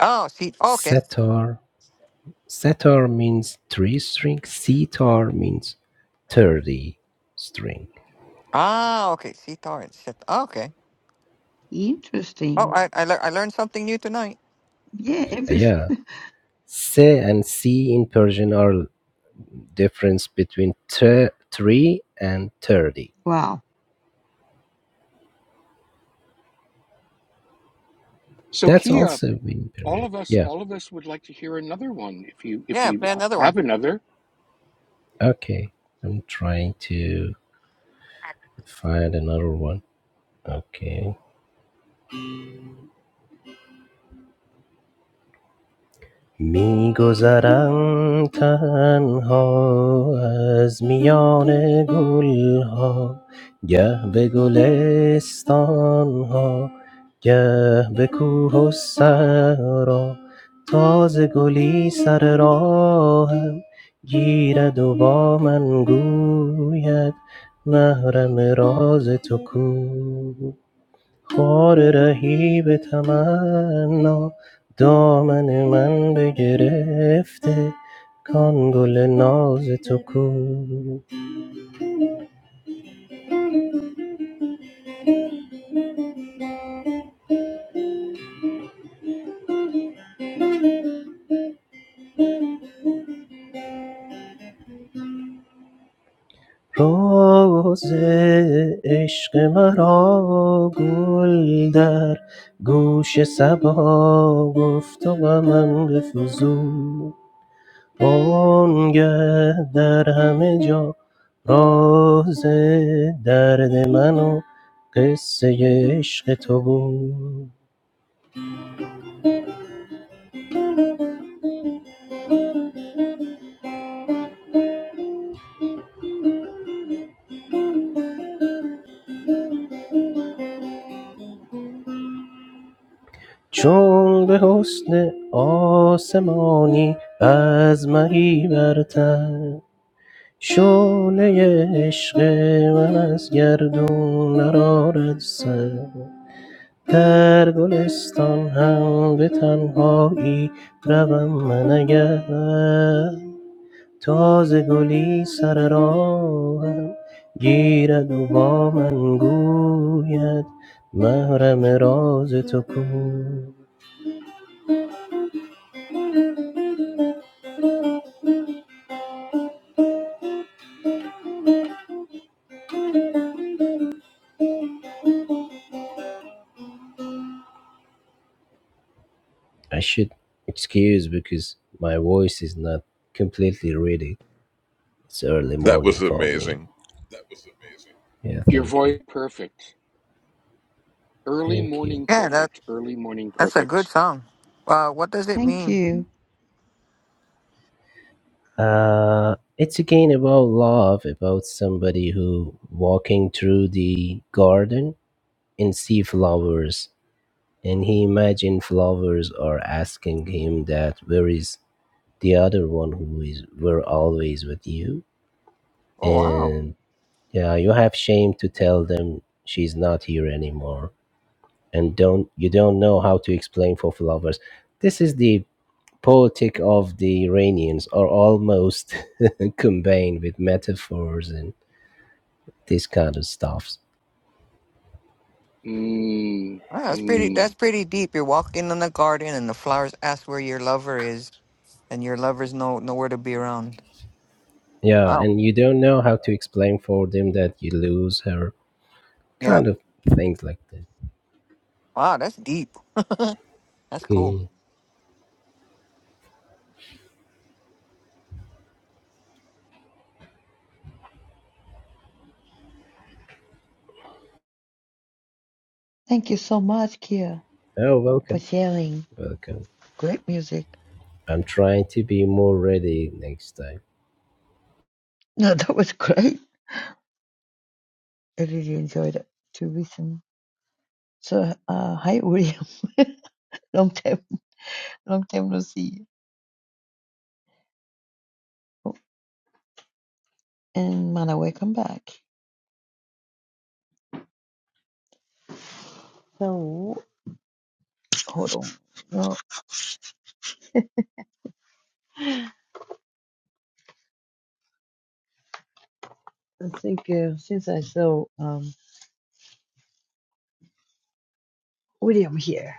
Oh, see. Oh, okay. Setar, Setar means three string. Sitar means 30 string. Ah, okay. Sitar and sitar. okay. Oh, Interesting. I I, lear I learned something new tonight. Yeah. Every. Yeah. Se and C in Persian are difference between tre- 3 and 30. Wow. So That's Kia, also in all Persian. of us, Yeah. all of us would like to hear another one. If you if Yeah, you play another have one. another, Okay. I'm trying to find another one. Okay. Mi gozaran kan ha, zmian gul ha, ya begolestan ha, ya beguhosara, ta ze golisara ham, gira duba man gul ya, nahram rozetuk. خار رهی به تمنا دامن من بگرفته کان گل ناز تو کو راز عشق مرا گل در گوش سبا گفت و غمم بفزود بانگه در همه جا راز درد من و قصه عشق تو بود چون به حسن آسمانی از مهی برتر شعله عشق من از گردون نرارد سر در گلستان هم به تنهایی روم من اگر تازگلی سر راهم گیرد و با من گوید محرم راز تو کو I should excuse because my voice is not completely ready. It's early That morning was for me. amazing. Yeah, your thank you. voice perfect. Early Thank you. morning Yeah, that. perfect. Early morning That's a good perfect. song. Uh, what does it Thank mean? you. Uh, it's again about love, about somebody who walking through the garden and see flowers And he imagined flowers are asking him that where is the other one who is were always with you? Oh wow. And yeah, you have shame to tell them she's not here anymore. And don't you don't know how to explain for flowers. This is the poetic of the Iranians are almost combined with metaphors and this kind of stuffs. Mm, Wow, that's pretty. mm. That's pretty deep. You're walking in the garden, and the flowers ask where your lover is, and your lover's no nowhere to be around. Yeah, Wow. and you don't know how to explain for them that you lose her, Yeah. kind of things like that. Wow, that's deep. That's Mm. cool. Thank you so much, Kia, Oh, for welcome. sharing. Welcome. Great music. I'm trying to be more ready next time. No, that was great. I really enjoyed it to listen. So, uh, hi, William. long time, long time no see. And Mana, welcome back. So. hold on. Well, I think uh, since I saw um, William here,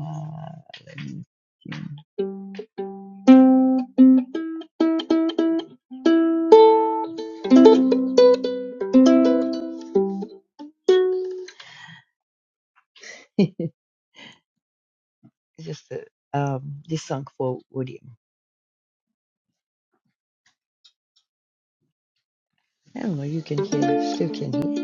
uh, let me see. It's just uh, um, this song for William. I don't know. You can hear, still can hear.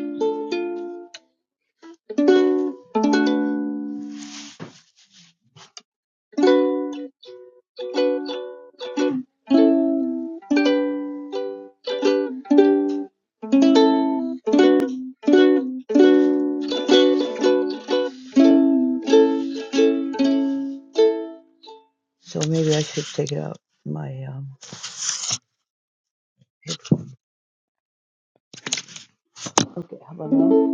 So maybe I should take out my um, headphone. Okay, how about now?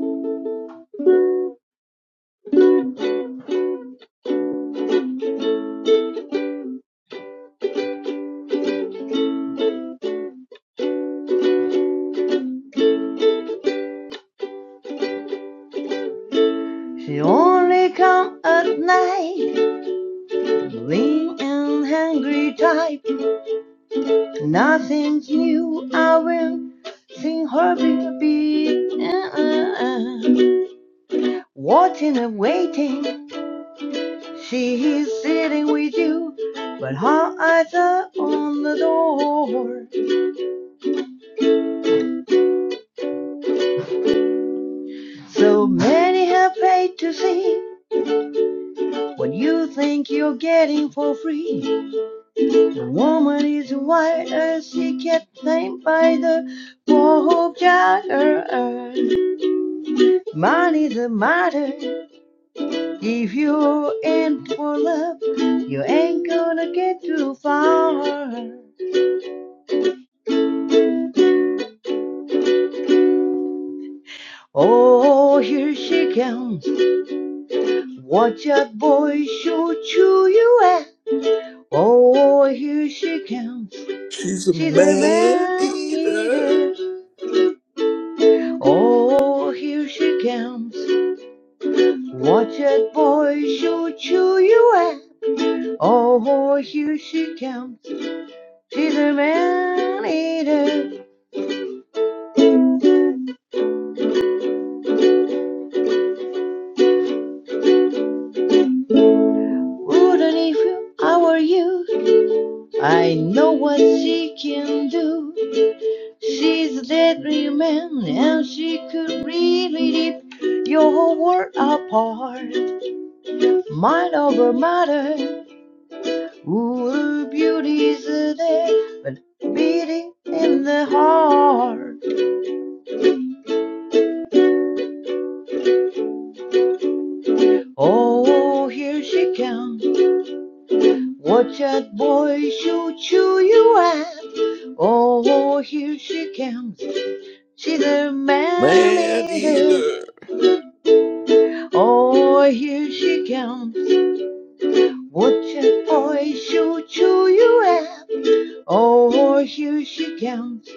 She only come at night, lean and hungry type. Nothing new. I will sing her baby. uh, uh, uh. Watching and waiting, she is sitting with you, but her eyes are on the door. So many have paid to see what you think you're getting for free. The woman is wild as she gets named by the poor jagger. Money's a matter. If you're in for love, you ain't gonna get too far. Oh, here she comes. Watch out, boys, show you you at. Oh, here she comes. She's a She's a man man eater. eater. Oh, here she comes. Watch out, boys, show you you at. Oh, here she comes. She's a man eater. Wouldn't if I were you, I know what she can do. She's a dead woman and she could really rip your whole world apart. Mind over matter, ooh, her beauty is a but beating in the heart. Oh, here she comes. Watch out, boy, she'll chew you out. Oh, here she comes. She's a man Man eater. eater. Oh, here she comes. Watching boy shoot you you have Oh here she comes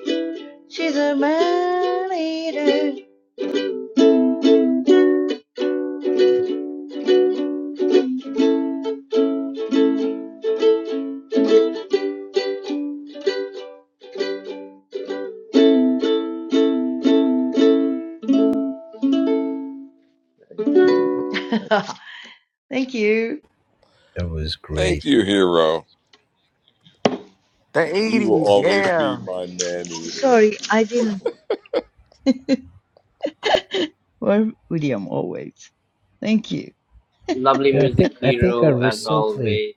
She's a man eater Thank you. Thank you. That was Thank great. you, hero. The You will '80s. always be Yeah. my man Oh, eater. sorry, I didn't Well William always. Thank you. Lovely Yeah, I think music I think I hero as recently always.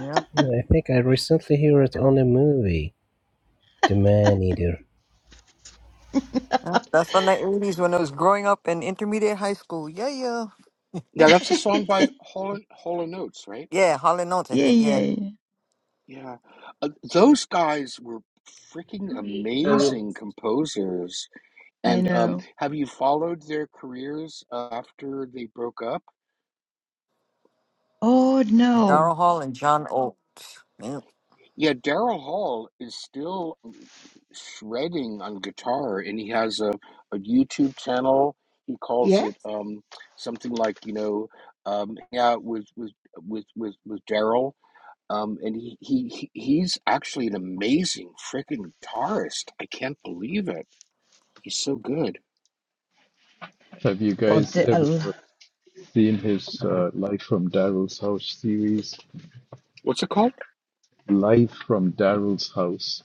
Yeah. I think I recently heard it on a movie, The Man Eater. Yep, that's from the '80s when I was growing up in intermediate high school. Yeah, yeah. Yeah, that's a song by yeah, Hall and, Hall and Oates, right? Yeah, Hall and Oates, I yeah, think. Yeah, yeah. Yeah, uh, those guys were freaking Deliveries amazing composers. I And um, know. have you followed their careers uh, after they broke up? Oh no. Daryl Hall and John Oates. Yep. Yeah, Daryl Hall is still shredding on guitar and he has a, a youtube channel he calls Yeah? it um something like you know um yeah with with with with, with daryl um and he, he he's actually an amazing freaking guitarist i can't believe it he's so good Have you Well guys the a ever l- seen his uh, Life from Daryl's House series? what's it called Live from Daryl's house.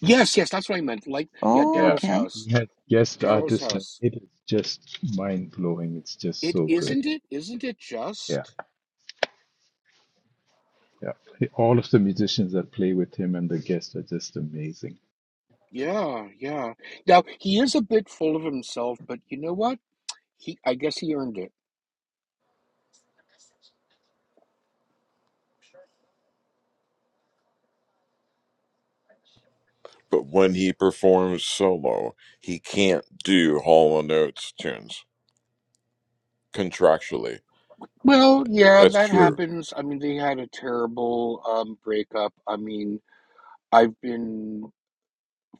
yes yes that's what i meant like yeah oh, Yeah. daryl's okay. house He has guest daryl's artists and house it is just mind blowing. It's just it so good. isn't it isn't it Yeah. just Yeah. All of the musicians that play with him and the guests are just amazing. yeah yeah now he is a bit full of himself but you know what He, I guess he earned it. But when he performs solo, he can't do Hall and Oates tunes contractually. Well, yeah, That's that Hmm. true. happens. I mean, they had a terrible um, breakup. I mean, I've been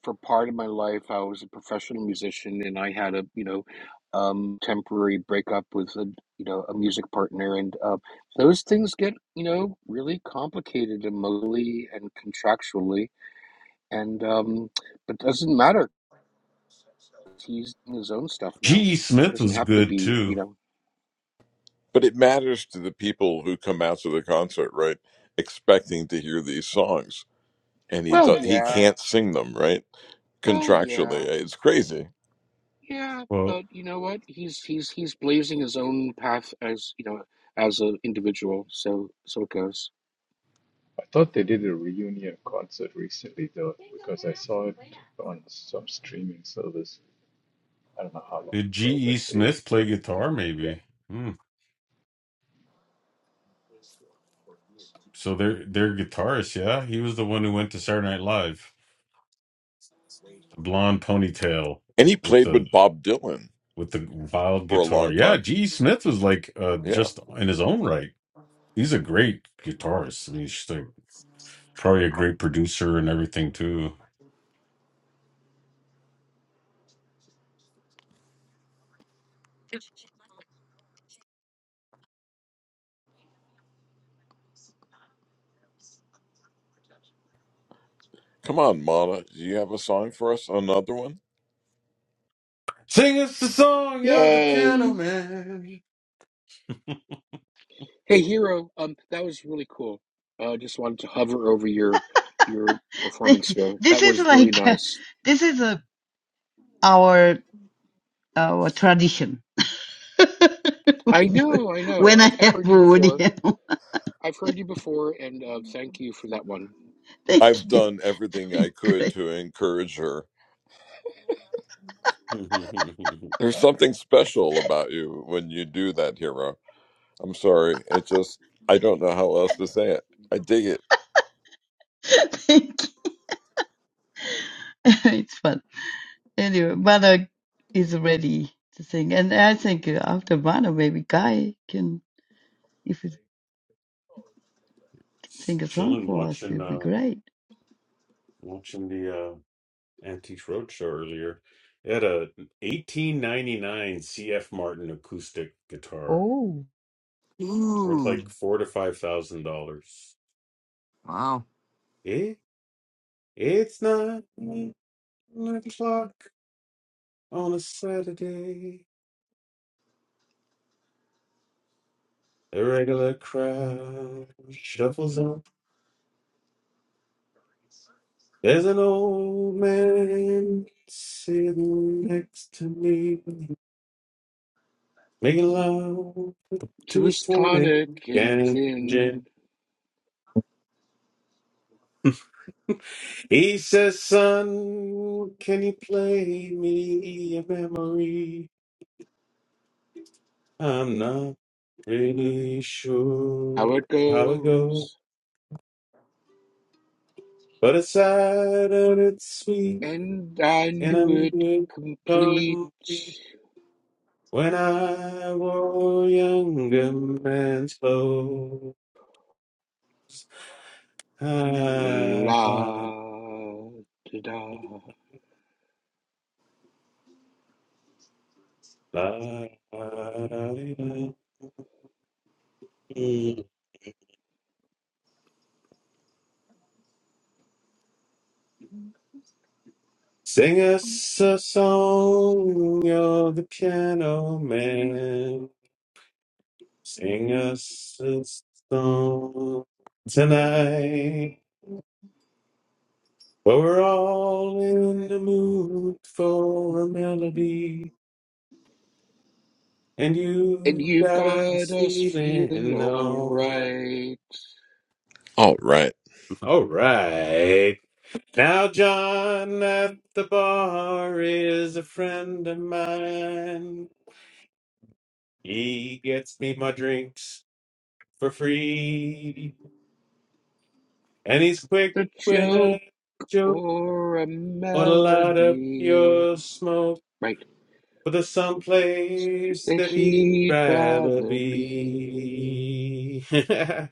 for part of my life, I was a professional musician, and I had a you know um, temporary breakup with a you know a music partner, and uh, those things get you know really complicated emotionally and contractually, and um, but doesn't matter. He's doing his own stuff now. G.E. He Smith doesn't was have to good be you too. know. But it matters to the people who come out to the concert, right? Expecting to hear these songs, and he Well, do- he yeah. can't sing them, right? Well, contractually. yeah. eh, It's crazy. Yeah, Well, but you know what? He's he's he's blazing his own path as you know as an individual. So so it goes. I thought they did a reunion concert recently though, because I saw it on some streaming service. I don't know how long did ago, but G.E. they Smith play sort of guitar? did Maybe. Hmm. Their their guitarist, yeah. He was the one who went to Saturday Night Live. The blonde ponytail And he with played the with Bob Dylan with the wild for a guitar. long Yeah, time. G.E. Smith was like uh, Yeah. just in his own right. He's a great guitarist. I mean, he's just like probably a great producer and everything too. Come on, Mana. Do you have a song for us? Another one? Sing us the song, you're the piano Yay. man. Hey, Hero, um, that was really cool. Uh, just wanted to hover over your your Thank performance you. there. This That is was really like uh, nice. this is uh, our our tradition. I know, I know. when I I've I've have heard a you Woody before. Allen. I've heard you before, and uh, thank you for that one. Thank I've you. done everything I could Great. to encourage her. Shoot. There's something special about you when you do that, hero. I'm sorry. It just, I don't know how else to say it. I dig it. Thank you. It's fun. Anyway, Mana is ready to sing. And I think uh, after Mana, maybe Guy can, if he can sing a song Chilling, for us, it watching, would be uh, great. watching the, uh, Antiques Roadshow earlier. It had a 1899 CF Martin acoustic guitar Oh, worth Ooh. like four to five thousand dollars. Wow. Eh? It's not o'clock on a Saturday. The regular crowd shuffles on. There's an old man sitting next to me, making love to To his his tonic tonic and and gin. then He says, Son, can you play me a memory? I'm not really how sure it how it goes, goes, but it's sad and it's sweet, and I and I knew knew it it complete. complete when I wore a younger man's clothes. Ah, La da da. la, la, la, la, la. Sing us a song, you're the piano man. Sing us a song tonight. Well, we're all in the mood for a melody, and And you you've got got us us feeling feeling alright. alright. All right. Alright. Now, John at the bar is a friend of mine. He gets me my drinks for free. And he's quick The with a joke joke or a or to light up melody. your smoke Right. for the someplace That that he'd he'd rather rather be. be.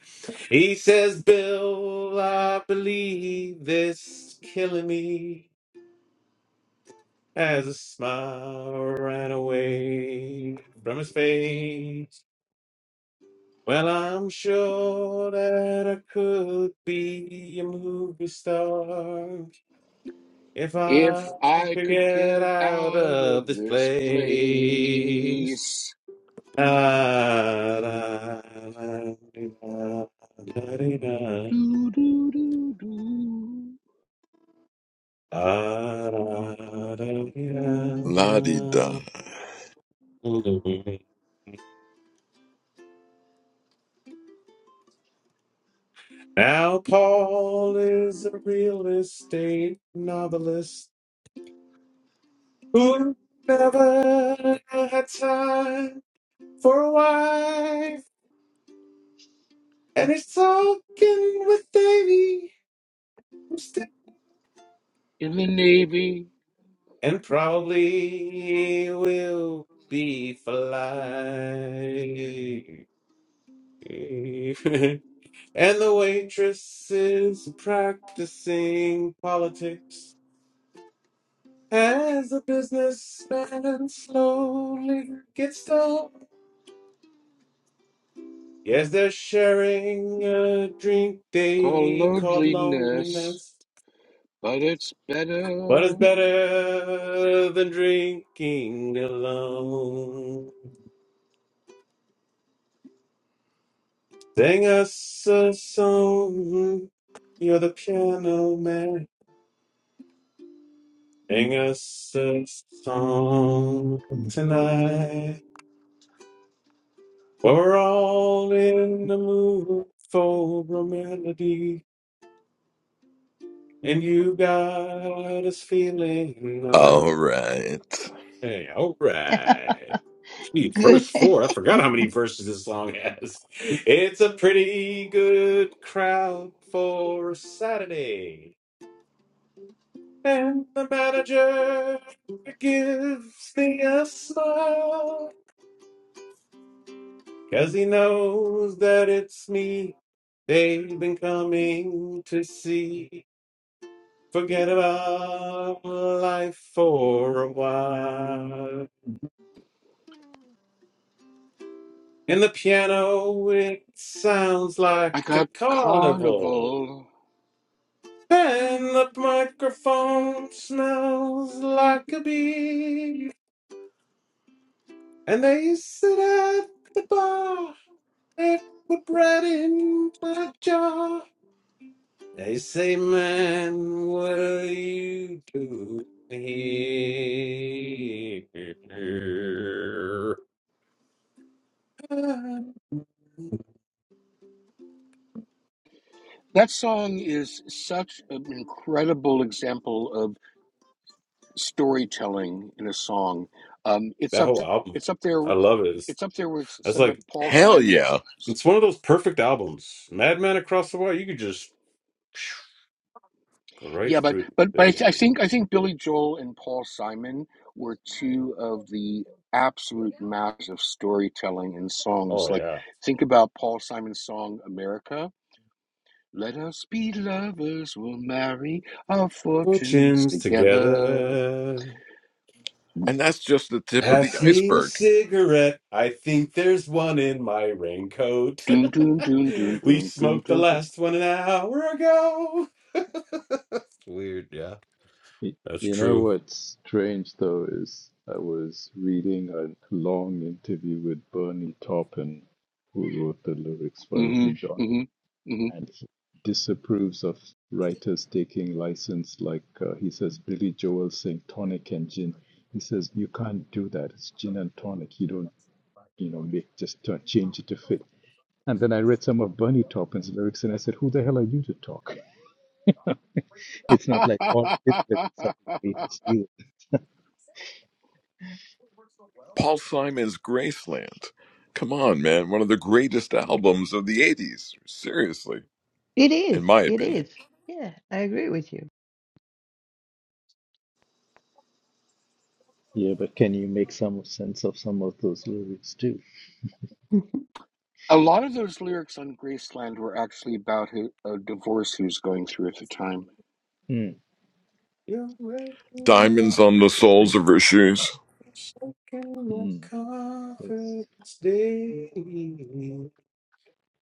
he says, Bill, I believe this is killing me. As a smile ran away from his face. Well, I'm sure that I could be a movie star If I If I could could get get out out of of this this place. place. Da, da, da, dee, da, da, dee, da. Do do do do. Da, da, da, dee, La di da. da. Now, Paul is a real estate novelist who never had time for a wife, and he's talking with Davy. in the Navy. and probably will be flying. and the waitress is practicing politics as the businessman slowly gets dull. Yes, they're sharing a drink Call they called loneliness, loneliness. but it's But it's better. better than drinking alone. Sing us a song. You're the piano man. Sing us a song tonight. We're all in the mood for a melody, and you got us feeling all All right. right. All right. Gee, verse Good. four. I it forgot how many verses this song has. It's a pretty good crowd for a Saturday. And the manager gives me a smile 'cause he knows that it's me they've been coming to see. Forget about life for a while. In the piano, it sounds like I a got carnival. carnival. And the microphone smells like a bee. And they sit at the bar It put bread in my jar. They say, man, what are you doing here? That song is such an incredible example of. storytelling in a song. Um, it's That up whole album, it's up there I with love it. It's, it's up there with that's some of like Paul Hell yeah. Simon's. it's one of those perfect albums. Madman Across the Wire, you could just go right Yeah, but through but the but I, th- I thing. think I think Billy Joel and Paul Simon were two of the absolute masters of storytelling in songs. Oh Like yeah, think about Paul Simon's song America. Let us be lovers, we'll marry our fortunes fortunes together. together. And that's just the tip of the Pass me a iceberg. cigarette. I think there's one in my raincoat. Doom, doom, doom, doom, We doom, doom, smoked the doom, doom. last one an hour ago. It's weird, yeah. That's You know true. what's strange though is I was reading a long interview with Bernie Taupin, who wrote the lyrics for Elton Mm-hmm, John, mm-hmm, mm-hmm. and he disapproves of writers taking license. Like uh, he says, Billy Joel saying tonic and gin. He says you can't do that. It's gin and tonic. You don't, you know, make just uh, change it to fit. And then I read some of Bernie Taupin's lyrics, and I said, "Who the hell are you to talk?" it's not like all of his lyrics are the a greatest either. Paul Simon's Graceland. Come on, man. One of the greatest albums of the 80s. Seriously, is. in my It opinion. is. Yeah, I agree with you. Yeah, but can you make some sense of some of those lyrics too? lot of those lyrics on Graceland were actually about who, a divorce he was going through at the time. Hmm. You're waking Diamonds up, on the Interesting. soles of her shoes. shaking my Mm. Yes. confidence daily.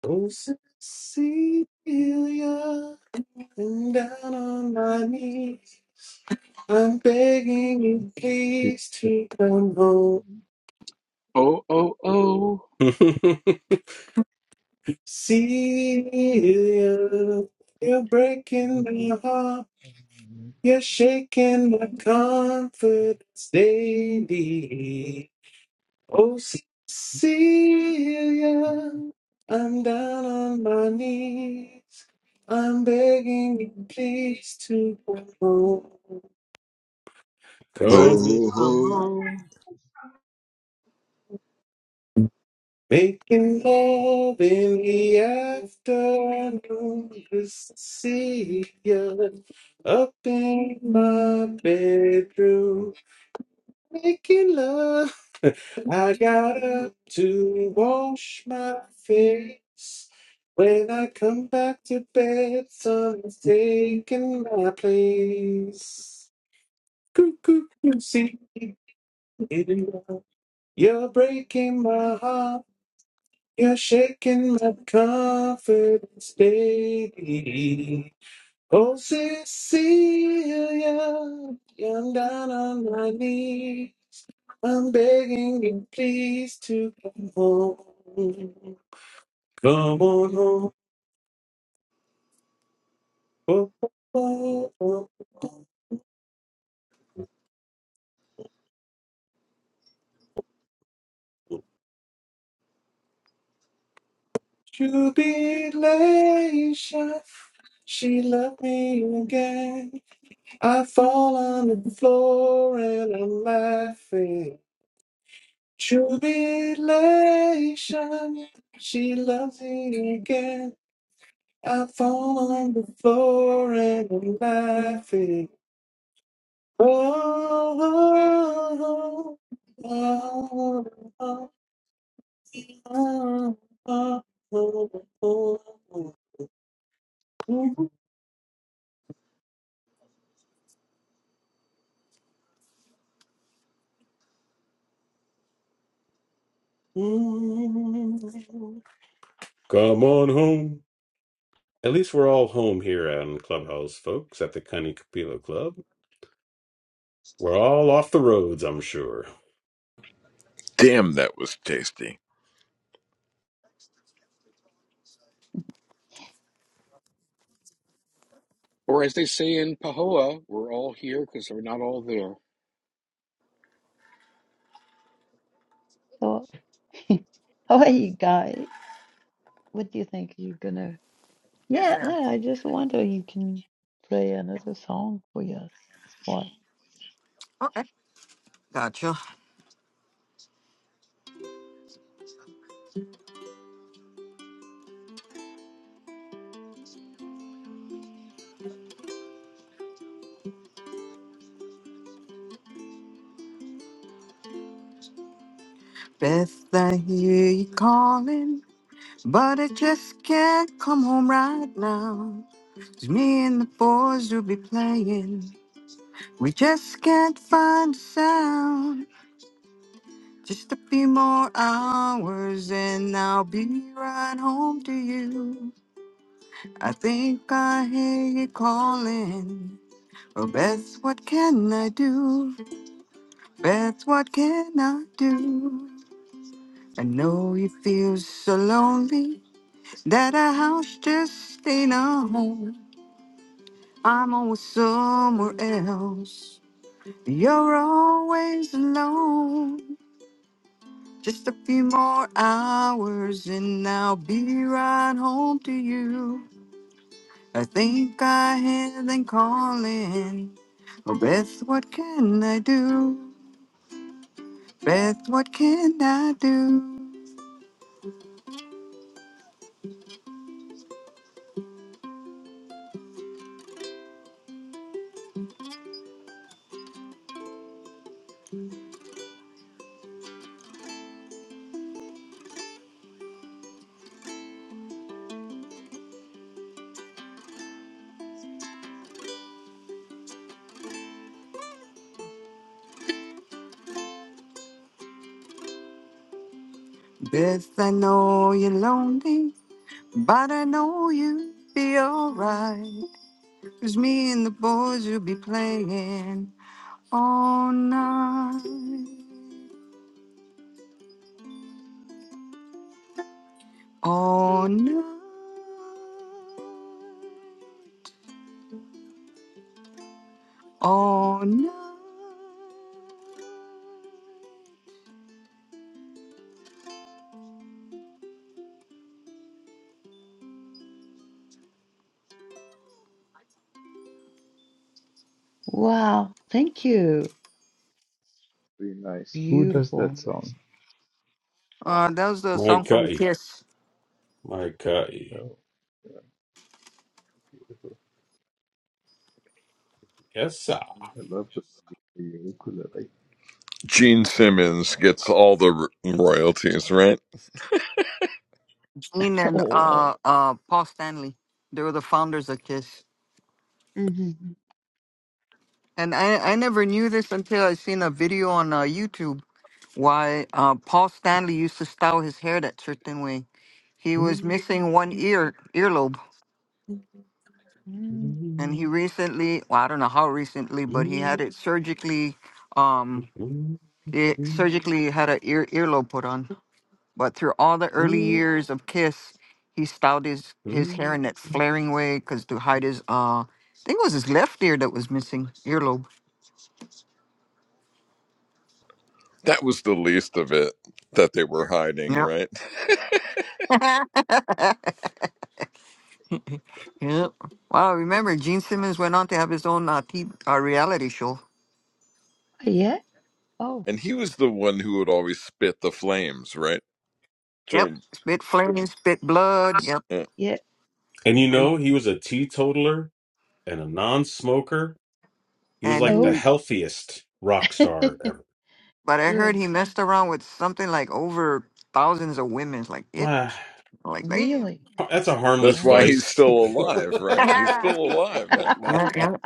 Oh, Cecilia, and down on my knees, I'm begging you, please to come home. Oh, oh, oh. Celia, you're breaking my heart. You're shaking the confidence they need. Oh, Cecilia, I'm down on my knees. I'm begging you, please, to come home. Come. from Oh, home. Making love in the afternoon, Cecilia, up in my bedroom. Making love. I got up to wash my face. When I come back to bed, someone's taking my place. Cuckoo, you see it now. You're breaking my heart. You're shaking my confidence baby. Oh, Cecilia, I'm down on my knees. I'm begging you, please, to come home. Come on home. Oh, oh, oh. To be Laisha. She loved me again. I fall on the floor and I'm laughing. Jubilation, she loves me again. I fall on the floor and I'm laughing. Come on home. At least we're all home here on Clubhouse, folks, at the Cunny Capilla Club. We're all off the roads, I'm sure. damn, that was tasty. Mhm. Or as they say in Pahoa, we're all here because we're not all there. So, how are you guy? What do you think you're gonna? Yes, Yeah, ma'am. no, I just wonder you can play another song for us. What? Okay. Gotcha. Best I hear you calling, but I just can't come home right now. 'Cause me and the boys will be playing. We just can't find a sound. Just a few more hours and I'll be right home to you. I think I hear you calling. Oh, Beth, what can I do? Beth, what can I do? I know you feel so lonely. That a house just ain't a home. I'm always somewhere else. You're always alone. Just a few more hours and I'll be right home to you. I think I hear them calling. Oh, Beth, what can I do? Beth, what can I do? Beth, I know you're lonely, but I know you'll be alright. Cause me and the boys will be playing all night, all night, all night. Wow, thank you. Very nice. Who does that Beautiful. song? Uh, that was the My song from cutty. Kiss. My cutty. Oh, yeah, beautiful. Yes, sir. I love the, the ukulele. Gene Simmons gets all the r- royalties, right? Gene and Oh. uh, uh, Paul Stanley. They were the founders of Kiss. hmm And I, I never knew this until I seen a video on uh, YouTube why uh, Paul Stanley used to style his hair that certain way. He was missing one ear earlobe. and he recently well, i don't know how recently but he had it surgically um it surgically had a ear earlobe put on but through all the early years of kiss he styled his his hair in that flaring way because to hide his uh i think it was his left ear that was missing earlobe That was the least of it that they were hiding, yep right? yep wow remember gene simmons went on to have his own uh, t- uh reality show Yeah. Oh, and he was the one who would always spit the flames, right? yep Sure. spit flames spit blood yep yeah. And you and know, he was a teetotaler and a non-smoker. He was and like the he Oh. healthiest rock star ever. But I heard Good. he messed around with something like over thousands of women. Like, yep. Ah, Like, damn. Really? that's a harmless That's why Wow. he's vice. still alive, right? He's still alive, right? Yeah, yeah.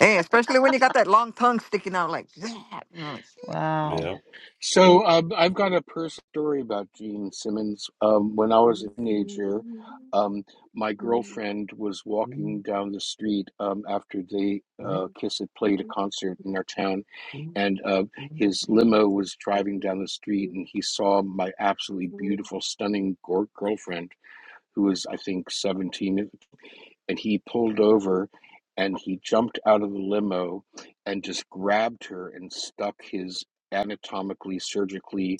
Hey, especially when you got that long tongue sticking out like that. You know, like, Wow. mm, So um, I've got a personal story about Gene Simmons. Um, when I was a teenager, um, my girlfriend yeah. was walking down the street um, after they uh, Kiss had played a concert in our town, and uh, his limo was driving down the street, and he saw my absolutely beautiful, stunning gor- girlfriend, who was I think 17, and he pulled over and he jumped out of the limo and just grabbed her and stuck his anatomically surgically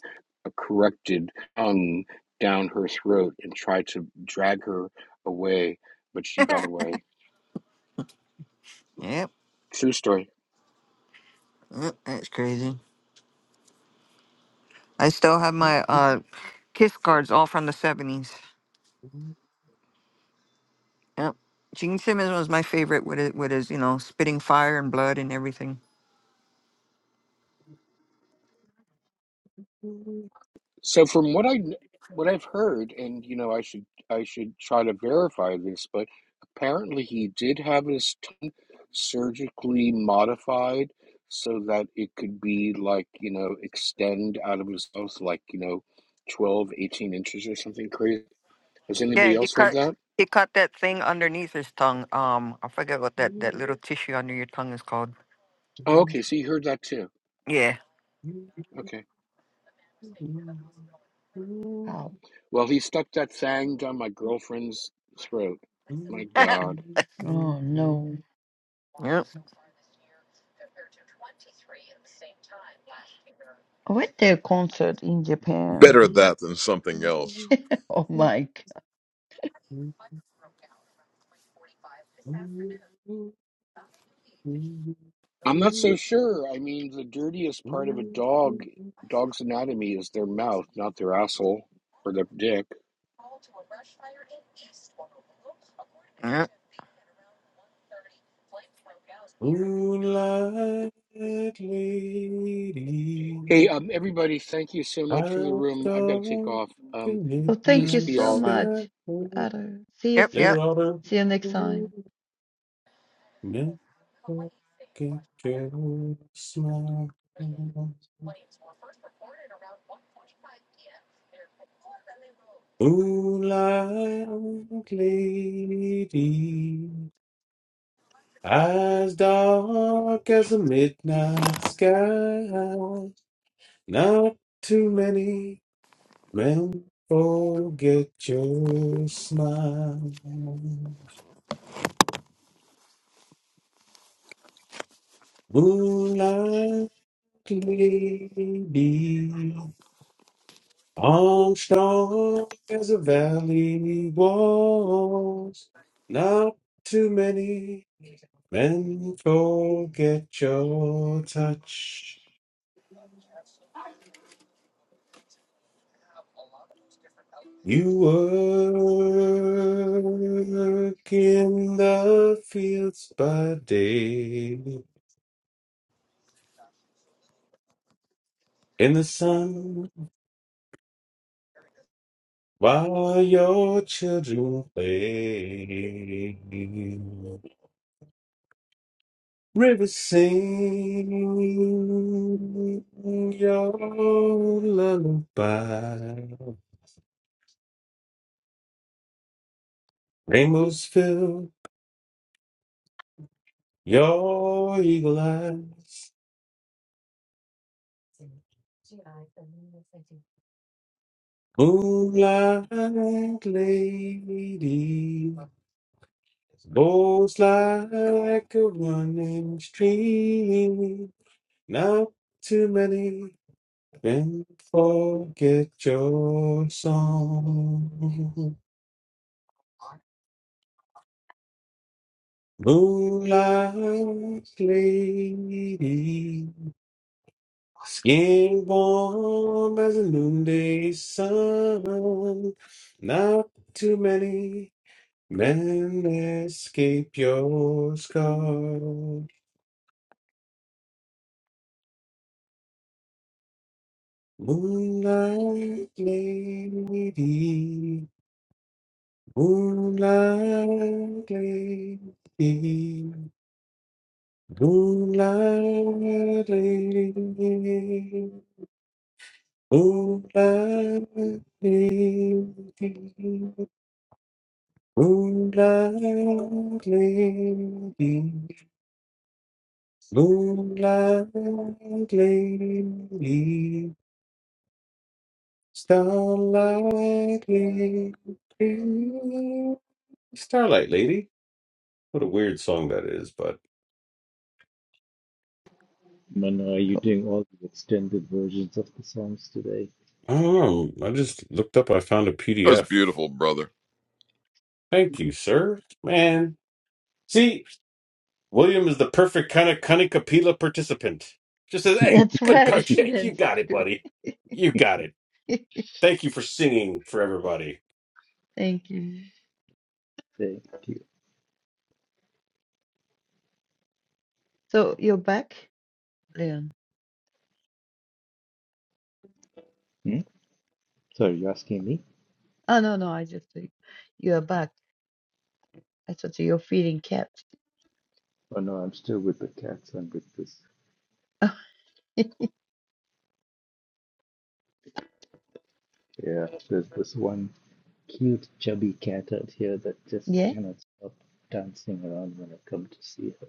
corrected tongue down her throat and tried to drag her away but she got away yep. true story mm, That's crazy. I still have my uh, kiss cards all from the 70s. Yep. Gene Simmons was my favorite with it, with his, you know, spitting fire and blood and everything. Moonlight so from what i what i've heard and you know i should i should try to verify this but apparently he did have his surgically modified so that it could be like you know extend out of his mouth like you know 12, 18 inches or something crazy has Yeah, anybody he else heard cut that he cut that thing underneath his tongue. Um, I forget what that that little tissue under your tongue is called. oh okay so you heard that too Yeah. okay Wow. well he stuck that thing down my girlfriend's throat my god Oh no. Yep. I went to a concert in Japan. Better that than something else. Oh my God. i'm not so sure i mean the dirtiest part of a dog dog's anatomy is their mouth not their asshole or their dick Yep. Hey, lady, um, everybody, thank you so much for the I'm room. I got to take dark off. Um, in Well, thank peace you midnight be so all. sky. much. Otto. See you Yep. soon. Yep. Later, See you next Alder. time. Milky smile, Moonlight lady, eyes dark as a midnight sky. Not too many men forget your smile. Moonlight lady, I'm strong as a valley walls. Not too many men forget your touch. You work in the fields by day, in the sun while your children play. Rivers sing your lullaby. Rainbows fill your eagle eyes. Moonlight lady blows like a running stream. Not too many can forget your song. Moonlight lady, skin warm as a noonday sun. Not too many men escape your scar. Moonlight lady, moonlight lady, moonlight lady. Moonlighting, moonlight lady, moonlight lady, starlight lady, starlight lady. What a weird song that is, but Manu, are you Cool. doing all the extended versions of the songs today? I don't know. I just looked up. I found a That was PDF. beautiful, brother. Thank you, sir. Man, see, William is the perfect kind of Kanikapila participant. Just says, hey, That's good right. coach. Hey, you That's got it, true. buddy. You got it. Thank you for singing for everybody. Thank you. Thank you. So you're back, Leon. Hmm? Sorry, you're asking me? Oh no, no, I just think you are back. I thought you're feeling kept. Oh no, I'm still with the cats. I'm with this. Yeah, there's this one. cute chubby cat out here that just yeah? cannot stop dancing around when I come to see her.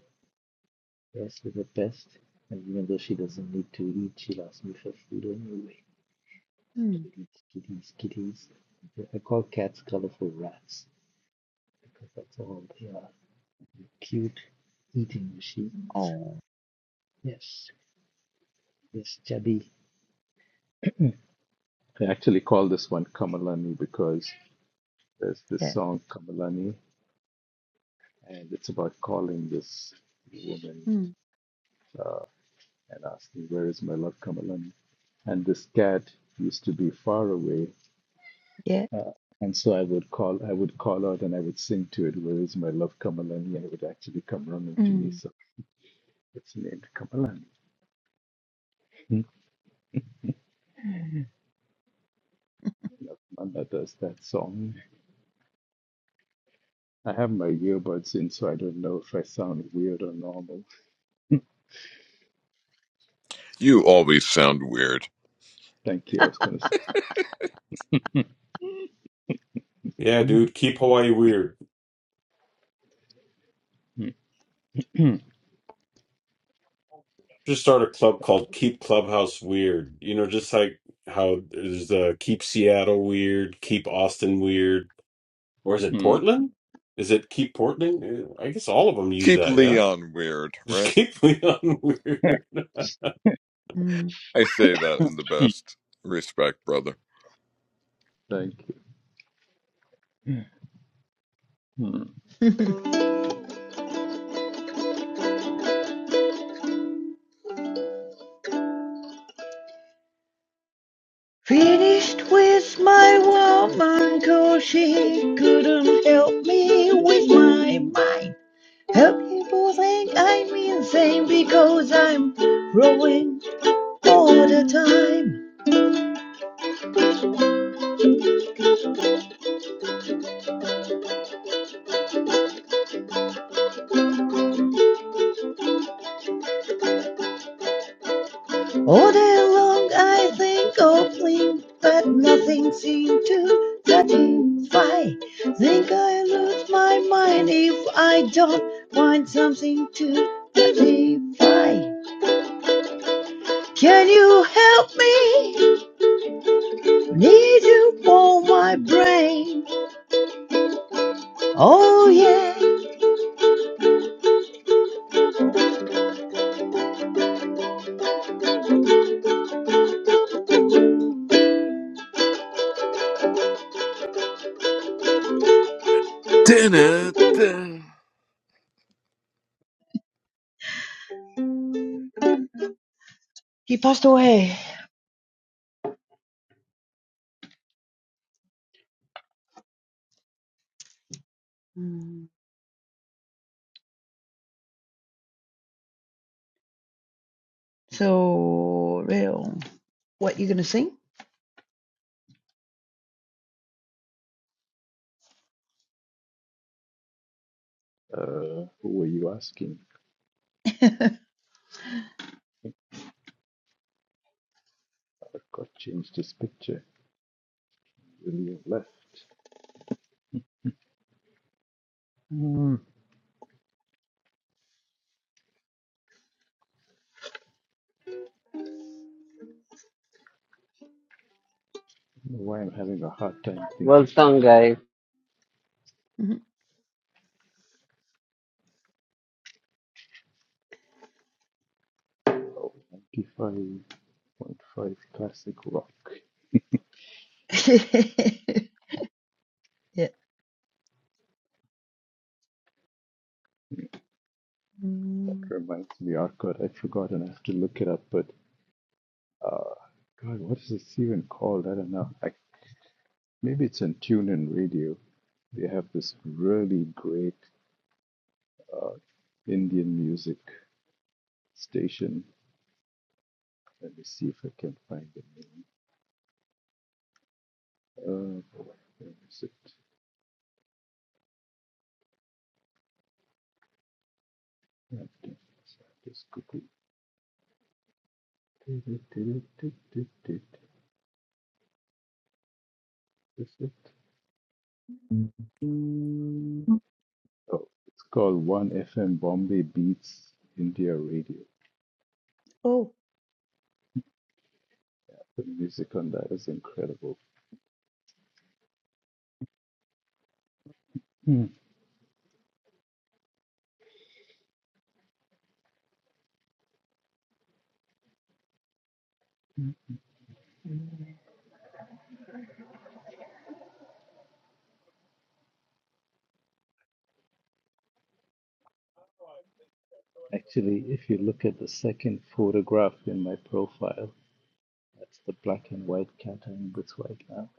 Yes, she's the best, and even though she doesn't need to eat, she'll ask me for food anyway. Mm. Kitties, kitties, kitties. I call cats colorful rats because that's all they are. Cute eating machines. Oh Yes, yes, chubby. I actually call this one Kamalani because there's this yeah. song Kamalani, and it's about calling this woman. Mm. uh, and asked me, Where is my love, Kamalani, And this cat used to be far away. Yeah. Uh, and so I would call, I would call out, and I would sing to it, "Where is my love, Kamalani?" And it would actually come running to me. Mm. So it's named Kamalani. Hmm. Manda does that song. I have my earbuds in, so I don't know if I sound weird or normal. You always sound weird. Thank you. I was going to say. Yeah, dude, keep Hawaii weird. Just start a club called Keep Clubhouse Weird. You know, just like how there's the Keep Seattle Weird, Keep Austin Weird. Or is it Portland? Is it Keep Portland? Eh, I guess all of them use Keep that, yeah? Leon weird, Just right? keep Leon weird. Mm. I say that Oh, in the best respect, brother. Thank you. Hmm. Finished with my woman, 'cause she couldn't help me with my mind. Help people think I'm insane because I'm growing all the time. All day long I think of things, but nothing seems to satisfy. Think I lose my mind if I don't find something to satisfy. Can you help me? Need you for my brain. Oh yeah. Dun-dun-dun. He passed away. Mm. So real. What you gonna sing? Uh, who were you asking? I got changed this picture. Really have left. Mm, why I'm having a hard time Well thinking of sung, guys. oh, 95.5 classic rock. yeah. That Mm. reminds me, oh god, I forgot and I have to look it up, but uh, god, what is this even called? I don't know. I, maybe it's on TuneIn Radio. They have this really great Indian music station. Let me see if I can find the name. Uh, where is it? Just quickly. Is it? Oh, it's called One FM Bombay Beats India Radio. Oh, The music on that is incredible. Hmm. Actually, if you look at the second photograph in my profile, that's the black and white cat I'm with right now.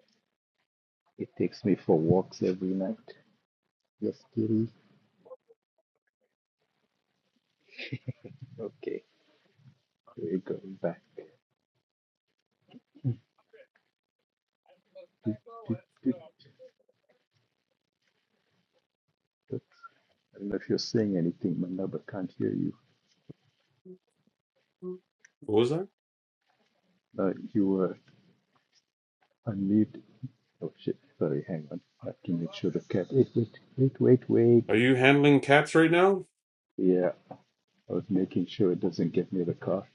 It takes me for walks every night. Yes, kitty. Okay, we're going back. Doot, doot, doot, I don't know if you're saying anything, Manda, but can't hear you. What was that? Uh, you were unmuted. Oh shit! Sorry, hang on. I have to make sure the cat. Wait, wait, wait, wait, wait. Are you handling cats right now? Yeah, I was making sure it doesn't get near the car.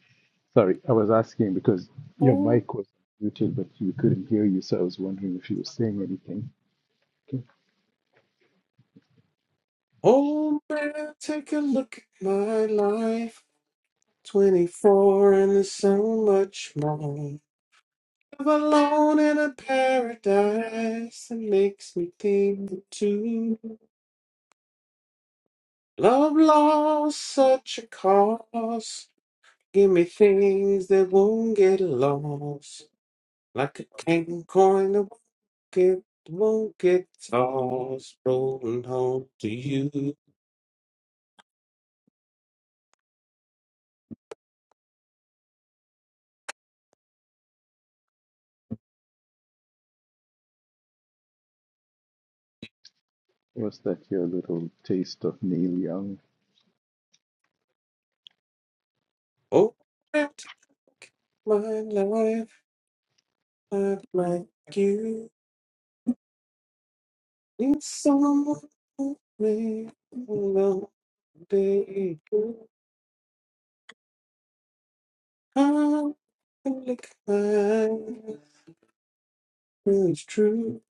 Sorry, I was asking because your mic was muted, but we couldn't hear you, so I was wondering if you were saying anything. Okay. Oh man, take a look at my life. 24 and there's so much more. Live alone in a paradise that makes me think too. Love lost such a cost. Give me things that won't get lost. Like a king coin that won't get, won't get tossed. Rolling home to you. Was that your little taste of Neil Young? Oh, man, take my life. Look like you need someone to make the day I'm like mine. it's true.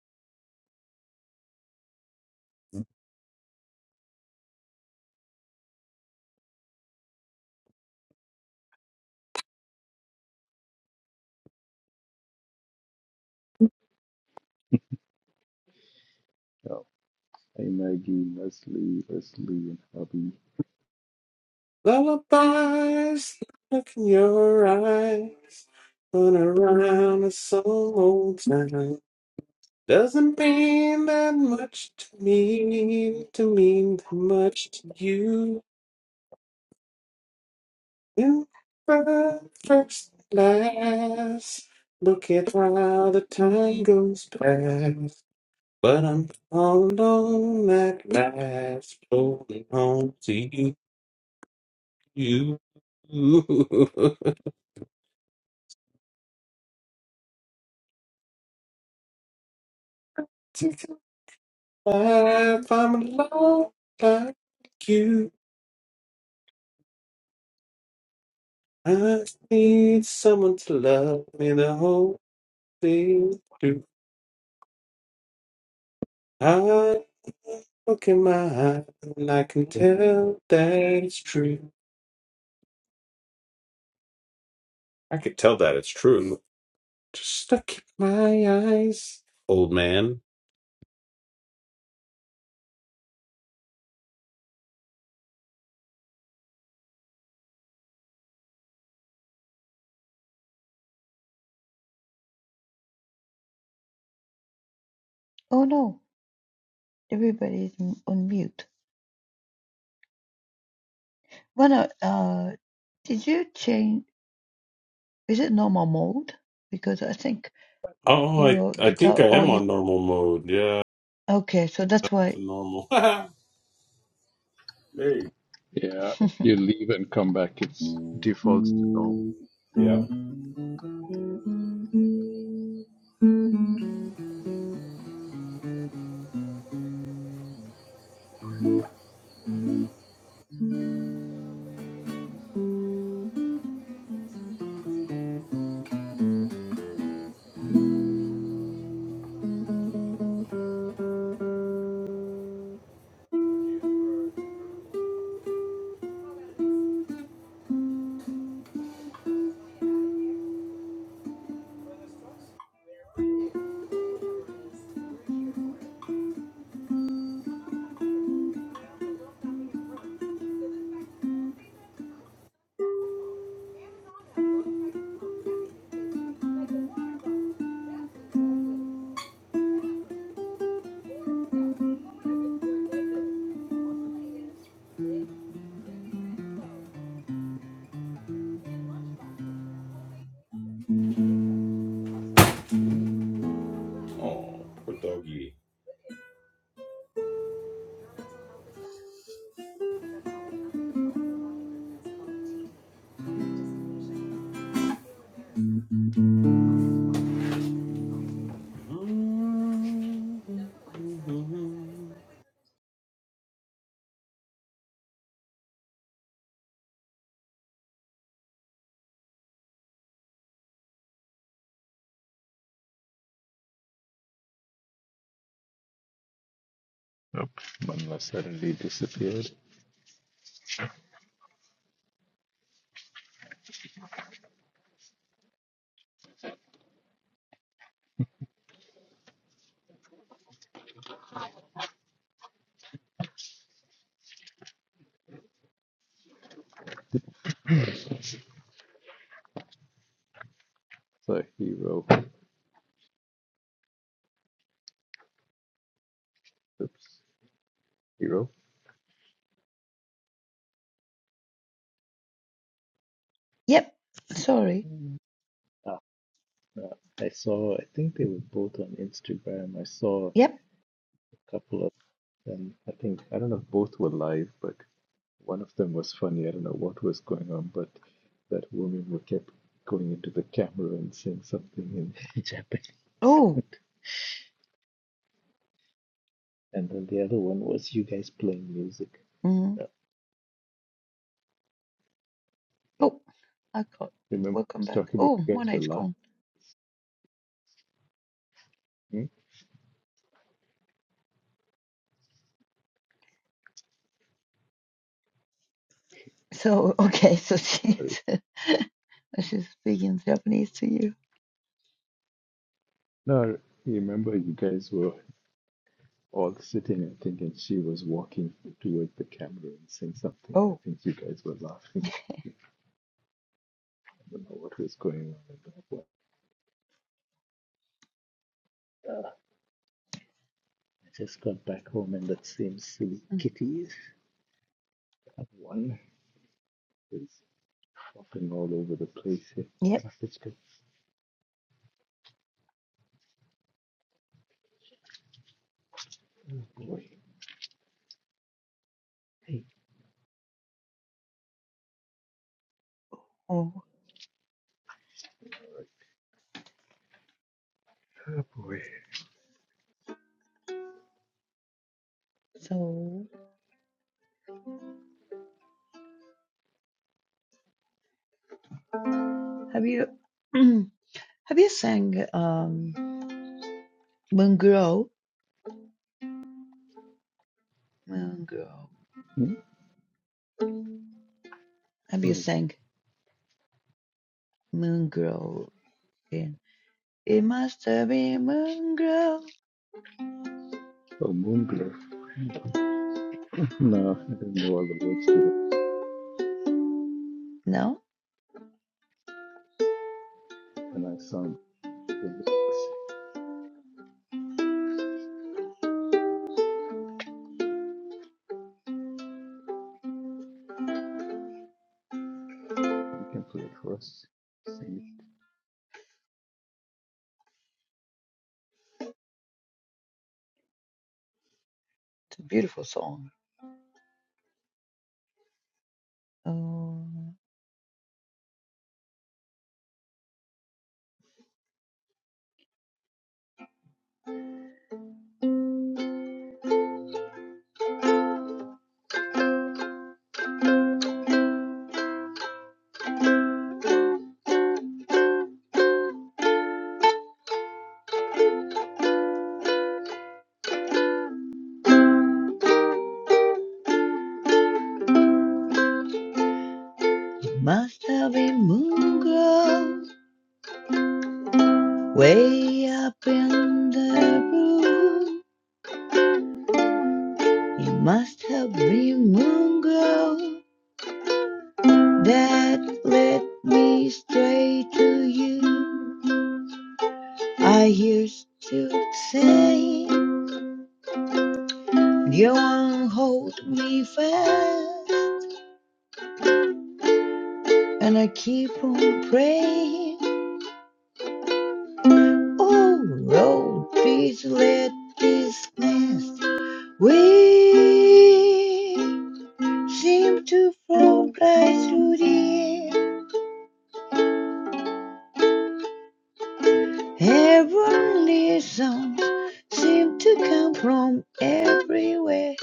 Oh, hey Maggie, Leslie, Leslie, and Hubby. Lullabies, look in your eyes. Run around us some old time. Doesn't mean that much to me, to mean that much to you. You were the first class. Look at how the time goes past. But I'm all alone at last, floating home to you. Take a life, I'm alone like you. I need someone to love me the whole thing through. I look in my eye, and I can tell that it's true. I could tell that it's true. Just look at my eyes, old man. oh no. Everybody's on mute. Rana, uh, did you change? Is it normal mode? Because I think Oh, I your I think guitar I or am you. on normal mode. Yeah, Okay, so that's why. to normal. hey, Yeah, if you leave and come back, it defaults to normal. yeah. Nope, Manla suddenly disappeared. So, hero. Oops, hero. yep. Sorry. Mm. Ah, uh, I saw, I think they were both on Instagram. I saw. Yep. couple of them. I think I don't know if both were live, but one of them was funny. I don't know what was going on, but that woman who kept going into the camera and saying something in Japanese, Oh. and then the other one was you guys playing music. Mm. Yeah. Oh, I caught. Remember, I Welcome was back. talking about Oh, you my guys were night's laughing. gone. Hmm? So, okay, so Sorry, she's she's speaking Japanese to you. no, I remember you guys were all sitting. I think, and she was walking toward the camera and saying something. And I Oh, think you guys were laughing. I don't know what was going on at that point. I just got back home and that same silly mm, kitty is that one is flopping all over the place here. yep. Oh boy. Hey, Oh, oh boy. so have you have you sang um Moon Girl? Moon Girl. Hmm? Have you Oh, sang Moon Girl? In it must have been Moon Girl. oh Moonglow. No, I don't know all the words to that No, and I sound the lyrics. You can play it for us. Sing it. it's a beautiful song. Oh, it must have been Moon Girl. Way up in the room, you must have been moon glow that led me straight to you. I used to say, you won't hold me fast, and I keep on praying. Oh Lord, please let this nest we seem to float right through the air. Heavenly sounds seem to come from everywhere.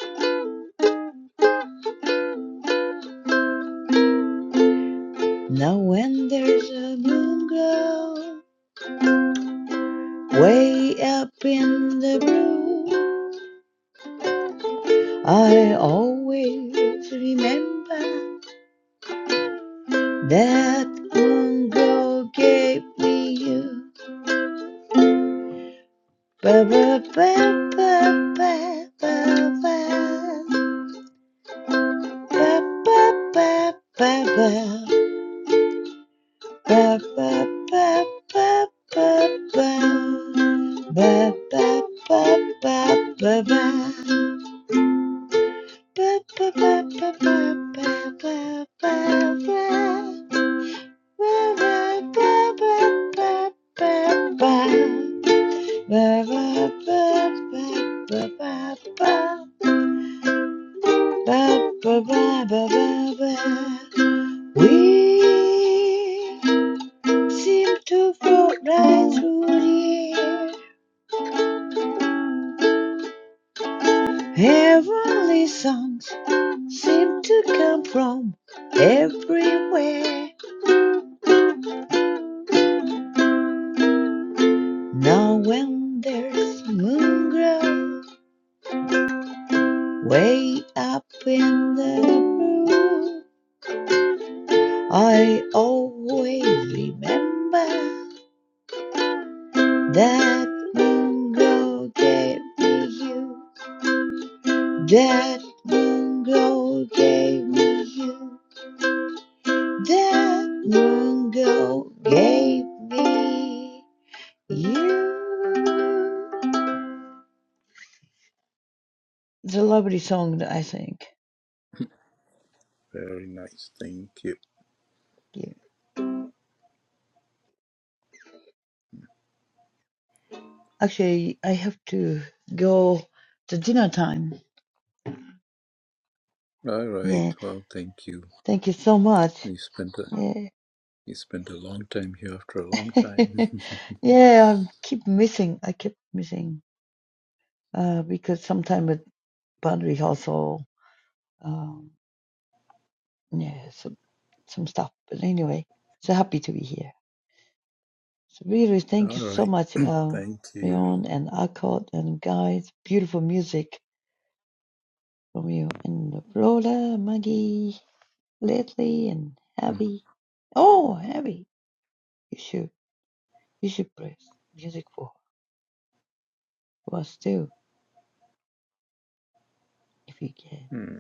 Now when there's a moon glow way up in the blue, I always remember that moon glow gave me you. Ba ba ba ba ba ba ba ba ba ba ba. Ba, ba, ba, ba, ba, ba. Ba, ba, ba, ba, ba, ba. Ba, ba, ba, ba, ba, ba, ba, ba, ba. Ba, ba, We seem to float right through the air. Heavenly songs seem to come from everywhere. Now when there's moon glow way up in the blue, I always remember that moon glow gave me you. That moon glow gave me you. That moon glow gave me. You. It's a lovely song, I think. Very nice, thank you. Yeah. Actually, I have to go to dinner time. All right, Yeah. well, thank you. Thank you so much. You spent a Yeah. you spent a long time here after a long time. yeah, I keep missing. I keep missing. Uh, because sometimes with band rehearsal, um, yeah, some, some stuff. But anyway, so happy to be here. So really, thank All you so right, much, uh, thank you. Leon and Akkad and guys. Beautiful music. Romeo and Lola, Maggie, Lately, and Abby. Oh, Abby, you should you should press music for her. Well, still, if you can. Mm-hmm.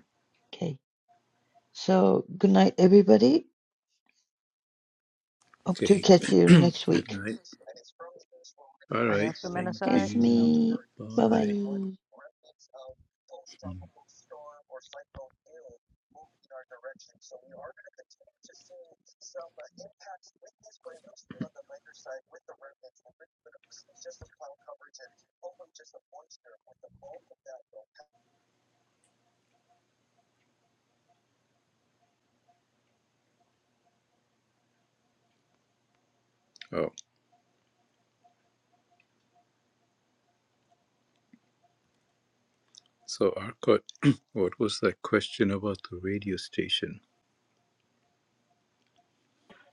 Okay. So good night, everybody. Hope to Okay. catch you next Good week. night. All right. Thank It's you. me. Bye Bye. bye. Mm. Oh, so Arcot, what was that question about the radio station?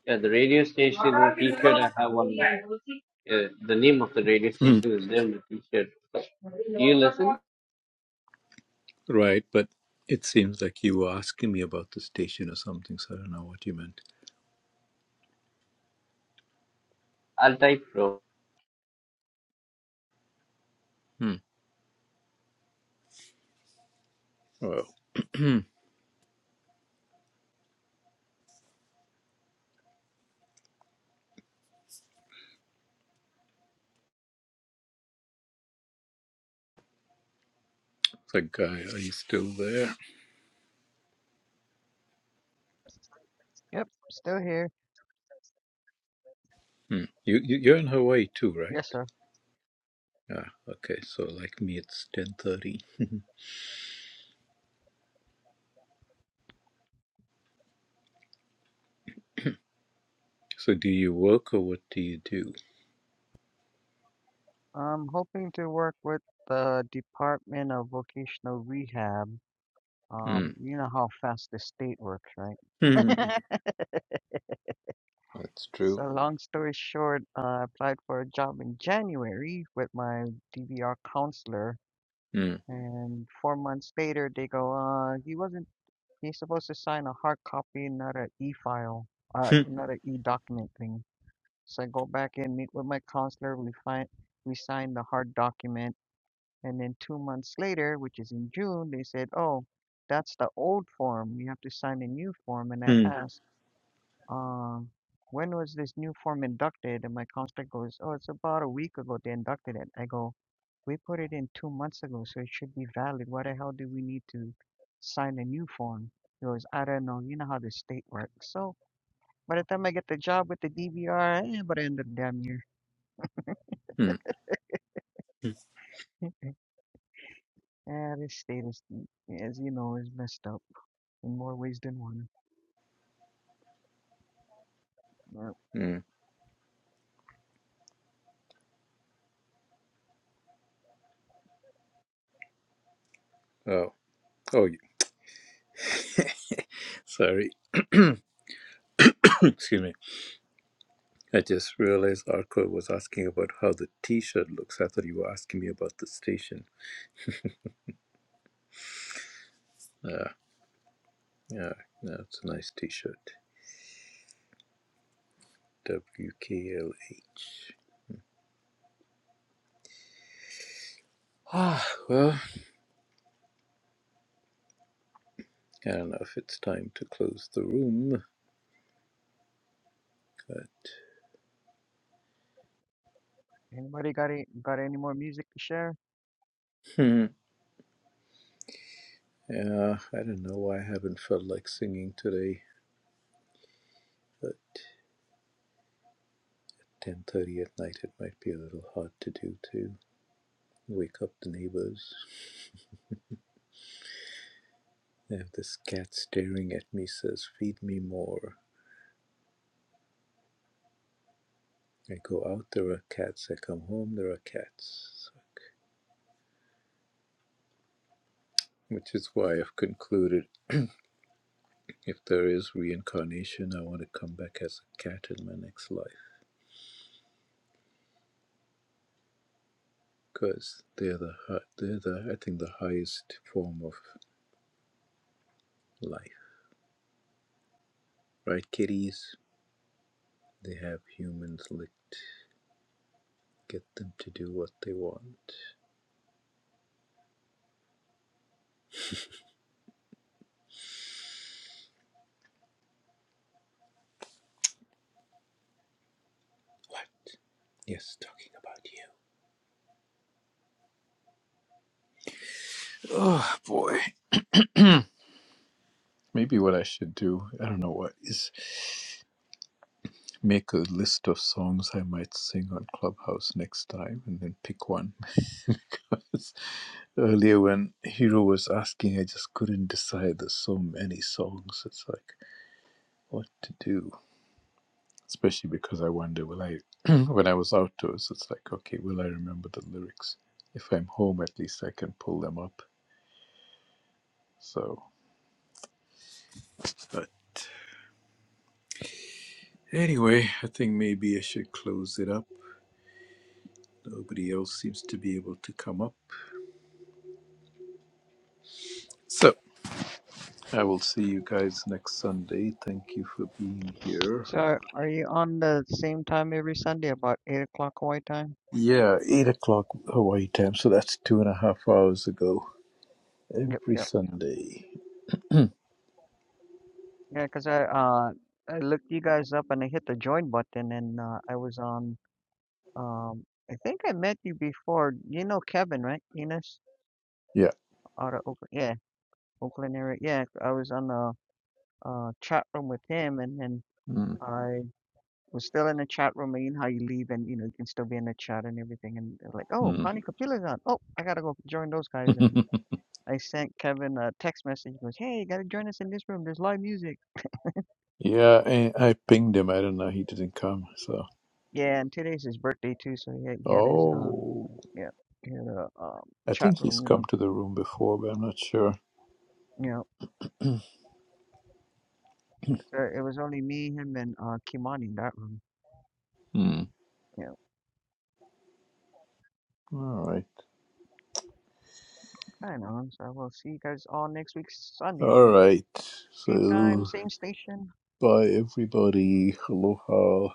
Yeah, the radio station the T-shirt I have one. Yeah, the name of the radio Hmm, station is there on the T-shirt. Do you listen? right, but it seems like you were asking me about the station or something, so I don't know what you meant. I'll type pro. Hmm. Well, that guy, are you still there? Hmm. You, you you're in Hawaii too, right? Ah, okay. So like me, it's ten thirty. so do you work or what do you do? Hmm. Hmm. That's true. Hmm. Mm, mm, mm. Oh, oh, y- sorry. Excuse me. I just realized Arco was asking about how the T-shirt looks. I thought you were asking me about the station. Uh, yeah, no, it's a nice T-shirt. WKLH. Ah, well, I don't know if it's time to close the room, but hmm, yeah, I don't know why I haven't felt like singing today. But 10:30 at night, it might be a little hard to do to wake up the neighbors. I have this cat staring at me, says, Feed me more. I go out, there are cats. I come home, there are cats. Which is why I've concluded if there is reincarnation, I want to come back as a cat in my next life. Because they're the, hi- they're the, I think, the highest form of life. Right, kitties? They have humans licked. Get them to do what they want. What? Yes, talking about you. Oh boy. Maybe what I should do, I don't know what, is Make a list of songs I might sing on Clubhouse next time and then pick one. because earlier, when Hiro was asking, I just couldn't decide. There's so many songs. It's like, what to do? Especially because I wonder, will I, when I was outdoors, it's like, okay, will I remember the lyrics? If I'm home, at least I can pull them up. So, but Anyway, I think maybe I should close it up. Nobody else seems to be able to come up. So. I will see you guys next Sunday. Thank you for being here. Yeah, 8 o'clock Hawaii time, so that's two and a half hours ago. Every Sunday. Yeah. mm mm. yeah, I, I pinged him. I don't know. He didn't come, so. Oh. I think he's come to the room before, but I'm not sure. Hmm. All right. All right. So, bye, everybody. Aloha.